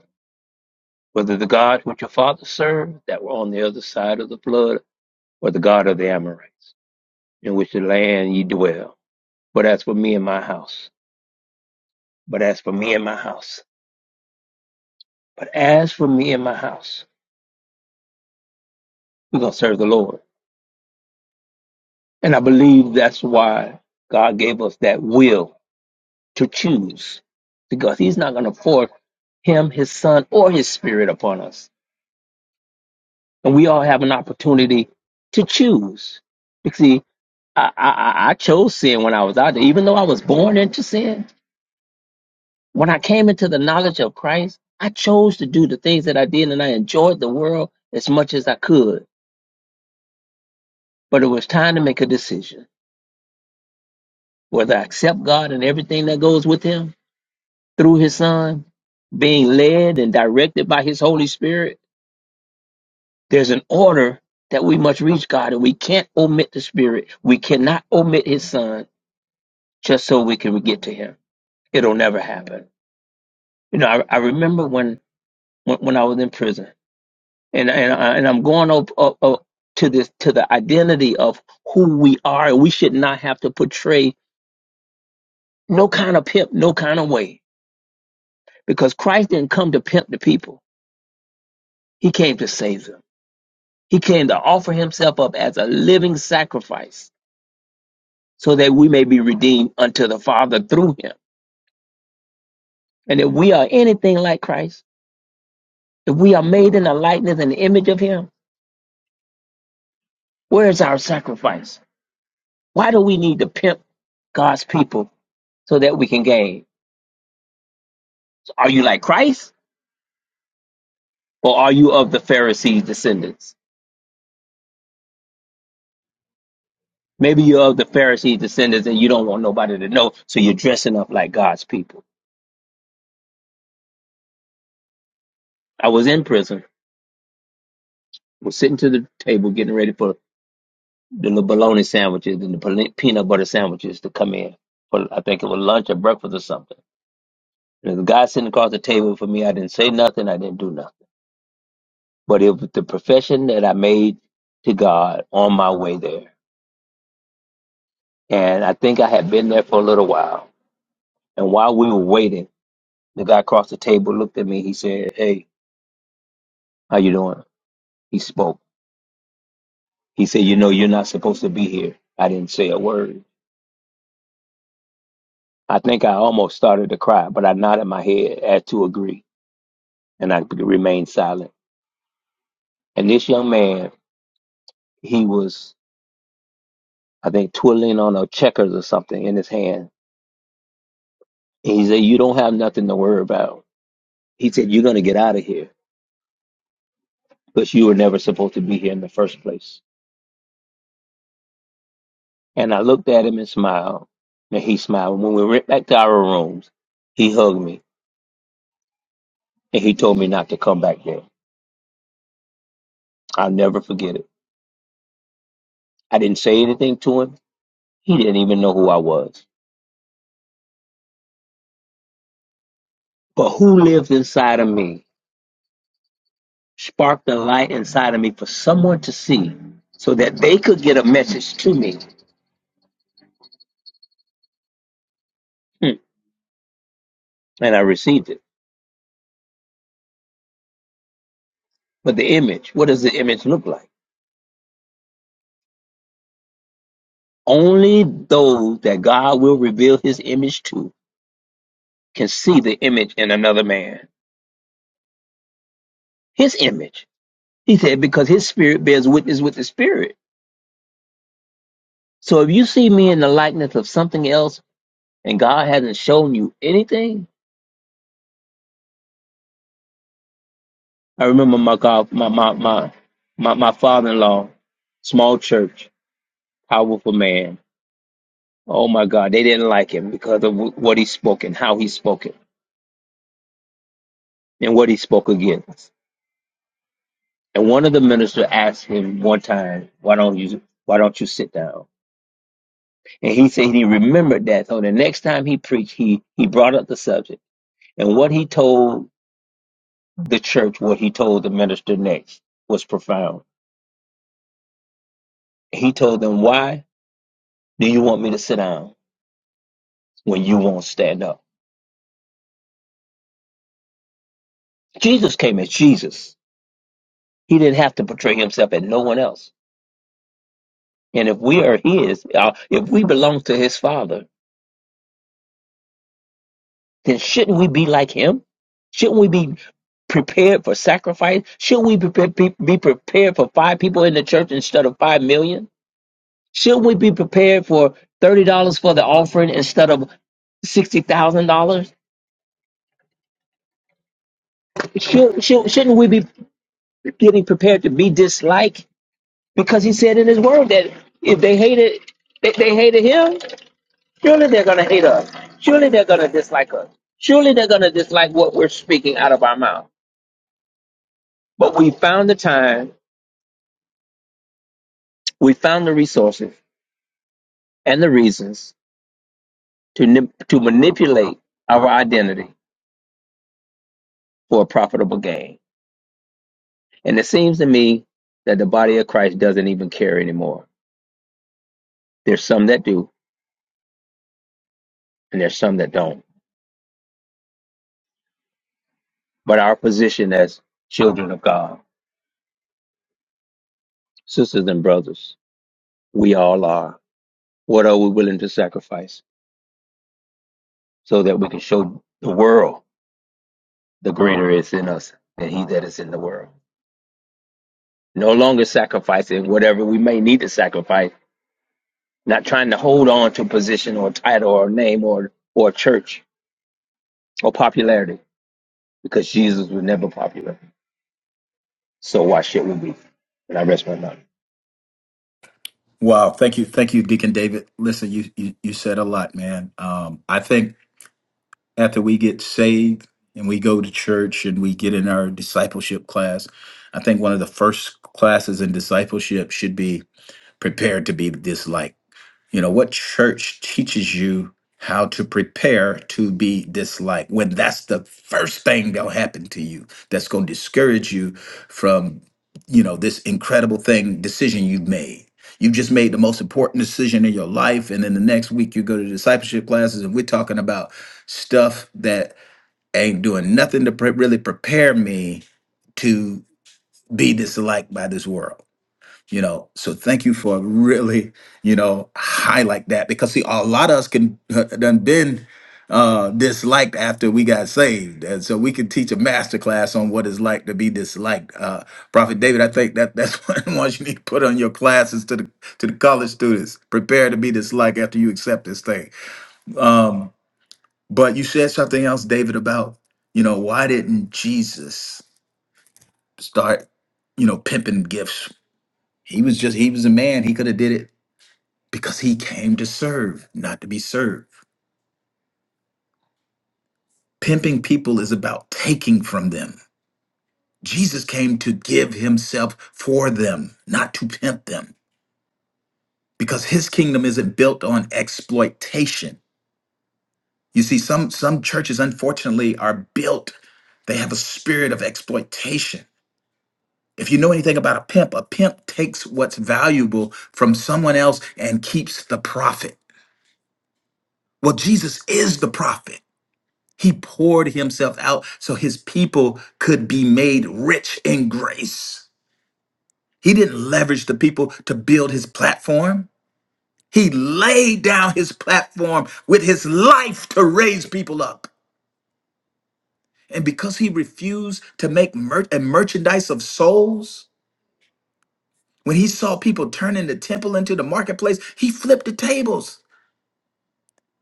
Whether the God which your father served that were on the other side of the flood or the God of the Amorites, in which the land ye dwell. But as for me and my house, but as for me and my house, but as for me and my house, we're going to serve the Lord. And I believe that's why God gave us that will to choose, because He's not going to force Him, His Son, or His Spirit upon us. And we all have an opportunity to choose. You see, I, I, I I chose sin when I was out there, even though I was born into sin. When I came into the knowledge of Christ, I chose to do the things that I did and I enjoyed the world as much as I could. But it was time to make a decision whether I accept God and everything that goes with Him through His Son, being led and directed by His Holy Spirit. There's an order that we must reach God and we can't omit the Spirit. We cannot omit His Son just so we can get to Him. It'll never happen. You know, I, I remember when, when, when I was in prison. and and, I- and I'm going up, up, up to this to the identity of who we are. We should not have to portray no kind of pimp, no kind of way, because Christ didn't come to pimp the people. He came to save them. He came to offer himself up as a living sacrifice, so that we may be redeemed unto the Father through him. And if we are anything like Christ, if we are made in the likeness and image of Him, where is our sacrifice? Why do we need to pimp God's people so that we can gain? Are you like Christ or are you of the Pharisees' descendants? Maybe you're of the Pharisees' descendants and you don't want nobody to know, so you're dressing up like God's people. I was in prison, was sitting to the table getting ready for the little bologna sandwiches and the peanut butter sandwiches to come in. For I think it was lunch or breakfast or something. And the guy sitting across the table for me, I didn't say nothing, I didn't do nothing. But it was the profession that I made to God on my way there. And I think I had been there for a little while. And while we were waiting, The guy across the table looked at me. He said, "Hey, how you doing?" He spoke. He said, "You know, you're not supposed to be here." I didn't say a word. I think I almost started to cry, but I nodded my head as to agree, and I remained silent. And this young man, he was, I think, twirling on a checkers or something in his hand. And he said, "You don't have nothing to worry about." He said, "You're gonna get out of here because you were never supposed to be here in the first place." And I looked at him and smiled, and he smiled. When we went back to our rooms, he hugged me and he told me not to come back there. I'll never forget it. I didn't say anything to him. He didn't even know who I was. But who lived inside of me sparked a light inside of me for someone to see so that they could get a message to me. Hmm. And I received it. But the image, what does the image look like? Only those that God will reveal his image to can see the image in another man. His image. He said, because his spirit bears witness with the spirit. So if you see me in the likeness of something else, and God hasn't shown you anything. I remember my God, my my my my, my father-in-law, small church, powerful man. Oh my God, they didn't like him because of wh- what he spoke and how he spoke it and what he spoke against. And one of the ministers asked him one time, "Why don't you Why don't you sit down?" And he said he remembered that. So the next time he preached, he he brought up the subject and what he told the church, what he told the minister next was profound. He told them why Do you want me to sit down when you won't stand up? Jesus came as Jesus. He didn't have to portray himself as no one else. And if we are his, uh, if we belong to his father, then shouldn't we be like him? Shouldn't we be prepared for sacrifice? Should we be, be, be prepared for five people in the church instead of five million? Should we be prepared for thirty dollars for the offering instead of sixty thousand dollars? Should, should shouldn't we be getting prepared to be disliked? because he said in his word that if they hated they, they hated him, surely they're gonna hate us. Surely they're gonna dislike us. Surely they're gonna dislike what we're speaking out of our mouth. But we found the time, we found the resources and the reasons to nip, to manipulate our identity for a profitable gain. And it seems to me that the body of Christ doesn't even care anymore. There's some that do, and there's some that don't. But our position as children of God, sisters and brothers, we all are. What are we willing to sacrifice so that we can show the world the greater is in us than he that is in the world? No longer sacrificing whatever we may need to sacrifice, not trying to hold on to a position or a title or a name or or a church or popularity, because Jesus was never popular. So why should we be? And I rest my mind.
Wow, thank you, thank you, Deacon David. Listen, you you, you said a lot, man. Um, I think after we get saved and we go to church and we get in our discipleship class, I think one of the first classes in discipleship should be prepared to be disliked You know, what church teaches you how to prepare to be disliked when that's the first thing that'll happen to you that's going to discourage you from, you know, this incredible thing, decision you've made? You've just made the most important decision in your life. And then the next week you go to discipleship classes and we're talking about stuff that ain't doing nothing to pre- really prepare me to be disliked by this world you know so thank you for really you know highlight that because see a lot of us can uh, done been uh disliked after we got saved and so we could teach a master class on what it's like to be disliked uh prophet david i think that that's one of the ones you need to put on your classes to the to the college students prepare to be disliked after you accept this thing um but you said something else david about you know why didn't jesus start you know pimping gifts he was just he was a man he could have did it because he came to serve, not to be served. Pimping people is about taking from them. Jesus came to give himself for them, not to pimp them, because his kingdom isn't built on exploitation. You see, some, some churches, unfortunately, are built, they have a spirit of exploitation. If you know anything about a pimp, a pimp takes what's valuable from someone else and keeps the profit. Well, Jesus is the prophet. He poured himself out so his people could be made rich in grace. He didn't leverage the people to build his platform. He laid down his platform with his life to raise people up. And because he refused to make mer- a merchandise of souls, when he saw people turning the temple into the marketplace, he flipped the tables.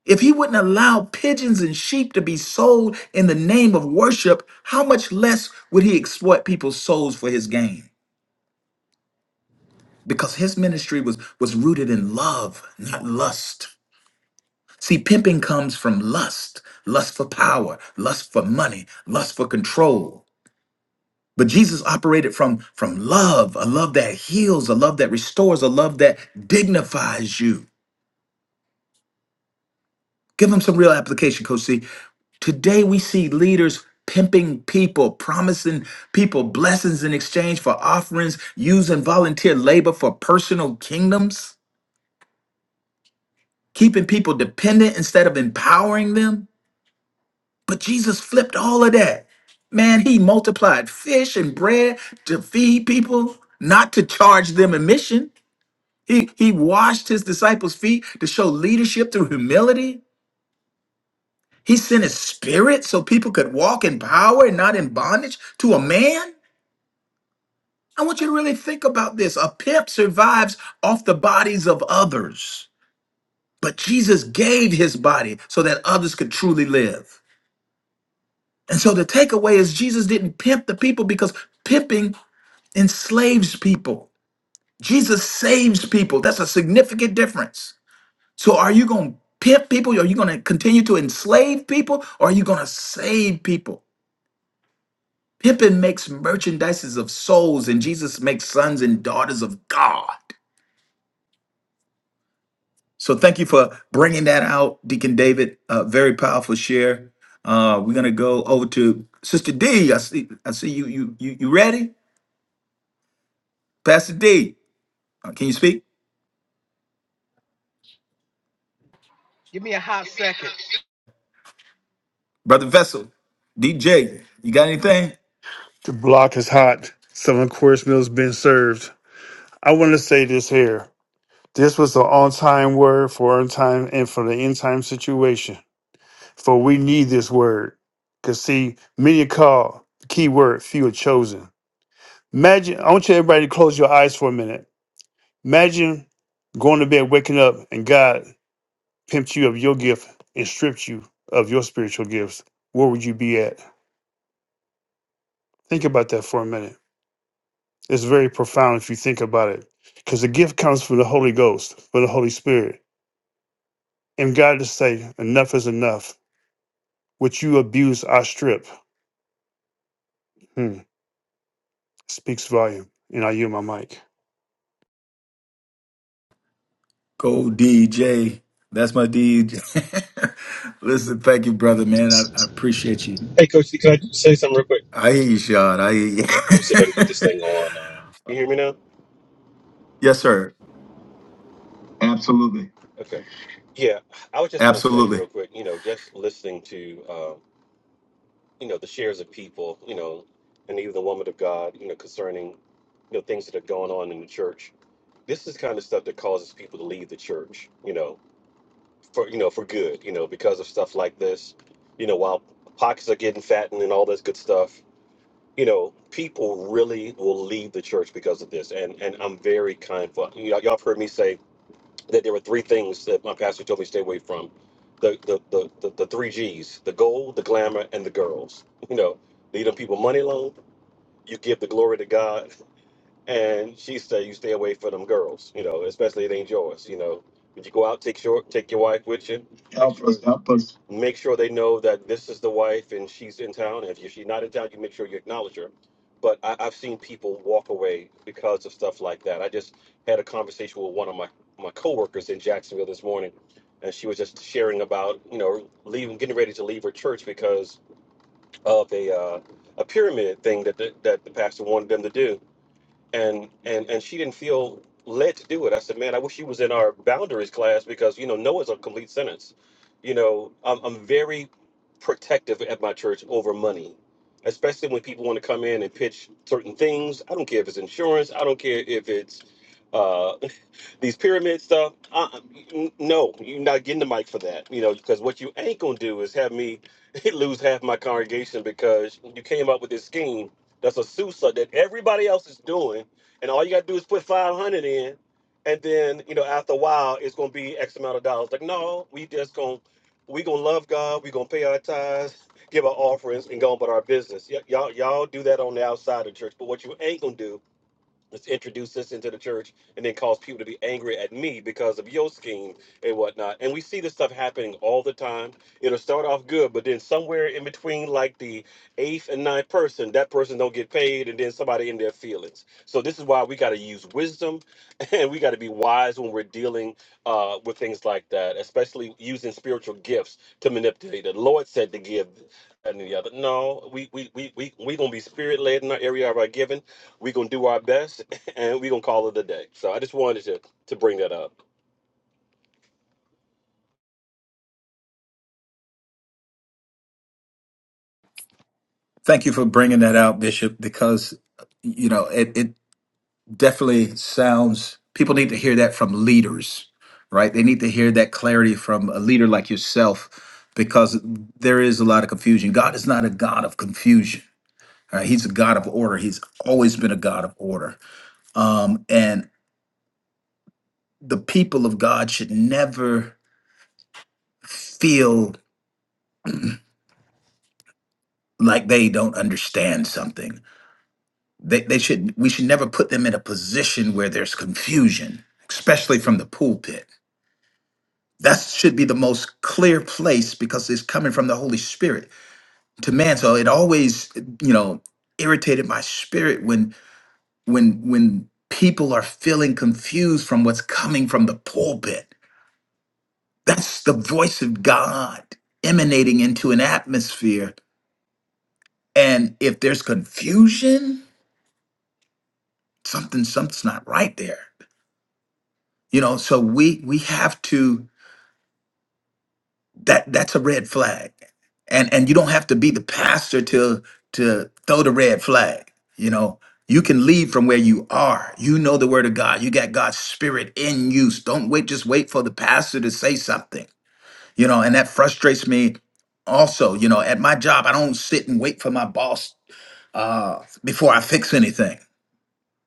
If he wouldn't allow pigeons and sheep to be sold in the name of worship, how much less would he exploit people's souls for his gain? Because his ministry was, was rooted in love, not lust. See, pimping comes from lust lust for power, lust for money, lust for control. But Jesus operated from, from love, a love that heals, a love that restores, a love that dignifies you. Give them some real application, Coach C. Today we see leaders pimping people, promising people blessings in exchange for offerings, using volunteer labor for personal kingdoms, keeping people dependent instead of empowering them. But Jesus flipped all of that. Man, he multiplied fish and bread to feed people, not to charge them a mission. He, he washed his disciples' feet to show leadership through humility. He sent his spirit so people could walk in power and not in bondage to a man. I want you to really think about this. A pimp survives off the bodies of others, but Jesus gave his body so that others could truly live. And so the takeaway is Jesus didn't pimp the people because pimping enslaves people. Jesus saves people. That's a significant difference. So are you going to pimp people? Are you going to continue to enslave people? Or are you going to save people? Pippin makes merchandises of souls, and Jesus makes sons and daughters of God. So thank you for bringing that out, Deacon David. Uh, very powerful share. Uh, we're gonna go over to Sister D. I see. I see you. You. You. You ready, Pastor D? Uh, can you speak,
Give me a hot second.
Brother Vessel? DJ, you got anything?
block is hot. Seven course meals been served. I want to say this here. This was an on time word for on time and for the end time situation. For we need this word. Because, see, many are called, the key word, few are chosen. Imagine, I want you everybody to close your eyes for a minute. Imagine going to bed, waking up, and God pimped you of your gift and stripped you of your spiritual gifts. Where would you be at? Think about that for a minute. It's very profound if you think about it, because the gift comes from the Holy Ghost, from the Holy Spirit. And God to say, enough is enough. What you abuse, I strip. Hmm. Speaks volume. And I yield my mic.
Go DJ. That's my DJ. Listen, thank you, brother, man. I, I appreciate you.
Hey, Coach, C, can I say something real quick?
I hear you, Sean. I hear
Let me see
you.
Hold on.
yes, sir.
Uh, Absolutely.
Absolutely.
Help us.
Thank you for bringing that out, Bishop, because, you know, it, it definitely sounds, people need to hear that from leaders, right? They need to hear that clarity from a leader like yourself because there is a lot of confusion. God is not a God of confusion. all right? He's a God of order. He's always been a God of order. Um, and the people of God should never feel like they don't understand something They, they should we should never put them in a position where there's confusion, especially from the pulpit. That should be the most clear place because it's coming from the Holy Spirit to man. So it always, you know, irritated my spirit when when when people are feeling confused from what's coming from the pulpit. That's the voice of God emanating into an atmosphere. And if there's confusion, something something's not right there. You know, so we we have to that that's a red flag and and you don't have to be the pastor to to throw the red flag you know you can lead from where you are you know the word of god you got god's spirit in you So don't wait just wait for the pastor to say something you know and that frustrates me also you know at my job i don't sit and wait for my boss uh, before i fix anything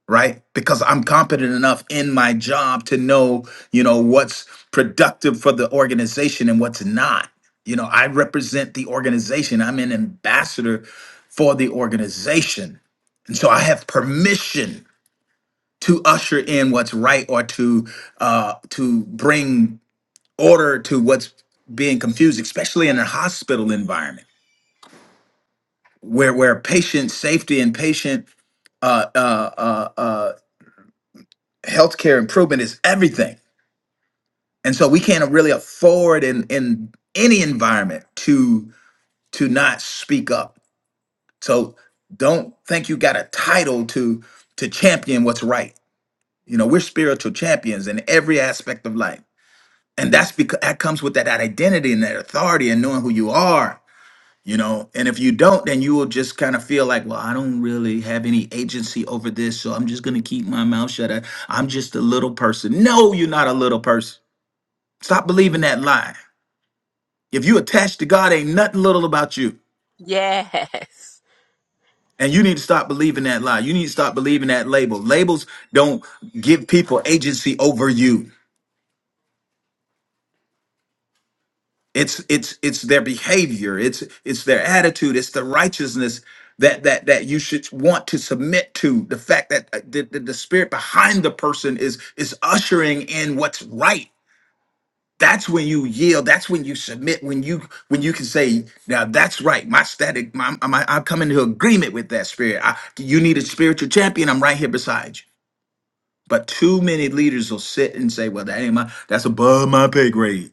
right? Because I'm competent enough in my job to know, you know, what's productive for the organization and what's not. You know, I represent the organization. I'm an ambassador for the organization. And so I have permission to usher in what's right or to uh to bring order to what's being confused, especially in a hospital environment where where patient safety and patient uh uh uh, uh healthcare improvement is everything and so we can't really afford in in any environment to to not speak up so don't think you got a title to to champion what's right you know we're spiritual champions in every aspect of life and that's because that comes with that, identity and that authority and knowing who you are you know and if you don't then you will just kind of feel like well i don't really have any agency over this so i'm just going to keep my mouth shut I, i'm just a little person no you're not a little person stop believing that lie If you attached to God, ain't nothing little about you.
Yes.
And you need to stop believing that lie. You need to stop believing that label. Labels don't give people agency over you. It's it's it's their behavior. It's it's their attitude. It's the righteousness that that that you should want to submit to. The fact that uh, the, the, the spirit behind the person is is ushering in what's right that's when you yield that's when you submit when you when you can say now that's right my static my, my i come into agreement with that spirit I, you need a spiritual champion i'm right here beside you but too many leaders will sit and say well that ain't my that's above my pay grade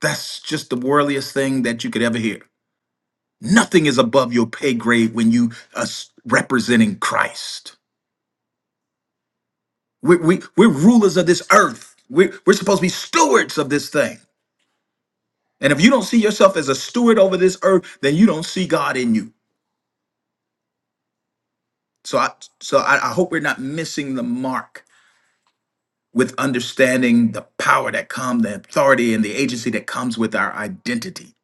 that's just the worldliest thing that you could ever hear nothing is above your pay grade when you are s- representing christ we, we, we're rulers of this earth we're, we're supposed to be stewards of this thing And if you don't see yourself as a steward over this earth, then you don't see God in you. So I so I, I hope we're not missing the mark with understanding the power that comes, the authority and the agency that comes with our identity.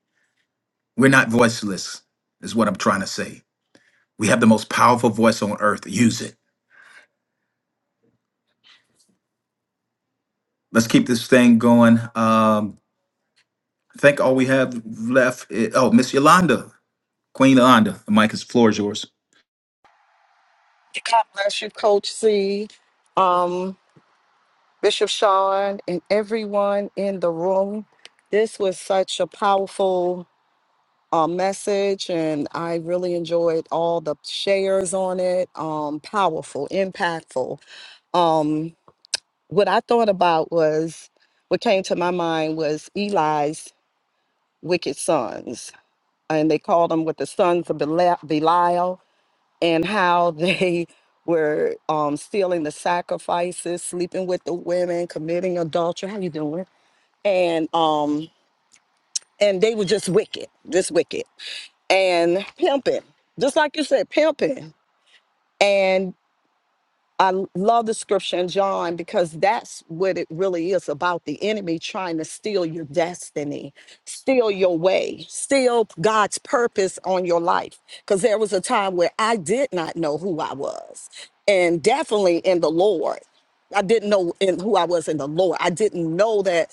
We're not voiceless, is what I'm trying to say. We have the most powerful voice on earth. Use it. Let's keep this thing going. Um, I think all we have left is, oh, Miss Yolanda, Queen Yolanda. The mic is floor is yours.
God bless you, Coach C, um, Bishop Sean, and everyone in the room. This was such a powerful uh, message, and I really enjoyed all the shares on it. Um, powerful, impactful. Um, what I thought about was what came to my mind was Eli's wicked sons, and they called them with the sons of Bela- Belial. and how they were um, stealing the sacrifices, sleeping with the women, committing adultery. How you doing? And um, and they were just wicked, just wicked, and pimping, just like you said, pimping. And I l- love the scripture in John because that's what it really is about the enemy trying to steal your destiny, steal your way, steal God's purpose on your life. Because there was a time where I did not know who I was, and definitely in the Lord. I didn't know in who I was in the Lord. I didn't know that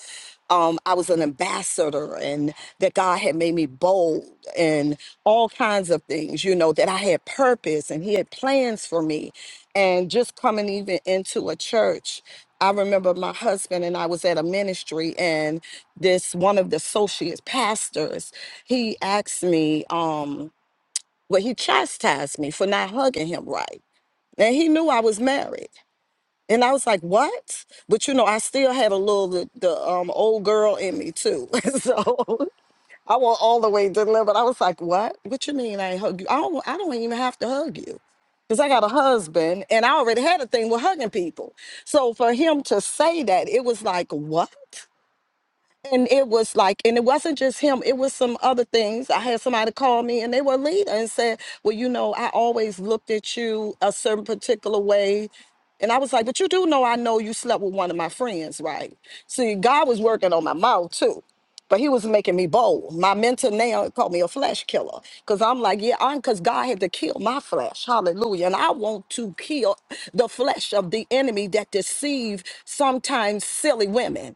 um, I was an ambassador and that God had made me bold and all kinds of things, you know, that I had purpose and He had plans for me and just coming even into a church i remember my husband and i was at a ministry and this one of the associate pastors he asked me um well he chastised me for not hugging him right and he knew i was married and i was like what but you know i still had a little the, the um old girl in me too so I went all the way to the limit. I was like, what? What you mean I ain't hug you? I don't, I don't even have to hug you. Because I got a husband and I already had a thing with hugging people. So for him to say that, it was like, what? and it was like and it wasn't just him it was some other things i had somebody call me and they were a leader and said well you know i always looked at you a certain particular way and i was like but you do know i know you slept with one of my friends right see god was working on my mouth too but he was making me bold. My mentor now called me a flesh killer because I'm like, yeah, I'm because God had to kill my flesh. Hallelujah. And I want to kill the flesh of the enemy that deceive sometimes silly women.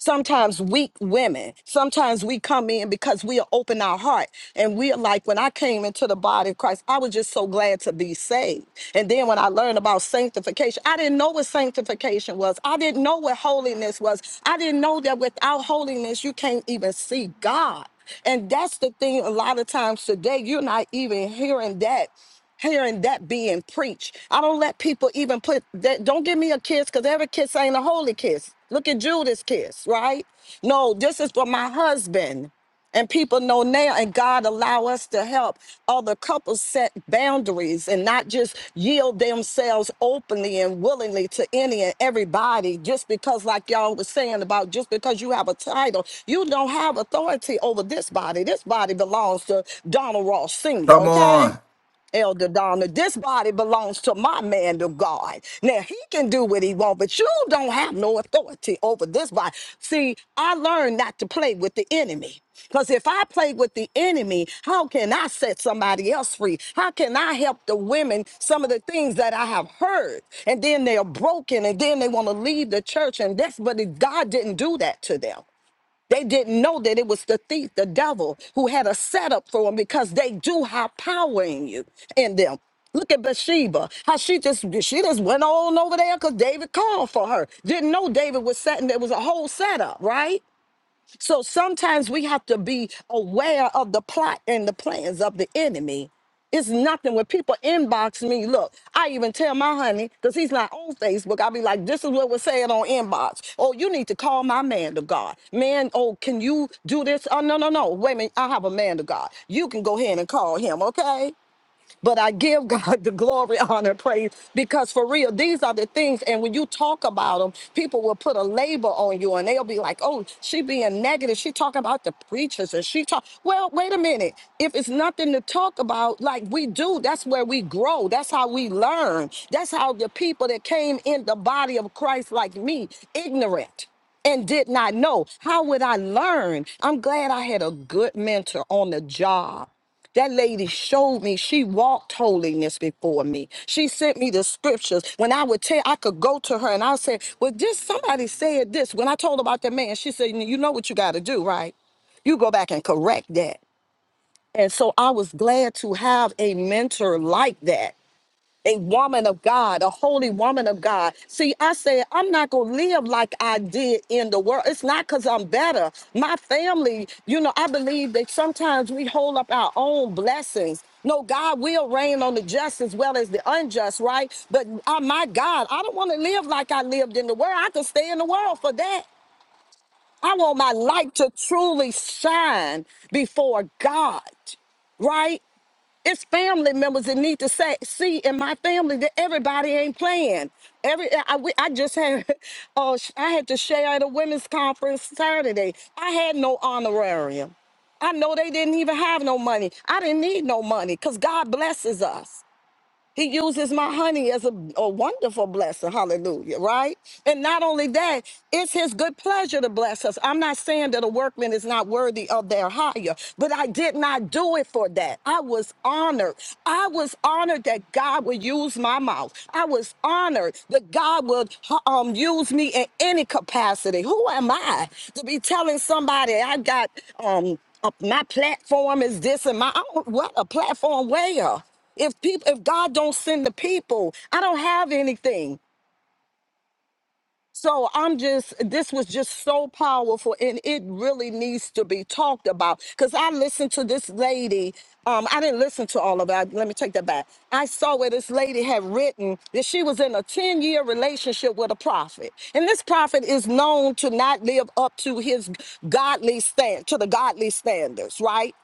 Sometimes weak women, sometimes we come in because we are open our heart and we're like, when I came into the body of Christ, I was just so glad to be saved. And then when I learned about sanctification, I didn't know what sanctification was. I didn't know what holiness was. I didn't know that without holiness, you can't even see God. And that's the thing a lot of times today, you're not even hearing that hearing that being preached. I don't let people even put that. Don't give me a kiss because every kiss ain't a holy kiss. Look at Judas' kiss, right? No, this is for my husband. And people know now, and God allow us to help other couples set boundaries and not just yield themselves openly and willingly to any and everybody just because, like y'all was saying about just because you have a title, you don't have authority over this body. This body belongs to Donald Ross Sr.,
Come
okay?
on.
Elder Donna, this body belongs to my man of God. Now he can do what he wants, but you don't have no authority over this body. See, I learned not to play with the enemy. Because if I play with the enemy, how can I set somebody else free? How can I help the women some of the things that I have heard? And then they are broken and then they want to leave the church. And that's but God didn't do that to them. They didn't know that it was the thief, the devil, who had a setup for them because they do have power in you, in them. Look at Bathsheba, how she just she just went on over there because David called for her. Didn't know David was setting there was a whole setup, right? So sometimes we have to be aware of the plot and the plans of the enemy. It's nothing when people inbox me. Look, I even tell my honey, because he's not on Facebook, I'll be like, this is what was said on inbox. Oh, you need to call my man to God. Man, oh, can you do this? Oh, no, no, no. Wait a minute. I have a man to God. You can go ahead and call him, okay? But I give God the glory, honor, praise, because for real, these are the things. And when you talk about them, people will put a label on you and they'll be like, oh, she being negative. She talking about the preachers and she talk. Well, wait a minute. If it's nothing to talk about, like we do, that's where we grow. That's how we learn. That's how the people that came in the body of Christ, like me, ignorant and did not know. How would I learn? I'm glad I had a good mentor on the job that lady showed me she walked holiness before me. She sent me the scriptures. When I would tell, I could go to her and I would say, Well, just somebody said this. When I told her about that man, she said, You know what you got to do, right? You go back and correct that. And so I was glad to have a mentor like that a woman of God, a holy woman of God. See, I said, I'm not going to live like I did in the world. It's not because I'm better. My family, you know, I believe that sometimes we hold up our own blessings. No, God will rain on the just as well as the unjust, right? But uh, my God, I don't want to live like I lived in the world. I can stay in the world for that. I want my light to truly shine before God right? It's family members that need to say, see in my family that everybody ain't playing. Every I, we- I just had, oh, sh- I had to share at a women's conference Saturday. I had no honorarium. I know they didn't even have no money. I didn't need no money because God blesses us. He uses my honey as a, a wonderful blessing. Hallelujah. Right? And not only that, it's his good pleasure to bless us. I'm not saying that a workman is not worthy of their hire, but I did not do it for that. I was honored. I was honored that God would use my mouth. I was honored that God would uh, um, use me in any capacity. Who am I to be telling somebody I got um, uh, my platform is this and my, I don't- what a platform where? if people if god don't send the people i don't have anything so i'm just this was just so powerful and it really needs to be talked about because i listened to this lady um i didn't listen to all of it let me take that back i saw where this lady had written that she was in a 10 year relationship with a prophet and this prophet is known to not live up to his godly stand to the godly standards right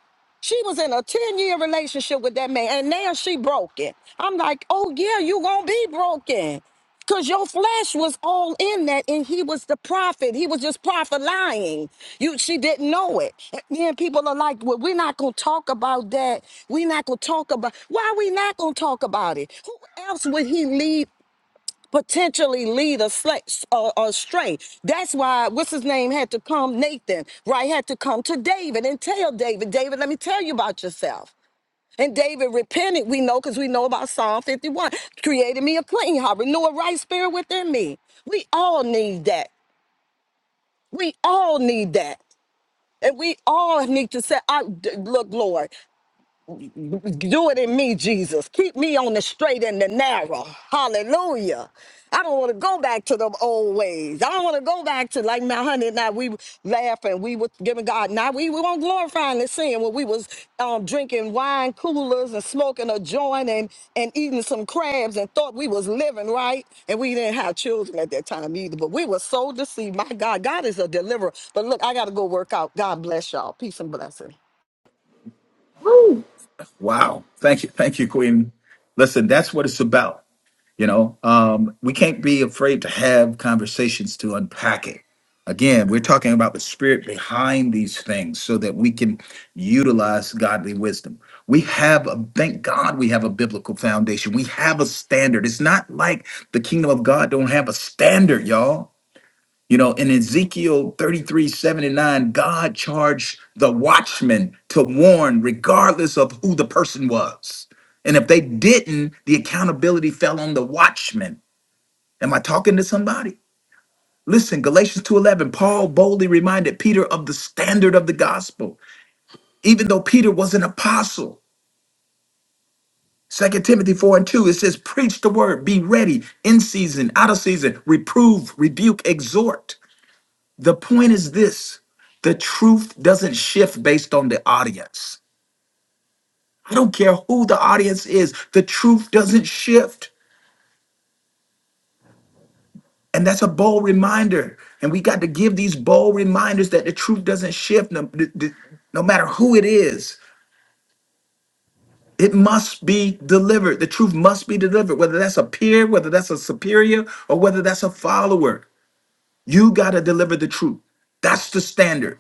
she was in a 10 year relationship with that man, and now she broken. I'm like, oh yeah, you gonna be broken. Cause your flesh was all in that, and he was the prophet. He was just prophet lying. You, she didn't know it. And then people are like, "Well, we're not gonna talk about that. We're not gonna talk about. Why we not gonna talk about it? Who else would he lead potentially lead us sla- uh, astray. That's why what's his name had to come, Nathan, right? Had to come to David and tell David, David, let me tell you about yourself. And David repented, we know, because we know about Psalm 51. Created me a clean heart, renew a right spirit within me. We all need that. We all need that. And we all need to say, I, d- look, Lord, Do it in me, Jesus. Keep me on the straight and the narrow. Hallelujah. I don't want to go back to the old ways. I don't want to go back to like my honey and I. We laughing. We were giving God. Now we, we weren't glorifying the sin when we was um, drinking wine coolers and smoking a joint and, and eating some crabs and thought we was living right. And we didn't have children at that time either. But we were so deceived. My God, God is a deliverer. But look, I got to go work out. God bless y'all. Peace and blessings.
Wow. Thank you. Thank you, Queen. Listen, that's what it's about. you know um we can't be afraid to have conversations to unpack it again we're talking about the spirit behind these things so that we can utilize godly wisdom we have a thank god we have a biblical foundation we have a standard it's not like the kingdom of god don't have a standard y'all you know, in Ezekiel 33 79, God charged the watchman to warn regardless of who the person was. And if they didn't, the accountability fell on the watchman. Am I talking to somebody? Listen, Galatians 2:11, Paul boldly reminded Peter of the standard of the gospel, even though Peter was an apostle. Second Timothy 4 and 2, it says, Preach the word, be ready in season, out of season, reprove, rebuke, exhort. The point is this the truth doesn't shift based on the audience. I don't care who the audience is, the truth doesn't shift. And that's a bold reminder. And we got to give these bold reminders that the truth doesn't shift no, d- d- no matter who it is. It must be delivered. The truth must be delivered, whether that's a peer, whether that's a superior, or whether that's a follower. You got to deliver the truth. That's the standard.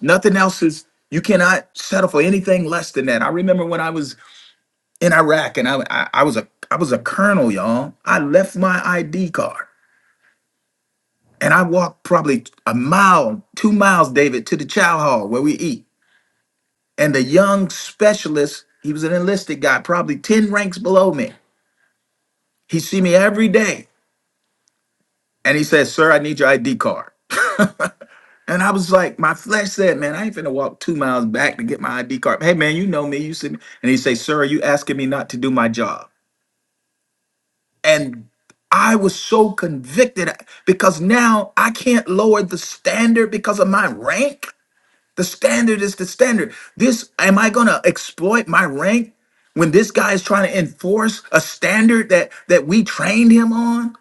Nothing else is, you cannot settle for anything less than that. I remember when I was in Iraq, and I, I I was a I was a colonel, y'all. I left my ID card, and I walked probably a mile, two miles, David, to the chow hall where we eat. And the young specialist, he was an enlisted guy, probably ten ranks below me. He see me every day, and he said, "Sir, I need your ID card." And I was like, my flesh said, "Man, I ain't finna walk two miles back to get my ID card." Hey, man, you know me, you see me. And he say, "Sir, are you asking me not to do my job?" and I was so convicted because now I can't lower the standard because of my rank. The standard is the standard. This am I going to exploit my rank when this guy is trying to enforce a standard that that we trained him on?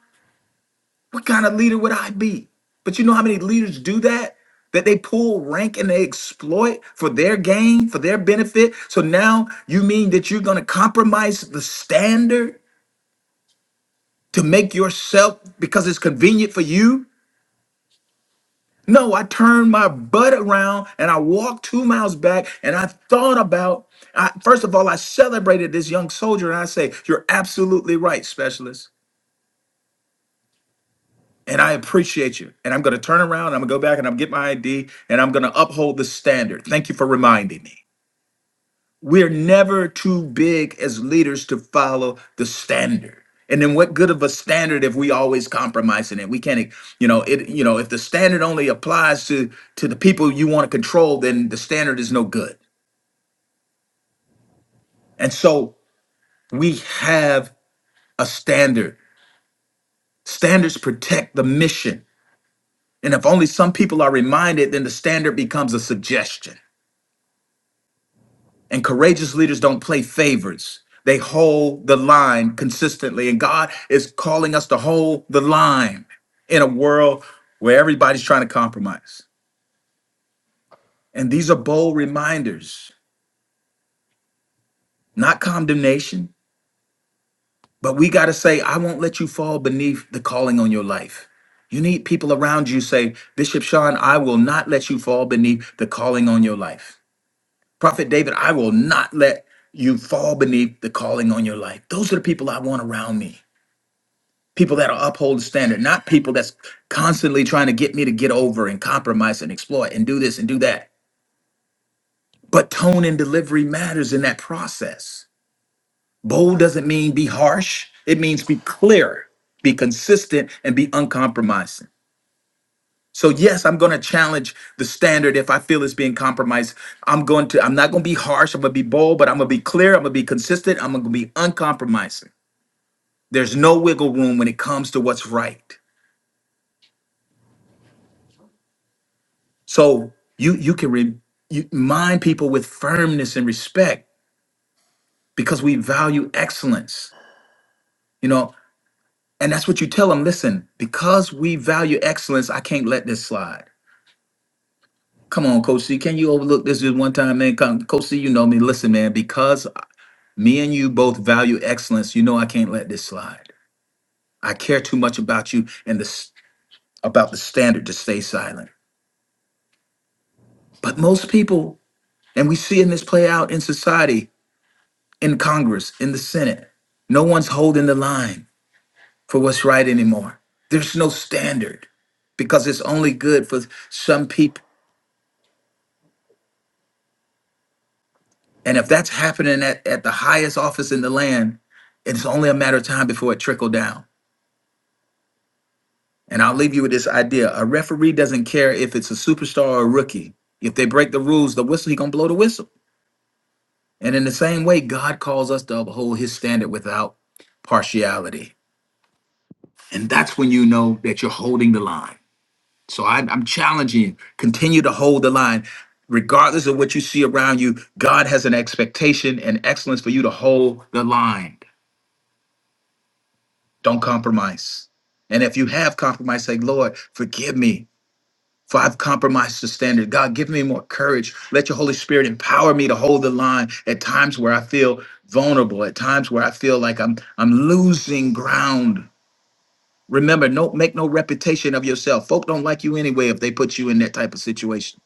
What kind of leader would I be? But you know how many leaders do that? That they pull rank and they exploit for their gain, for their benefit. So now you mean that you're going to compromise the standard? to make yourself because it's convenient for you. No, I turned my butt around and I walked two miles back and I thought about, I, first of all, I celebrated this young soldier and I say, You're absolutely right, specialist. And I appreciate you. And I'm going to turn around, I'm going to go back and I'm going to get my ID and I'm going to uphold the standard. Thank you for reminding me. We're never too big as leaders to follow the standard. And then what good of a standard if we always compromising it? We can't, e, you know, it, you know, if the standard only applies to to the people you want to control, then the standard is no good. And so we have a standard. Standards protect the mission. And if only some people are reminded, then the standard becomes a suggestion. And courageous leaders don't play favorites. They hold the line consistently. And God is calling us to hold the line in a world where everybody's trying to compromise. And these are bold reminders, not condemnation, but we got to say, I won't let you fall beneath the calling on your life. You need people around you say, Bishop Sean, I will not let you fall beneath the calling on your life. Prophet David, I will not let you fall beneath the calling on your life. Those are the people I want around me. people that'll uphold the standard, not people that's constantly trying to get me to get over and compromise and exploit and do this and do that. But tone and delivery matters in that process. Bold doesn't mean be harsh, it means be clear, be consistent, and be uncompromising. So yes, I'm going to challenge the standard if I feel it's being compromised. I'm going to I'm not going to be harsh, I'm going to be bold, but I'm going to be clear, I'm going to be consistent, I'm going to be uncompromising. There's no wiggle room when it comes to what's right. So you you can re, you mind people with firmness and respect because we value excellence. You know, and that's what you tell them. Listen, because we value excellence, I can't let this slide. Come on, Coach C, can you overlook this just one time, man? Come, Coach C, you know me. Listen, man, because me and you both value excellence, you know I can't let this slide. I care too much about you and this about the standard to stay silent. But most people, and we see in this play out in society, in Congress, in the Senate. No one's holding the line for what's right anymore. There's no standard because it's only good for some people. And if that's happening at, at the highest office in the land, it's only a matter of time before it trickle down. And I'll leave you with this idea. A referee doesn't care if it's a superstar or a rookie. If they break the rules, the whistle, he gonna blow the whistle. And in the same way, God calls us to uphold his standard without partiality. And that's when you know that you're holding the line. So I'm, I'm challenging you. Continue to hold the line. Regardless of what you see around you, God has an expectation and excellence for you to hold the line. Don't compromise. And if you have compromised, say, Lord, forgive me for I've compromised the standard. God, give me more courage. Let your Holy Spirit empower me to hold the line at times where I feel vulnerable, at times where I feel like I'm I'm losing ground. Remember, don't make no reputation of yourself. Folk don't like you anyway if they put you in that type of situation.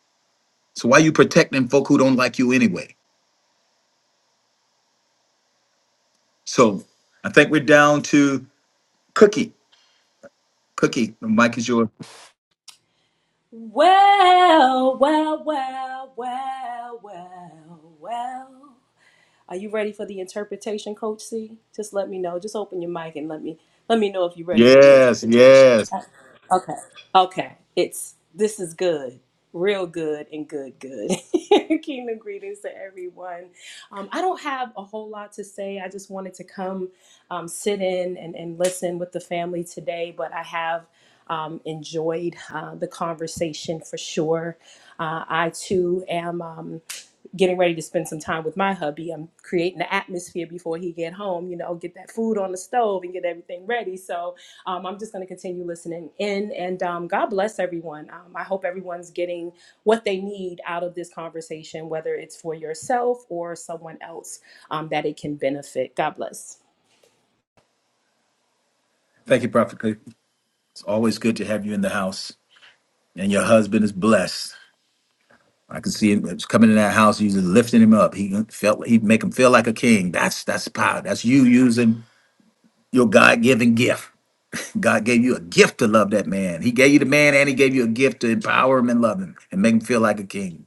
So why you protecting folk who don't like you anyway? So I think we're down to Cookie. Cookie, the mic is yours.
Well, well, well, well, well, well. Are you ready for the interpretation, Coach C? Just let me know. Just open your mic and let me let me know if you're ready for the
Yes,
interpretation.
yes.
Okay. Okay. It's this is good. Real good and good, good. Kingdom greetings to everyone. Um, I don't have a whole lot to say. I just wanted to come um, sit in and, and listen with the family today, but I have um, enjoyed uh, the conversation for sure. Uh, I too am. Um, getting ready to spend some time with my hubby. I'm creating the atmosphere before he get home, you know, get that food on the stove and get everything ready. So um, I'm just going to continue listening in. And um, God bless everyone. Um, I hope everyone's getting what they need out of this conversation, whether it's for yourself or someone else um, that it can benefit. God bless.
Thank you, Prophet Cookie. It's always good to have you in the house. And your husband is blessed. I can see him it's coming in that house, you just lifting him up. He felt he'd make him feel like a king. That's that's power. That's you using your God-given gift. God gave you a gift to love that man. He gave you the man and he gave you a gift to empower him and love him and make him feel like a king.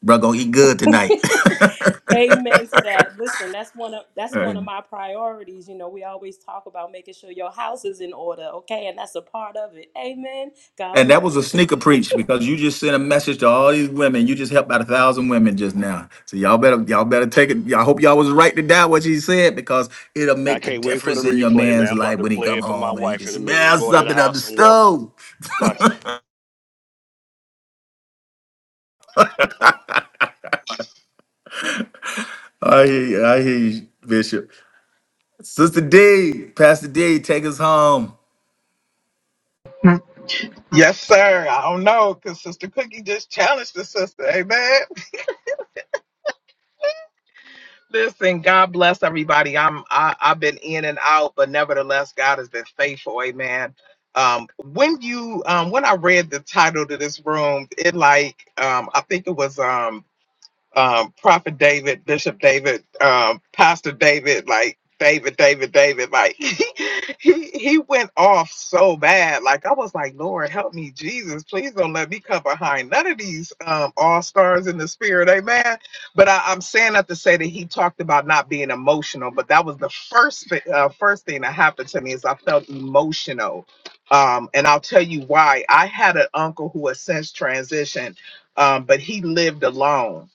Bro, gonna eat good tonight.
Amen to that. Listen, that's one of that's one of
And
my priorities. You know, we always talk about making sure your house is in order, okay? And that's a part of it. Amen. God
and that was a
bless.
sneaker preach because you just sent a message to all these women. You just helped out a thousand women just now. So y'all better y'all better take it. I hope y'all was right to die what you said because it'll
I
make the
can't wait for the
difference in your
replay, man.
man's
I'm about
life
to
when he
play
come
it for my
home and he
wife
can
in a minute. I'm
smell
going to the
something on the
house. I'm walking.
stove.
Watch.
I hear you, I hear you, Bishop. Sister D, Pastor D, take us home.
Yes, sir. I don't know, cause Sister Cookie just challenged the sister. Amen. Listen, God bless everybody. I'm I, I've been in and out, but nevertheless, God has been faithful. Amen. Um, when you um, when I read the title to this room, it like um, I think it was um. um, Prophet David, Bishop David, um, Pastor David, like David, David, David, like he he went off so bad. Like I was like, Lord, help me, Jesus, please don't let me come behind none of these um, all stars in the spirit, Amen. But I, I'm saying that to say that he talked about not being emotional, but that was the first thi- uh, first thing that happened to me is I felt emotional. Um, and I'll tell you why. I had an uncle who has since transitioned, um, but he lived alone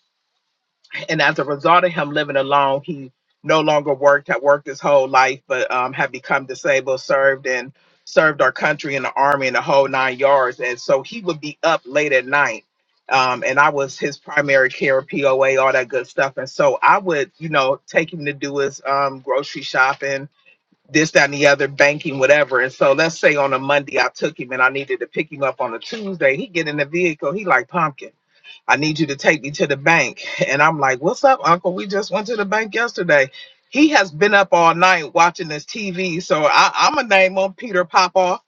and as a result of him living alone, he no longer worked, had worked his whole life, but um, had become disabled, served and served our country in the army and the whole nine yards. And so he would be up late at night. Um, and I was his primary care, POA, all that good stuff. And so I would, you know, take him to do his um, grocery shopping, this, that, and the other, banking, whatever. And so let's say on a Monday I took him and I needed to pick him up on a Tuesday. He get in the vehicle, he like pumpkin. I need you to take me to the bank. And I'm like, What's up, Uncle? We just went to the bank yesterday. He has been up all night watching this TV. So I, I'm gonna name him Peter Popoff.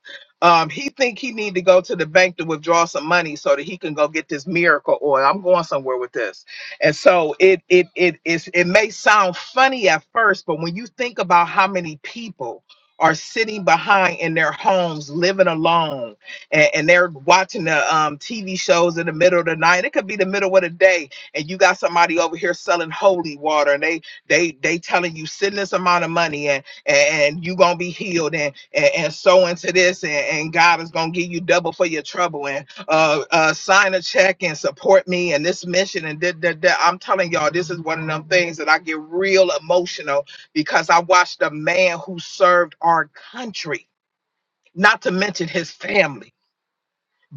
Um, he think he need to go to the bank to withdraw some money so that he can go get this miracle oil. I'm going somewhere with this. And so it it it is it may sound funny at first, but when you think about how many people are sitting behind in their homes living alone and, and they're watching the um, TV shows in the middle of the night. It could be the middle of the day, and you got somebody over here selling holy water, and they they they telling you send this amount of money, and and, and you gonna be healed, and and, and sow into this, and, and God is gonna give you double for your trouble, and uh, uh, sign a check and support me and this mission, and that that that. I'm telling y'all, this is one of them things that I get real emotional because I watched a man who served our country, not to mention his family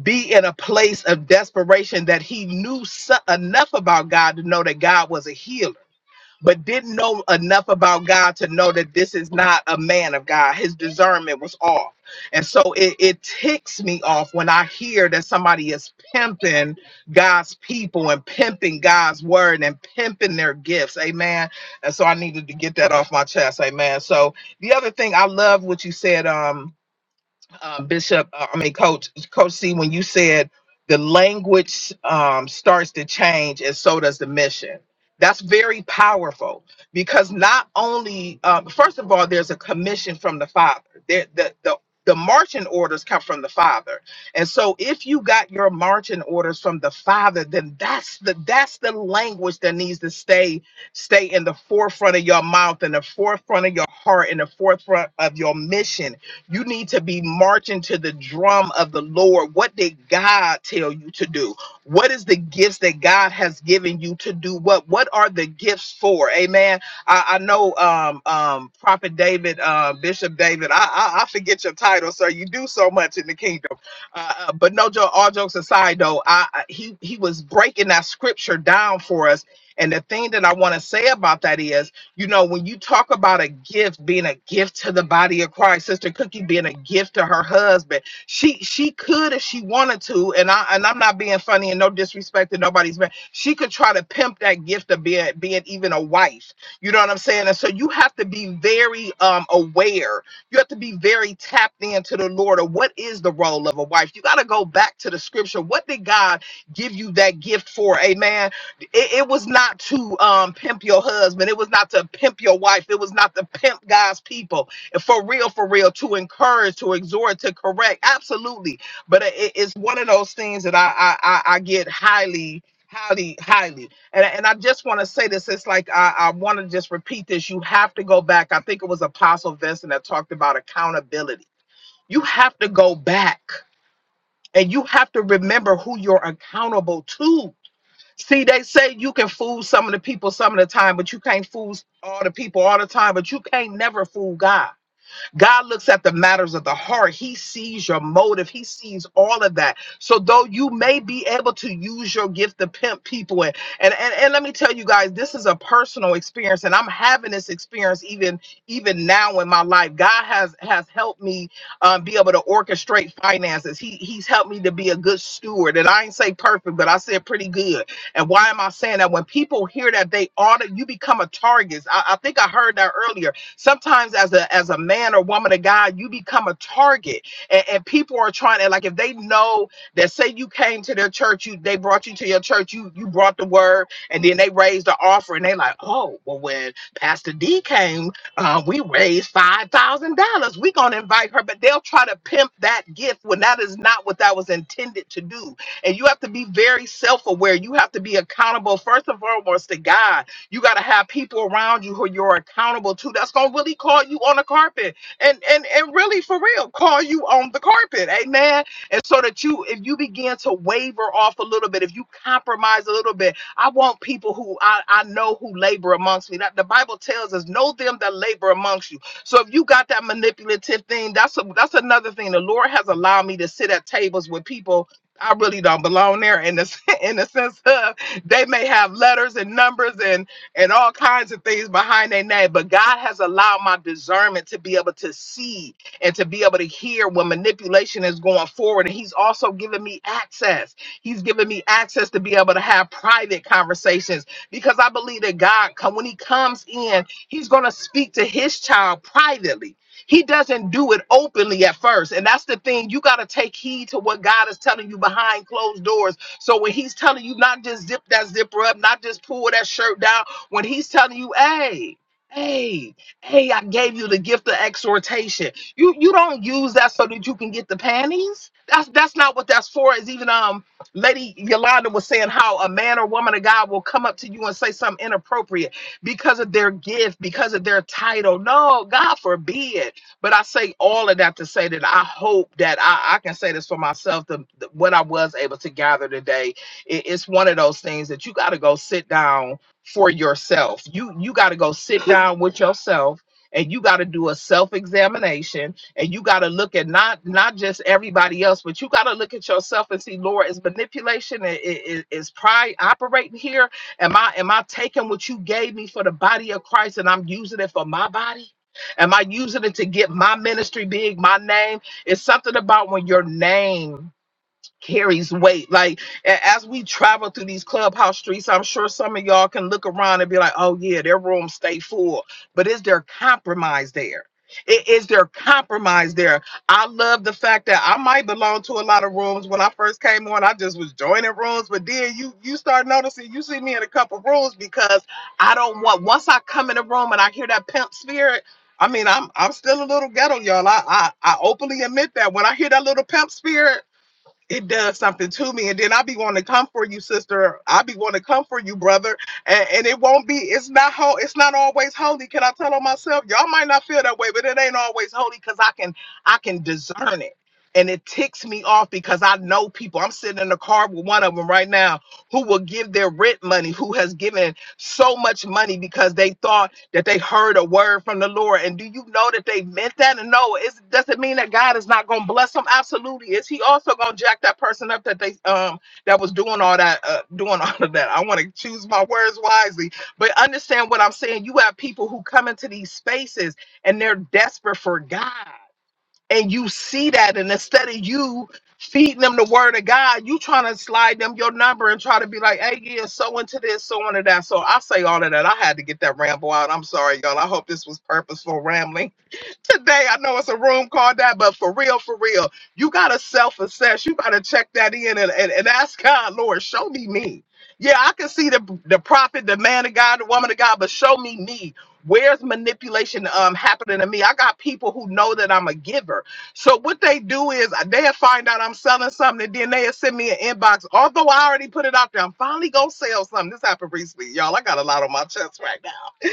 be in a place of desperation that he knew so- enough about God to know that God was a healer, but didn't know enough about God to know that this is not a man of God. His discernment was off. And so it, it ticks me off when I hear that somebody is pimping God's people and pimping God's word and pimping their gifts. Amen. And so I needed to get that off my chest. Amen. So the other thing I love what you said, um, uh, Bishop, uh, I mean, Coach, Coach C, when you said the language um, starts to change and so does the mission. That's very powerful because not only, uh, first of all, there's a commission from the Father. There, the, the, the marching orders come from the Father. And so if you got your marching orders from the Father, then that's the that's the language that needs to stay stay in the forefront of your mouth, in the forefront of your heart, in the forefront of your mission you need to be marching to the drum of the Lord. What did God tell you to do? What is the gifts that God has given you to do? What what are the gifts for? Amen. I, I know um um Prophet David, uh Bishop David, I, I I forget your title, sir. You do so much in the kingdom. Uh, uh, but no joke, all jokes aside though, I, I he he was breaking that scripture down for us. And the thing that I want to say about that is you know, when you talk about a gift being a gift to the body of Christ, Sister Cookie being a gift to her husband, she she could if she wanted to, and I and I'm not being funny and no disrespect to nobody's man. She could try to pimp that gift of being being even a wife. You know what I'm saying? And so you have to be very um aware. You have to be very tapped into the Lord of what is the role of a wife. You got to go back to the scripture. What did God give you that gift for? Amen it, it was not to um, pimp your husband. It was not to pimp your wife. It was not to pimp God's people. For real, for real, to encourage, to exhort, to correct. Absolutely. But it, it's one of those things that I, I, I, I get highly, highly, highly. And, and I just want to say this. It's like I, I want to just repeat this. You have to go back. I think it was Apostle Vincent that talked about accountability. You have to go back and you have to remember who you're accountable to See, they say you can fool some of the people some of the time, but you can't fool all the people all the time, but you can't never fool God. God looks at the matters of the heart. He sees your motive. He sees all of that. So though you may be able to use your gift to pimp people, and and and, and let me tell you guys, this is a personal experience, and I'm having this experience even even now in my life. God has has helped me um, be able to orchestrate finances. He he's helped me to be a good steward, and I ain't say perfect, but I said pretty good. And why am I saying that? When people hear that, they ought to, you become a target. I, I think I heard that earlier Sometimes as a as a man or woman of God, you become a target, and, and people are trying to like if they know that say you came to their church, you they brought you to your church, you you brought the word, and then they raised the offering. They like, oh well, when Pastor D came, uh, we raised five thousand dollars. We gonna invite her, but they'll try to pimp that gift when that is not what that was intended to do. And you have to be very self aware. You have to be accountable first and foremost to God you got to have people around you who you're accountable to. That's gonna really call you on the carpet, and and and really for real, call you on the carpet, amen. And so that you, if you begin to waver off a little bit, if you compromise a little bit, I want people who I I know who labor amongst me. That the Bible tells us, know them that labor amongst you. So if you got that manipulative thing, that's a, that's another thing. The Lord has allowed me to sit at tables with people. I really don't belong there in the in the sense of they may have letters and numbers and and all kinds of things behind their name. But God has allowed my discernment to be able to see and to be able to hear when manipulation is going forward. And He's also given me access. He's given me access to be able to have private conversations because I believe that God, come when He comes in, He's going to speak to His child privately. He doesn't do it openly at first. And that's the thing. You got to take heed to what God is telling you behind closed doors. So when He's telling you not just zip that zipper up, not just pull that shirt down, when he's telling you, hey, hey, hey, I gave you the gift of exhortation. You you don't use that so that you can get the panties. That's that's not what that's for. Is even um Lady Yolanda was saying how a man or woman of God will come up to you and say something inappropriate because of their gift, because of their title. No, God forbid. But I say all of that to say that I hope that I, I can say this for myself, the, the- what I was able to gather today. It- it's one of those things that you got to go sit down for yourself. You you got to go sit down with yourself and you got to do a self-examination and you got to look at not not just everybody else but you got to look at yourself and see lord is manipulation i- i- i- is pride operating here am i am i taking what you gave me for the body of christ and i'm using it for my body am i using it to get my ministry big my name it's something about when your name carries weight. Like a- as we travel through these clubhouse streets, I'm sure some of y'all can look around and be like, "Oh yeah, their rooms stay full," but is there compromise there? I- Is there compromise there? I love the fact that I might belong to a lot of rooms. When I first came on, I just was joining rooms, but then you you start noticing you see me in a couple rooms because I don't want once I come in a room and I hear that pimp spirit. I mean, I'm I'm still a little ghetto, y'all. I I, I openly admit that when I hear that little pimp spirit, it does something to me. And then i be wanting to come for you, sister. i be wanting to come for you, brother. And, and it won't be, it's not ho- it's not always holy. Can I tell on myself? Y'all might not feel that way, but it ain't always holy because I can I can discern it. And it ticks me off because I know people. I'm sitting in the car with one of them right now who will give their rent money, who has given so much money because they thought that they heard a word from the Lord. And do you know that they meant that? And no, it doesn't mean that God is not going to bless them. Absolutely, is He also going to jack that person up that they um that was doing all that uh, doing all of that? I want to choose my words wisely, but understand what I'm saying. You have people who come into these spaces and they're desperate for God and you see that, and instead of you feeding them the word of God, you trying to slide them your number and try to be like, hey, yeah, so into this, so into that. So I say all of that. I had to get that ramble out. I'm sorry, y'all. I hope this was purposeful rambling today. I know it's a room called that, but for real, for real, you gotta self-assess. You gotta check that in and, and, and ask God, Lord, show me me. Yeah, I can see the the prophet, the man of God, the woman of God, but show me me. Where's manipulation um happening to me? I got people who know that I'm a giver. So what they do is uh, they'll find out I'm selling something, and then they'll send me an inbox. Although I already put it out there, I'm finally gonna sell something. This happened recently, y'all. I got a lot on my chest right now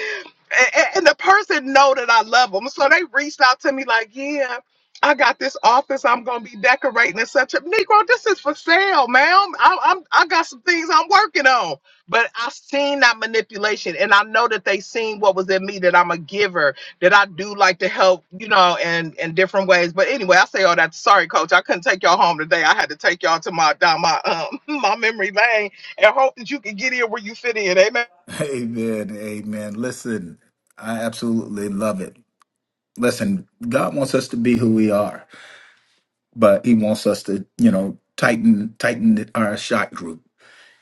and, and the person know that I love them. So they reached out to me like, yeah, I got this office. I'm gonna be decorating and such a Negro. This is for sale, ma'am. I, I'm I got some things I'm working on. But I seen that manipulation, and I know that they seen what was in me. That I'm a giver. That I do like to help, you know, and in in different ways. But anyway, I say all that. Sorry, coach. I couldn't take y'all home today. I had to take y'all to my down my um my memory lane, and hope that you can get in where you fit in. Amen.
Amen. Amen. Listen, I absolutely love it. Listen, God wants us to be who we are. but he wants us to, you know, tighten tighten our shot group.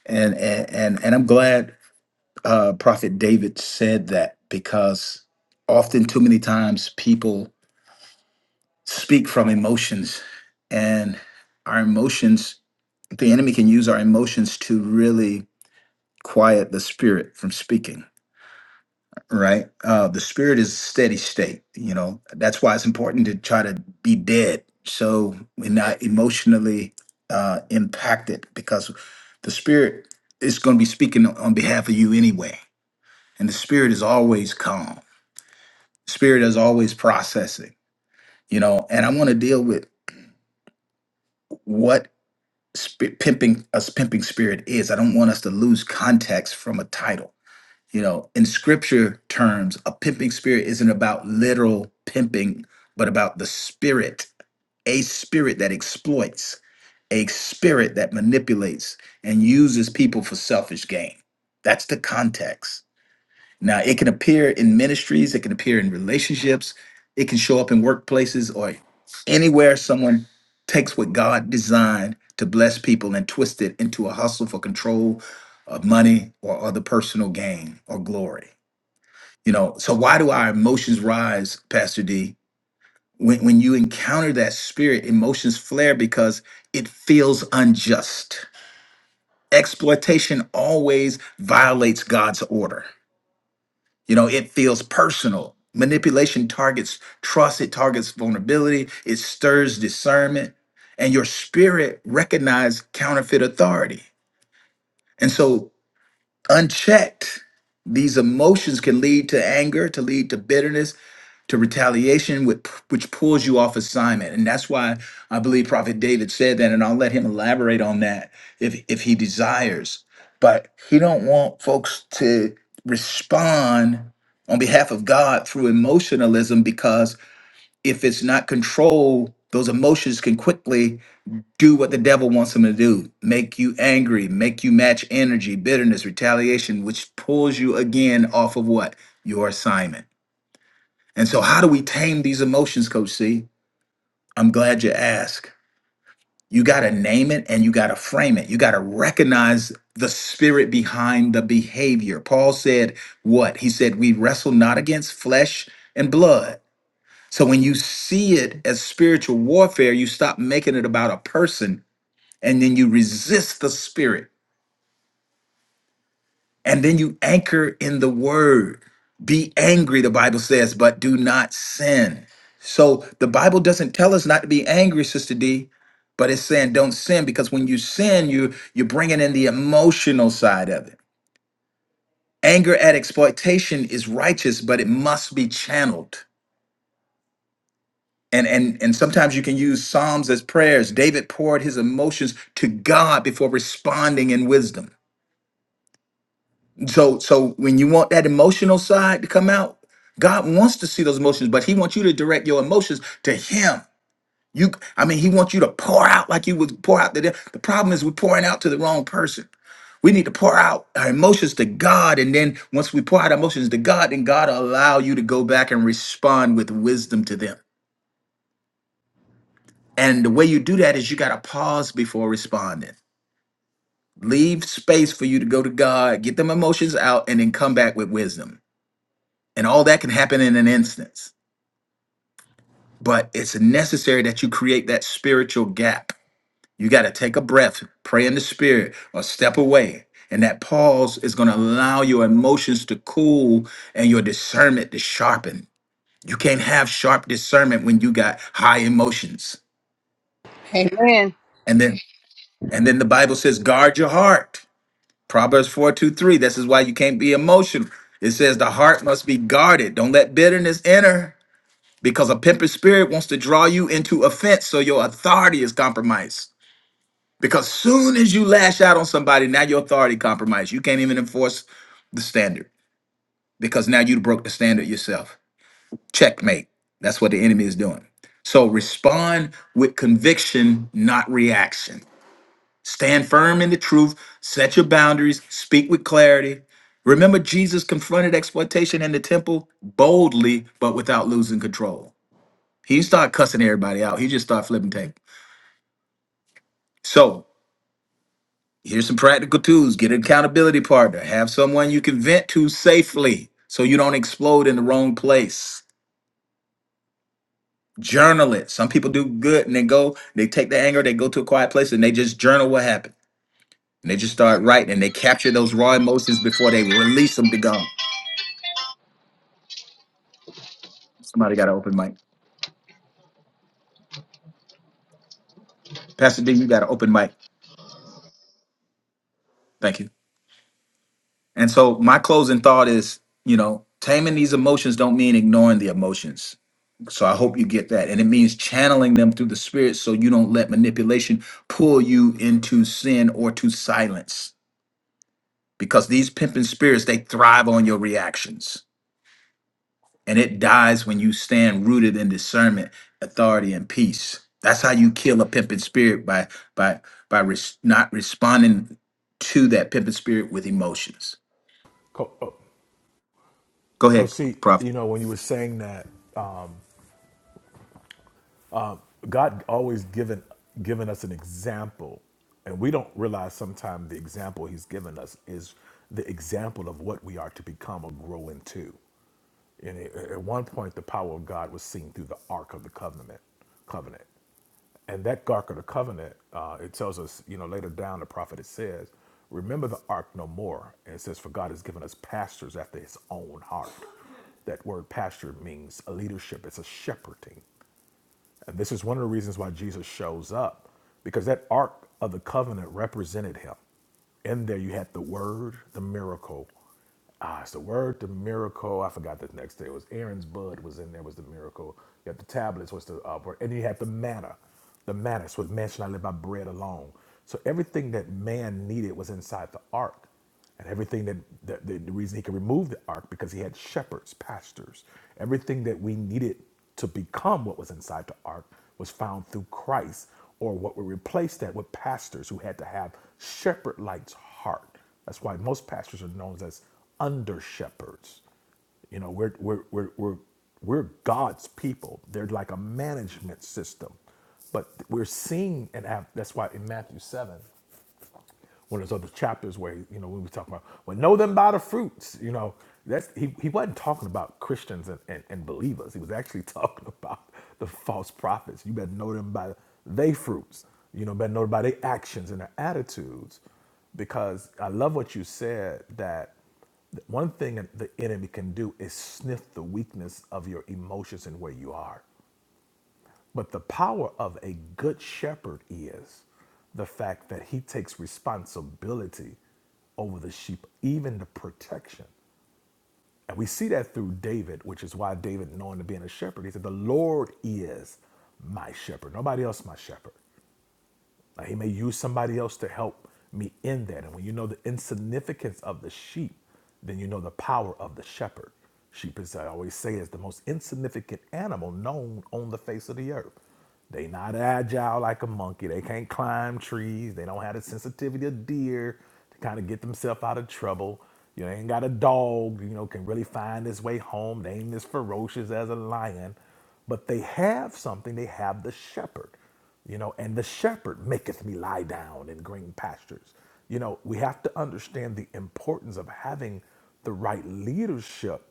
And and and, and I'm glad uh, Prophet David said that because often too many times people speak from emotions, and our emotions, the enemy can use our emotions to really quiet the spirit from speaking right? Uh, the spirit is steady state. You know that's why it's important to try to be dead, so we're not emotionally uh, impacted because the spirit is going to be speaking on behalf of you anyway, and the spirit is always calm. Spirit is always processing. You know, and I want to deal with what sp- pimping us pimping spirit is. I don't want us to lose context from a title you know, in scripture terms, a pimping spirit isn't about literal pimping, but about the spirit, a spirit that exploits, a spirit that manipulates and uses people for selfish gain. That's the context. Now, it can appear in ministries, it can appear in relationships, it can show up in workplaces or anywhere someone takes what God designed to bless people and twist it into a hustle for control of money or other personal gain or glory. You know, so why do our emotions rise, Pastor D? When when you encounter that spirit, emotions flare because it feels unjust. Exploitation always violates God's order. You know, it feels personal. Manipulation targets trust, it targets vulnerability, it stirs discernment, and your spirit recognizes counterfeit authority. And so, unchecked, these emotions can lead to anger, to lead to bitterness, to retaliation, with, which pulls you off assignment. And that's why I believe Prophet David said that, and I'll let him elaborate on that if if he desires. But he don't want folks to respond on behalf of God through emotionalism because if it's not controlled, those emotions can quickly do what the devil wants them to do make you angry, make you match energy, bitterness, retaliation, which pulls you again off of what? Your assignment. And so, how do we tame these emotions, Coach C? I'm glad you asked. You got to name it and you got to frame it. You got to recognize the spirit behind the behavior. Paul said, What? He said, We wrestle not against flesh and blood. So, when you see it as spiritual warfare, you stop making it about a person and then you resist the spirit and then you anchor in the word. Be angry, the Bible says, but do not sin. So the Bible doesn't tell us not to be angry, Sister D, but it's saying don't sin because when you sin, you you're bringing in the emotional side of it. Anger at exploitation is righteous, but it must be channeled. And and and sometimes you can use psalms as prayers. David poured his emotions to God before responding in wisdom. So so when you want that emotional side to come out, God wants to see those emotions, but He wants you to direct your emotions to Him. You, I mean, He wants you to pour out like you would pour out to them. The problem is we're pouring out to the wrong person. We need to pour out our emotions to God, and then once we pour out our emotions to God, then God will allow you to go back and respond with wisdom to them. And the way you do that is you got to pause before responding. Leave space for you to go to God, get them emotions out, and then come back with wisdom. And all that can happen in an instance. But it's necessary that you create that spiritual gap. You got to take a breath, pray in the spirit, or step away. And that pause is going to allow your emotions to cool and your discernment to sharpen. You can't have sharp discernment when you got high emotions.
Amen.
And then and then the Bible says, guard your heart. Proverbs 4 2 3. This is why you can't be emotional. It says the heart must be guarded. Don't let bitterness enter. because a pimping spirit wants to draw you into offense so your authority is compromised because soon as you lash out on somebody now your authority compromised you can't even enforce the standard because now you broke the standard yourself checkmate that's what the enemy is doing so respond with conviction not reaction stand firm in the truth set your boundaries speak with clarity remember jesus confronted exploitation in the temple boldly but without losing control he started cussing everybody out. He just started flipping tape. So here's some practical tools. Get an accountability partner. Have someone you can vent to safely so you don't explode in the wrong place. Journal it. Some people do good and they go, they take the anger, they go to a quiet place and they just journal what happened. And they just start writing and they capture those raw emotions before they release them to God. Somebody got an open mic. Pastor D, you got an open mic. Thank you. And so my closing thought is, you know, taming these emotions don't mean ignoring the emotions. So I hope you get that. And it means channeling them through the spirit so you don't let manipulation pull you into sin or to silence. Because these pimping spirits, they thrive on your reactions. And it dies when you stand rooted in discernment, authority, and peace. That's how you kill a pimping spirit by by by res- not responding to that pimping spirit with emotions.
Co- oh,
Go
Coach
ahead,
C,
Prophet.
you know when you were saying that, uh, God always given given us an example, and we don't realize sometimes the example He's given us is the example of what we are to become or grow into. And it- at one point, the power of God was seen through the Ark of the Covenant. Covenant, and that Ark of the Covenant, uh, it tells us, you know, later down the prophet it says, "Remember the Ark no more." And it says, "For God has given us pastors after His own heart." That word pastor means a leadership. It's a shepherding. And this is one of the reasons why Jesus shows up, because that Ark of the Covenant represented him. In there, you had the Word, the miracle. Ah, it's the Word, the miracle. I forgot the next day. It was Aaron's bud was in there, was the miracle. You had the tablets, was the uh, word. And you had the manna. The manna, so man shall not live by bread alone. So everything that man needed was inside the Ark and everything that the, the, the reason he could remove the ark because he had shepherds pastors everything that we needed to become what was inside the ark was found through christ or what would replace that with pastors who had to have shepherd like heart that's why most pastors are known as under shepherds you know we're we're we're, we're we're God's people. They're like a management system, but we're seeing and have, that's why in Matthew seven, one of those other chapters where you know we were talking about well know them by the fruits you know that's he, he wasn't talking about christians and, and, and believers he was actually talking about the false prophets you better know them by they fruits you know better know them by their actions and their attitudes because i love what you said that one thing that the enemy can do is sniff the weakness of your emotions and where you are but the power of a good shepherd is the fact that he takes responsibility over the sheep, even the protection. And we see that through David, which is why David, knowing to being a shepherd, he said, The Lord is my shepherd. Nobody else my shepherd. Like, he may use somebody else to help me in that. And when you know the insignificance of the sheep, then you know the power of the shepherd. Sheep, as I always say, is the most insignificant animal known on the face of the earth. They not agile like a monkey. They can't climb trees. They don't have the sensitivity of deer to kind of get themselves out of trouble. You know, they ain't got a dog, you know, can really find his way home. They ain't as ferocious as a lion, but they have something. They have the shepherd you know and the shepherd maketh me lie down in green pastures you know we have to understand the importance of having the right leadership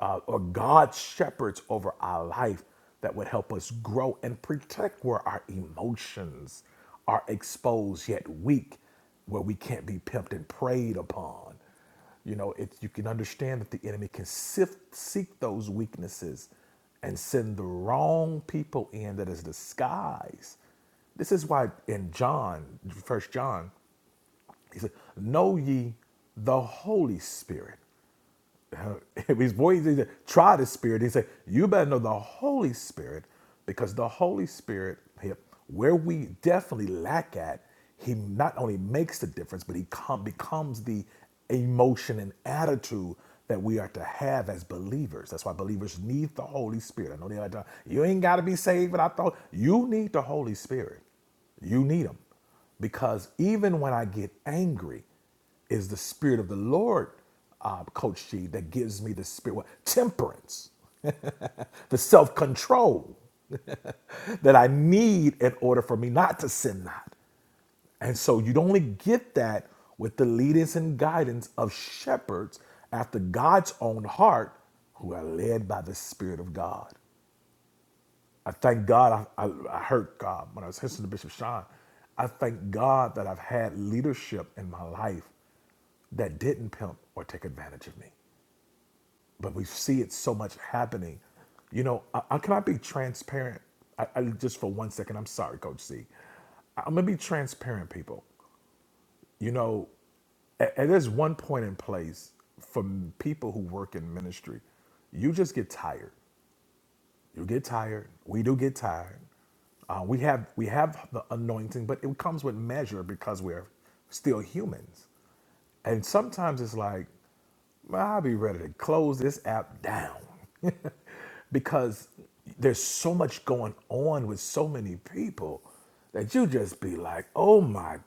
uh, or god shepherds over our life that would help us grow and protect where our emotions are exposed yet weak where we can't be pimped and preyed upon you know, it, you can understand that the enemy can sift, seek those weaknesses and send the wrong people in that is disguised. This is why in John, First John, he said, Know ye the Holy Spirit. if his voice he said, try the spirit he said you better know the holy spirit because the holy spirit where we definitely lack at he not only makes the difference but he com- becomes the emotion and attitude that we are to have as believers. That's why believers need the Holy Spirit. I know they like to, you ain't got to be saved without the Hol-" You need the Holy Spirit. You need him because even when I get angry, is the spirit of the Lord, uh, Coach G, that gives me the spirit, what, temperance, the self control that I need in order for me not to sin not. And so you'd only get that with the leadance and guidance of shepherds after God's own heart who are led by the Spirit of God. I thank God. I, I, I heard God when I was listening to Bishop Sean. I thank God that I've had leadership in my life that didn't pimp or take advantage of me. But we see it so much happening. You know, I, I can I be transparent? I, I, just for one second, I'm sorry, Coach C. I'm gonna be transparent, people. You know, a- and there's one point in place for m- people who work in ministry, you just get tired. You get tired. We do get tired. Uh, we have we have the anointing, but it comes with measure because we're still humans. And sometimes it's like, "Man, I'll be ready to close this app down because there's so much going on with so many people that you just be like, oh my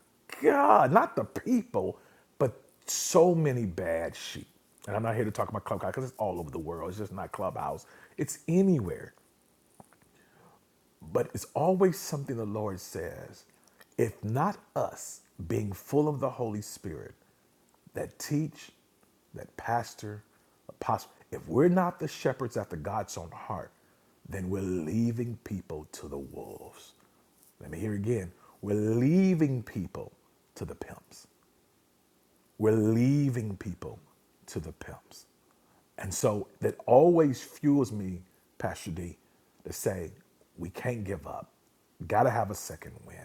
God, not the people, but so many bad sheep. And I'm not here to talk about Clubhouse because it's all over the world. It's just not Clubhouse, it's anywhere. But it's always something the Lord says. If not us being full of the Holy Spirit that teach, that pastor, apostle, if we're not the shepherds after God's own heart, then we're leaving people to the wolves. Let me hear again. We're leaving people to the pimps. We're leaving people to the pimps. And so that always fuels me, Pastor D, to say, we can't give up. Gotta have a second win.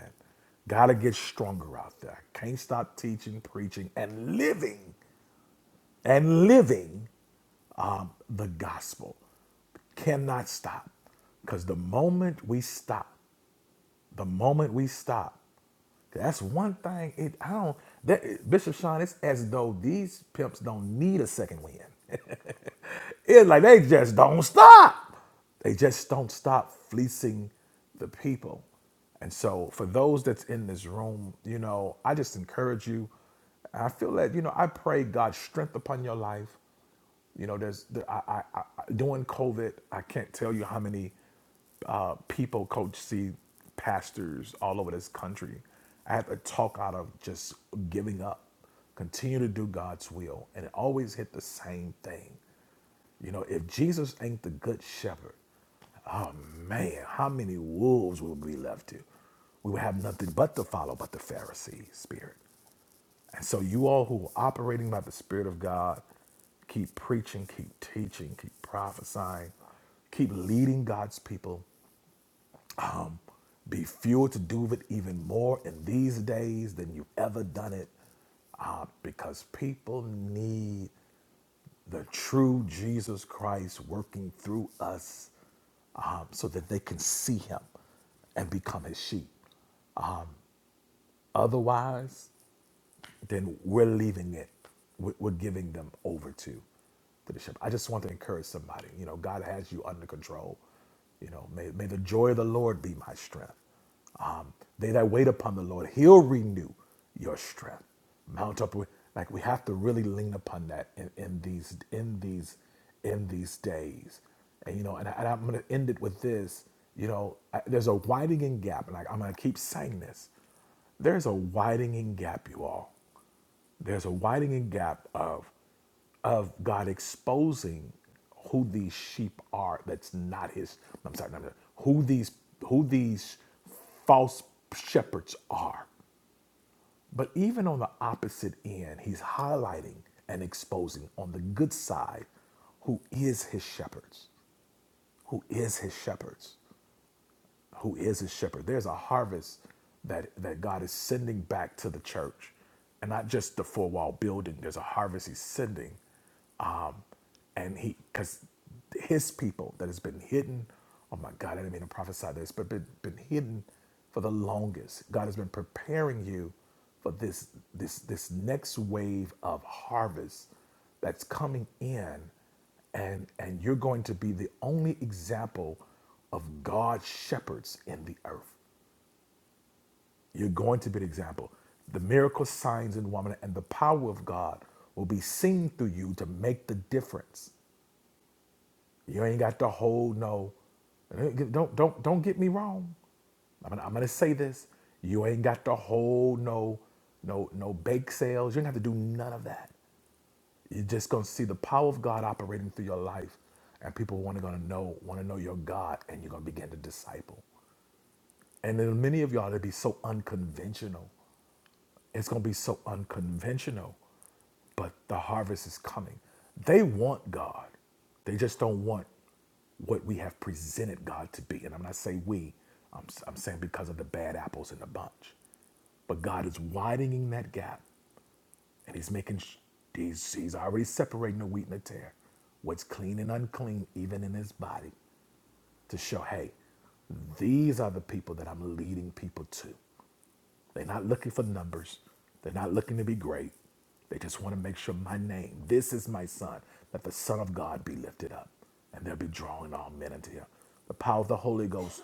Gotta get stronger out there. Can't stop teaching, preaching, and living, and living um, the gospel. Cannot stop. Because the moment we stop the moment we stop, that's one thing. It I don't that Bishop Sean. It's as though these pimps don't need a second win. it's like they just don't stop. They just don't stop fleecing the people. And so, for those that's in this room, you know, I just encourage you. I feel that you know I pray God strength upon your life. You know, there's there, I, I, I during COVID, I can't tell you how many uh, people coach see pastors all over this country. I had to talk out of just giving up. Continue to do God's will, and it always hit the same thing. You know, if Jesus ain't the good shepherd, oh man, how many wolves will be left to? We would have nothing but to follow but the Pharisee spirit. And so, you all who are operating by the Spirit of God, keep preaching, keep teaching, keep prophesying, keep leading God's people. Be fueled to do it even more in these days than you've ever done it uh, because people need the true Jesus Christ working through us um, so that they can see him and become his sheep. Otherwise, then we're leaving it. We're we're giving them over to, to the shepherd. I just want to encourage somebody. You know, God has you under control. You know, may, may the joy of the Lord be my strength. Um, they that wait upon the Lord, He'll renew your strength. Mount up with like we have to really lean upon that in, in these in these in these days. And you know, and, I, and I'm going to end it with this. You know, I, there's a widening gap, and I, I'm going to keep saying this. There's a widening gap, you all. There's a widening gap of of God exposing who these sheep are. That's not His. I'm sorry, not who these who these false shepherds are. But even on the opposite end, He's highlighting and exposing on the good side who is His shepherds. Who is His shepherds? who is his shepherd. There's a harvest that, that God is sending back to the church. And not just the four wall building, there's a harvest he's sending. And he, because his people that has been hidden, oh my God, I didn't mean to prophesy this, but been, been hidden for the longest. God has been preparing you for this, this, this next wave of harvest that's coming in and and you're going to be the only example of God's shepherds in the earth. You're going to be an example. The miracles, signs, and wonder, and the power of God will be seen through you to make the difference. You ain't got to hold no. Don't don't don't get me wrong. I'm gonna, I'm gonna say this. You ain't got to hold no no no bake sales. You ain't have to do none of that. You're just gonna see the power of God operating through your life, and people want to gonna know want to know your God, and you're gonna begin to disciple. And then many of y'all to be so unconventional It's going to be so unconventional, but the harvest is coming. They want God. They just don't want what we have presented God to be. And I'm not saying we, I'm, I'm saying because of the bad apples in the bunch. But God is widening that gap and He's making, sh- he's, he's already separating the wheat and the tare, what's clean and unclean, even in His body, to show, hey, these are the people that I'm leading people to. They're not looking for numbers. They're not looking to be great. They just want to make sure my name, this is my son, that the Son of God be lifted up and they'll be drawing all men into him. The power of the Holy Ghost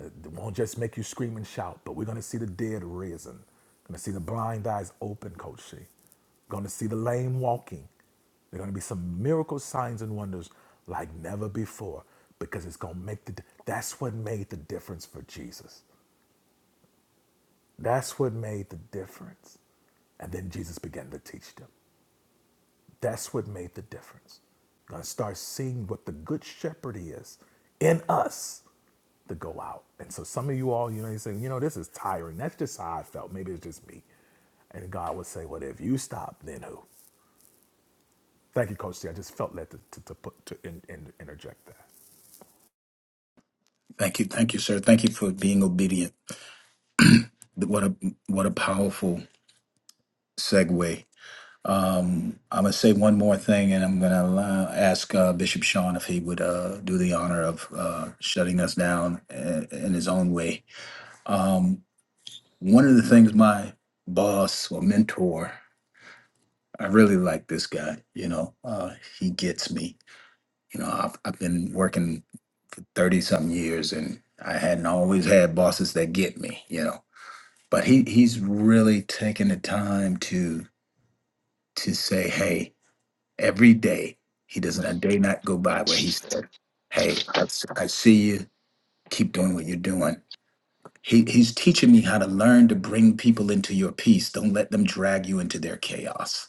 uh, won't just make you scream and shout, but we're going to see the dead risen. We're Going to see the blind eyes open, Coach C. We're Going to see the lame walking. There are going to be some miracle signs and wonders like never before because it's going to make the. That's what made the difference for Jesus. That's what made the difference. And then Jesus began to teach them. That's what made the difference. You're going to start seeing what the good shepherd is in us to go out. And so some of you all, you know, you saying, you know, this is tiring. That's just how I felt. Maybe it's just me. And God would say, well, if you stop, then who? Thank you, Coach C. I just felt led to, to, to put, to in, in, interject that.
Thank you, thank you, sir. Thank you for being obedient. What a what a powerful segue. I'm gonna say one more thing, and I'm gonna allow, ask uh, Bishop Sean if he would uh, do the honor of uh, shutting us down uh, in his own way. One of the things my boss or mentor, I really like this guy. You know, uh, he gets me. You know, I've, I've been working thirty something years, and I hadn't always had bosses that get me. You know, but he he's really taken the time to to say, hey, every day, he doesn't a day not go by where he said, hey, I, s- I see you, keep doing what you're doing. He, he's teaching me how to learn to bring people into your peace. Don't let them drag you into their chaos,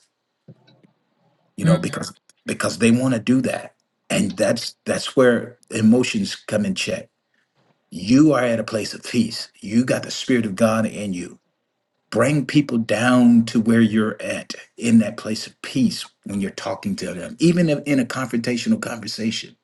you know, because because they want to do that. And that's that's where emotions come in check. You are at a place of peace. You got the spirit of God in you bring people down to where you're at in that place of peace when you're talking to them even if in a confrontational conversation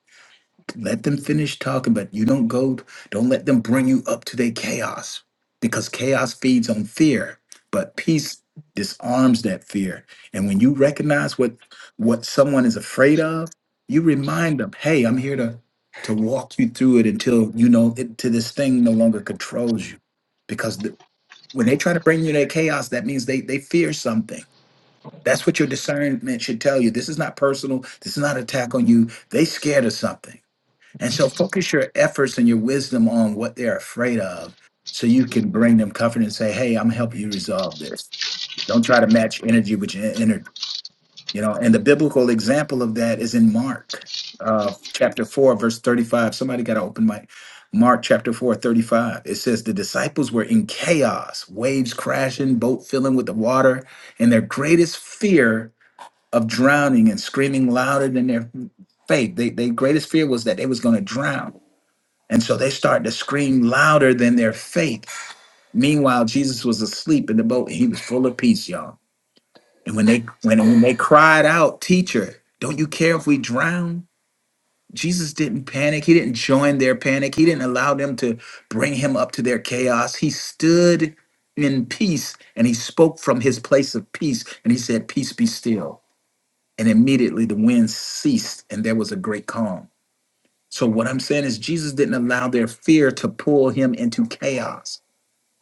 let them finish talking but you don't go don't let them bring you up to their chaos because chaos feeds on fear but peace disarms that fear and when you recognize what what someone is afraid of you remind them hey i'm here to to walk you through it until you know it, to this thing no longer controls you because the, when they try to bring you that chaos, that means they they fear something. That's what your discernment should tell you. This is not personal. This is not an attack on you. They scared of something. And so focus your efforts and your wisdom on what they're afraid of so you can bring them comfort and say, hey, I'm helping you resolve this. Don't try to match energy with your energy. You know, and the biblical example of that is in Mark uh, chapter 4, verse 35. Somebody got to open my Mark chapter 4, 35. It says, The disciples were in chaos, waves crashing, boat filling with the water, and their greatest fear of drowning and screaming louder than their faith. They, their greatest fear was that they was going to drown. And so they started to scream louder than their faith. Meanwhile, Jesus was asleep in the boat and he was full of peace, y'all. And when they when, when they cried out, "Teacher, don't you care if we drown?" Jesus didn't panic. He didn't join their panic. He didn't allow them to bring him up to their chaos. He stood in peace and he spoke from his place of peace and he said, "Peace be still." And immediately the wind ceased and there was a great calm. So what I'm saying is Jesus didn't allow their fear to pull him into chaos.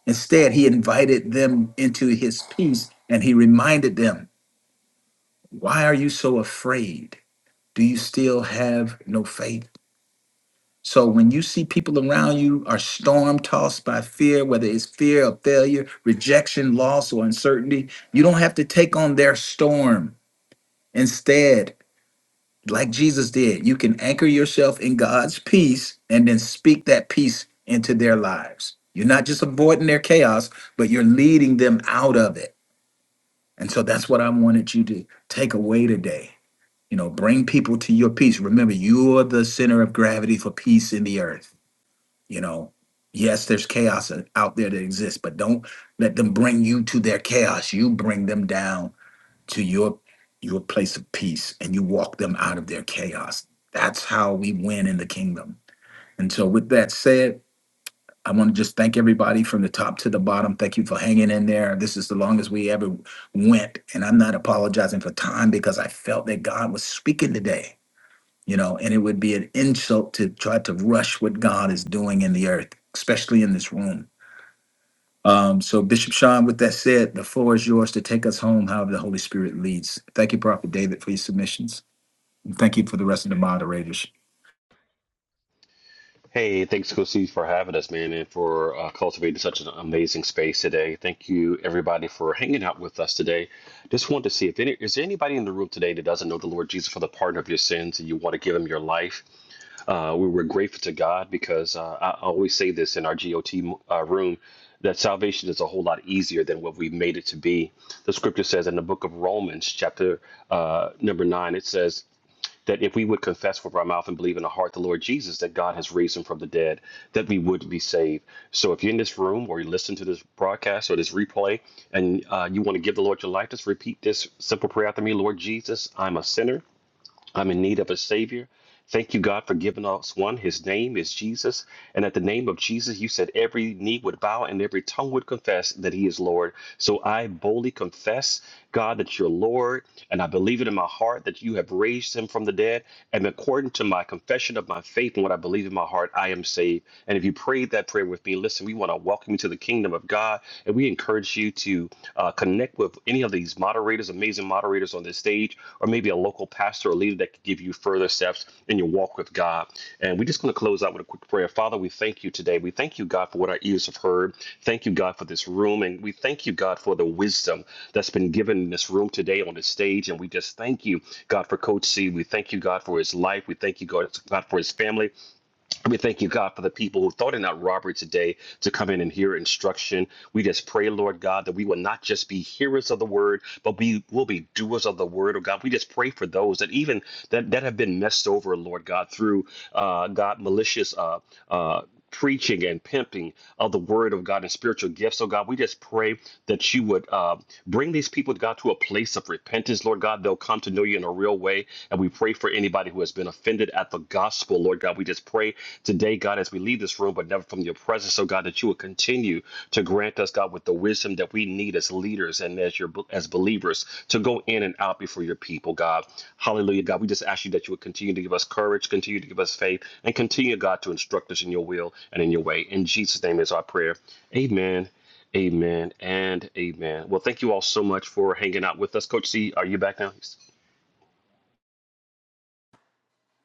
Instead, he invited them into his peace and he reminded them, "Why are you so afraid?" do you still have no faith? So when you see people around you are storm tossed by fear, whether it's fear of failure, rejection, loss, or uncertainty, you don't have to take on their storm. Instead, like Jesus did, you can anchor yourself in God's peace and then speak that peace into their lives. You're not just avoiding their chaos, but you're leading them out of it. And so that's what I wanted you to take away today you know bring people to your peace remember you're the center of gravity for peace in the earth you know yes there's chaos out there that exists but don't let them bring you to their chaos you bring them down to your your place of peace and you walk them out of their chaos that's how we win in the kingdom and so with that said i want to just thank everybody from the top to the bottom thank you for hanging in there this is the longest we ever went and i'm not apologizing for time because i felt that god was speaking today you know, and it would be an insult to try to rush what God is doing in the earth, especially in this room. Um, so, Bishop Sean, with that said, the floor is yours to take us home however the Holy Spirit leads. Thank you, Prophet David, for your submissions. And thank you for the rest of the moderators.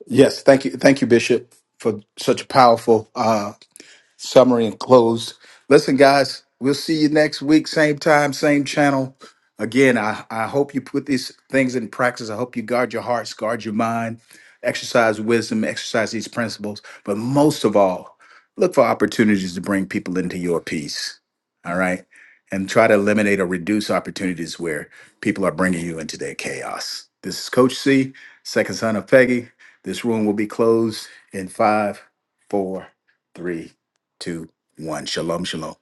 Yes, thank you, thank you, Bishop, for such a powerful. summary and close. Listen, guys, we'll see you next week, same time, same channel. Again, I, I hope you put these things in practice. I hope you guard your hearts, guard your mind, exercise wisdom, exercise these principles. But most of all, look for opportunities to bring people into your peace. All right. And try to eliminate or reduce opportunities where people are bringing you into their chaos. This is Coach C, second son of Peggy. This room will be closed in five, four, three, two, one. Shalom, shalom.